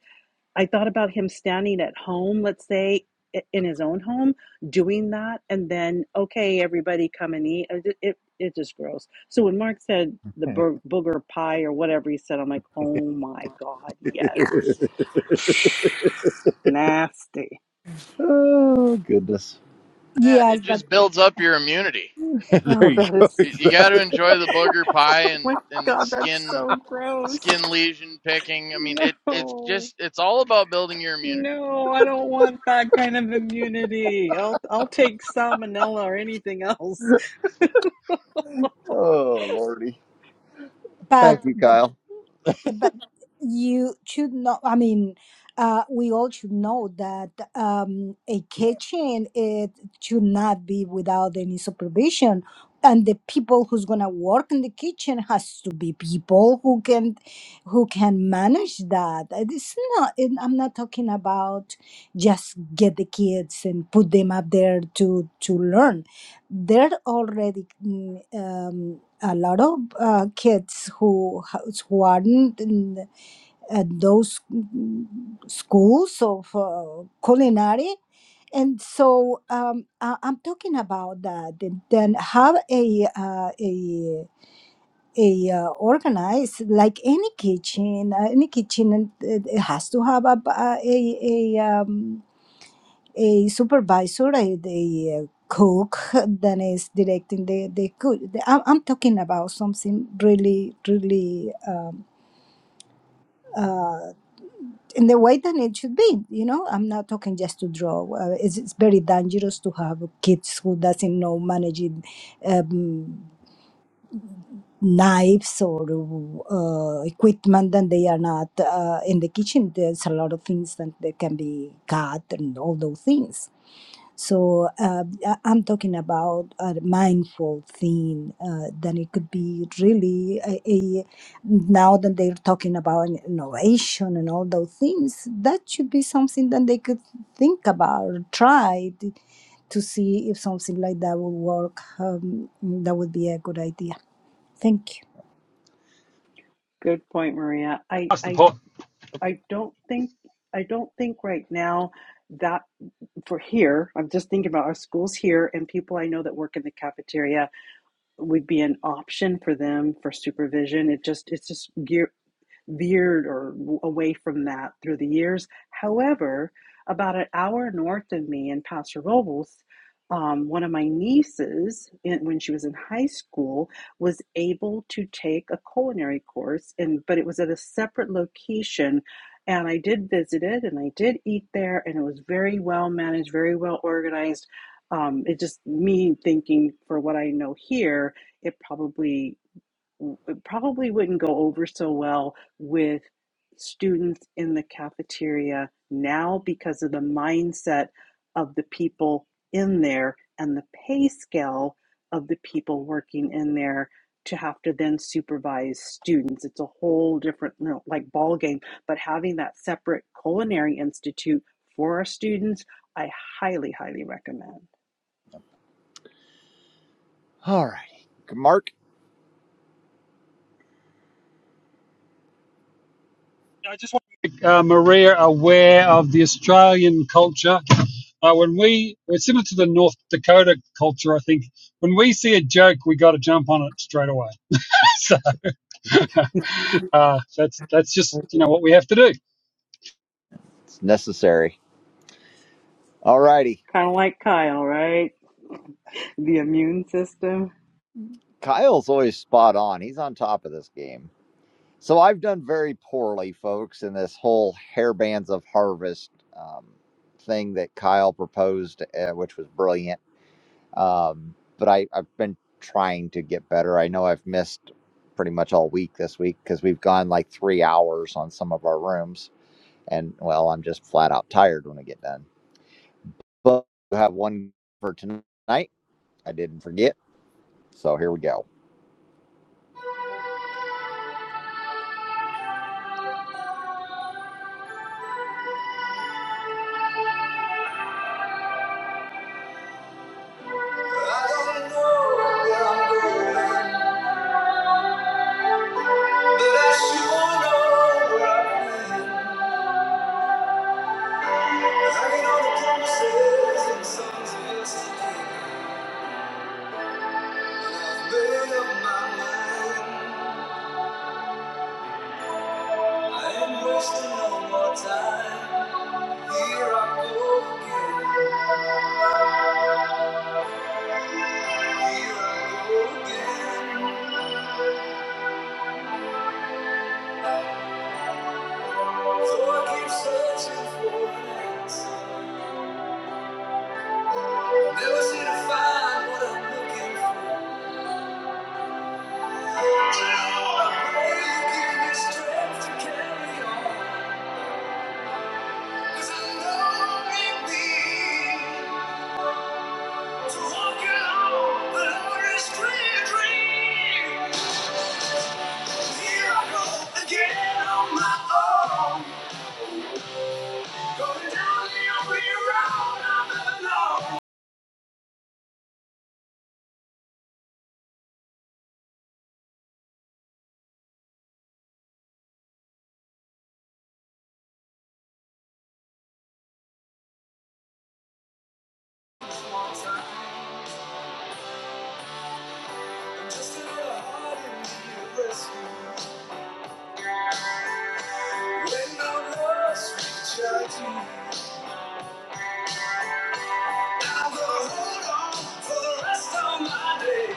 [SPEAKER 7] i thought about him standing at home let's say in his own home doing that and then okay everybody come and eat it, it, it just gross so when mark said the bur- booger pie or whatever he said i'm like oh my god yes nasty
[SPEAKER 1] oh goodness.
[SPEAKER 5] That
[SPEAKER 11] yes
[SPEAKER 5] it
[SPEAKER 11] but
[SPEAKER 5] just builds up your immunity.
[SPEAKER 1] there
[SPEAKER 7] oh
[SPEAKER 1] you
[SPEAKER 7] that
[SPEAKER 1] go.
[SPEAKER 7] is
[SPEAKER 5] You, you got to enjoy the booger pie and
[SPEAKER 7] my
[SPEAKER 5] and
[SPEAKER 7] God, that's
[SPEAKER 5] skin
[SPEAKER 7] so gross.
[SPEAKER 5] skin lesion picking. I mean, it it's
[SPEAKER 7] No,
[SPEAKER 5] just it's all about building your immunity.
[SPEAKER 7] no, I don't want that kind of immunity. I'll I'll take salmonella or anything else.
[SPEAKER 1] Oh lordy.
[SPEAKER 11] but
[SPEAKER 1] Thank you,
[SPEAKER 11] but
[SPEAKER 1] Kyle.
[SPEAKER 11] Yeah, But you should know, I mean, uh, we all should know that um, a kitchen it should not be without any supervision. And the people who's gonna work in the kitchen has to be people who can, who can manage that. And It's not. and I'm not talking about just get the kids and put them up there to to learn. They're already mm, um, a lot of uh, kids who has- who aren't in at those mm, schools of uh, culinary and so um, I, I'm talking about that. and Then have a uh, a a uh, organized like any kitchen, uh, any kitchen, and it, it has to have a b- a, a, a, um, a supervisor, a, a, uh, cook that is directing the, the cook. The- I'm, I'm talking about something really, really um, uh, in the way that it should be. You know, I'm not talking just to draw. Uh, it's, it's very dangerous to have kids who doesn't know managing um, knives or uh, equipment and they are not uh, in the kitchen. There's a lot of things that they can be cut and all those things So uh, I- I'm talking about a mindful thing. Uh, then it could be really a, a now that they're talking about innovation and all those things. That should be something that they could think about, or try to, to see if something like that will work. Um, that would be a good idea. Thank you.
[SPEAKER 7] Good point, Maria. I
[SPEAKER 2] Pass the
[SPEAKER 7] I
[SPEAKER 2] pot.
[SPEAKER 7] I don't think I don't think right now that for here, I'm just thinking about our schools here and people I know that work in the cafeteria would be an option for them for supervision. It just it's just gear. veered or away from that through the years. However, about an hour north of me in Paso Robles, um, one of my nieces, in, when she was in high school, was able to take a culinary course, and but it was at a separate location. And I did visit it, and I did eat there, and it was very well managed, very well organized. Um, it just me thinking for what I know here, it probably it probably wouldn't go over so well with students in the cafeteria now because of the mindset of the people in there and the pay scale of the people working in there to have to then supervise students it's a whole different you know, like ball game but having that separate culinary institute for our students i highly highly recommend
[SPEAKER 1] All righty. Mark,
[SPEAKER 2] I just want to make uh, Maria aware of the Australian culture. Uh, when we, we're similar to the North Dakota culture, I think. When we see a joke, we got to jump on it straight away. so uh, that's that's just you know what we have to do.
[SPEAKER 1] it's necessary. All righty.
[SPEAKER 7] Kind of like Kyle, right? The immune system.
[SPEAKER 1] Kyle's always spot on. He's on top of this game. So I've done very poorly, folks, in this whole hairbands of harvest um, thing that Kyle proposed, uh, which was brilliant. Um, but I, I've been trying to get better. I know I've missed pretty much all week this week because we've gone like three hours on some of our rooms, and well, I'm just flat out tired when I get done. But I have one for tonight. I didn't forget, so here we go. I don't know where I'm going, but I sure know where I've been. Hanging on the promises and songs of yesterday. And I've made up my mind. I ain't wasting no more time. Here I go again. Here I go again. So I keep searching for an answer. Never seem to find what I'm looking for. I pray you give me strength to carry on. 'Cause I know it means to walk along the Lord's clear dream. Here I go again on my own. Going down the only road I've ever known. One time, just a heart in me to rescue. When our loves reach our teeth, I will hold on for the rest of my days.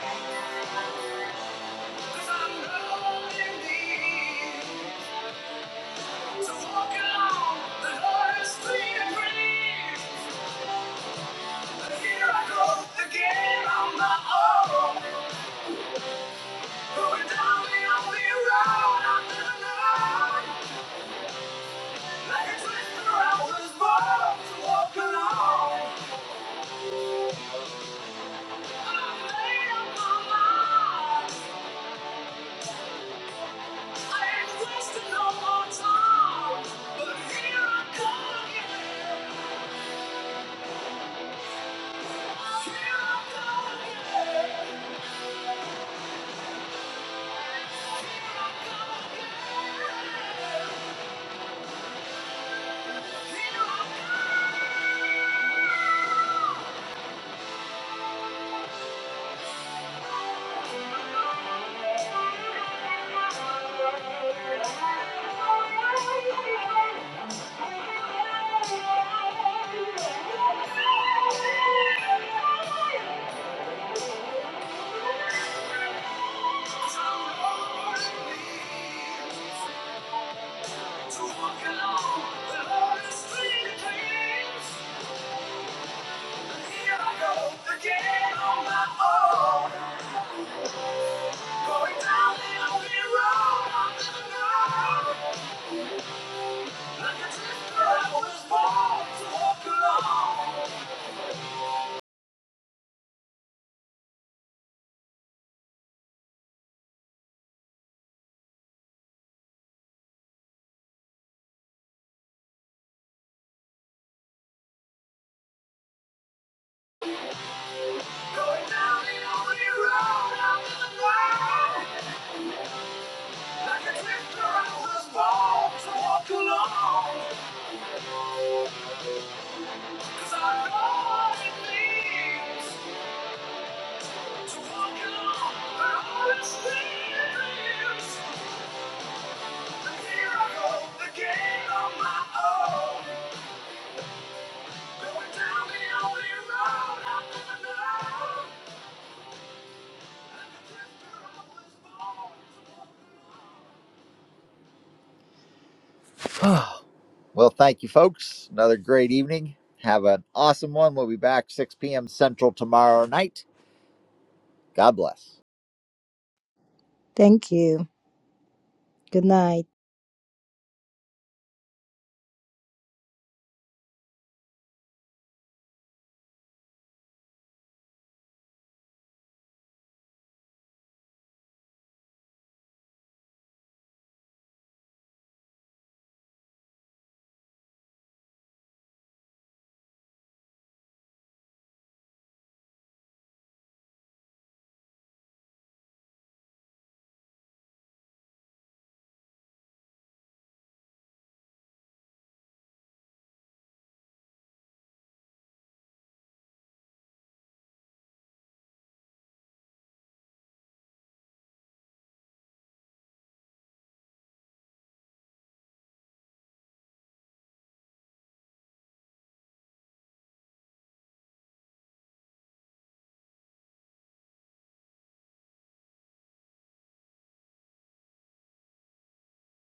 [SPEAKER 1] 'Cause I know in need to walk along the hardest thing and breathe. But here I go again on my own. Going down the only road I've ever known. Like a twister, I was born to walk alone. I've made up my mind. Thank you. to walk alone, the lonely street of dreams. here I go again on my own, going down the only road I've ever known. Like a drifter, I was born to walk alone, going down the only road I've ever known. Like a drifter, I was born to walk alone, 'cause I know what it means. well, thank you, folks. Another great evening. Have an awesome one. We'll be back 6 p.m. Central tomorrow night. God bless.
[SPEAKER 11] Thank you. Good night.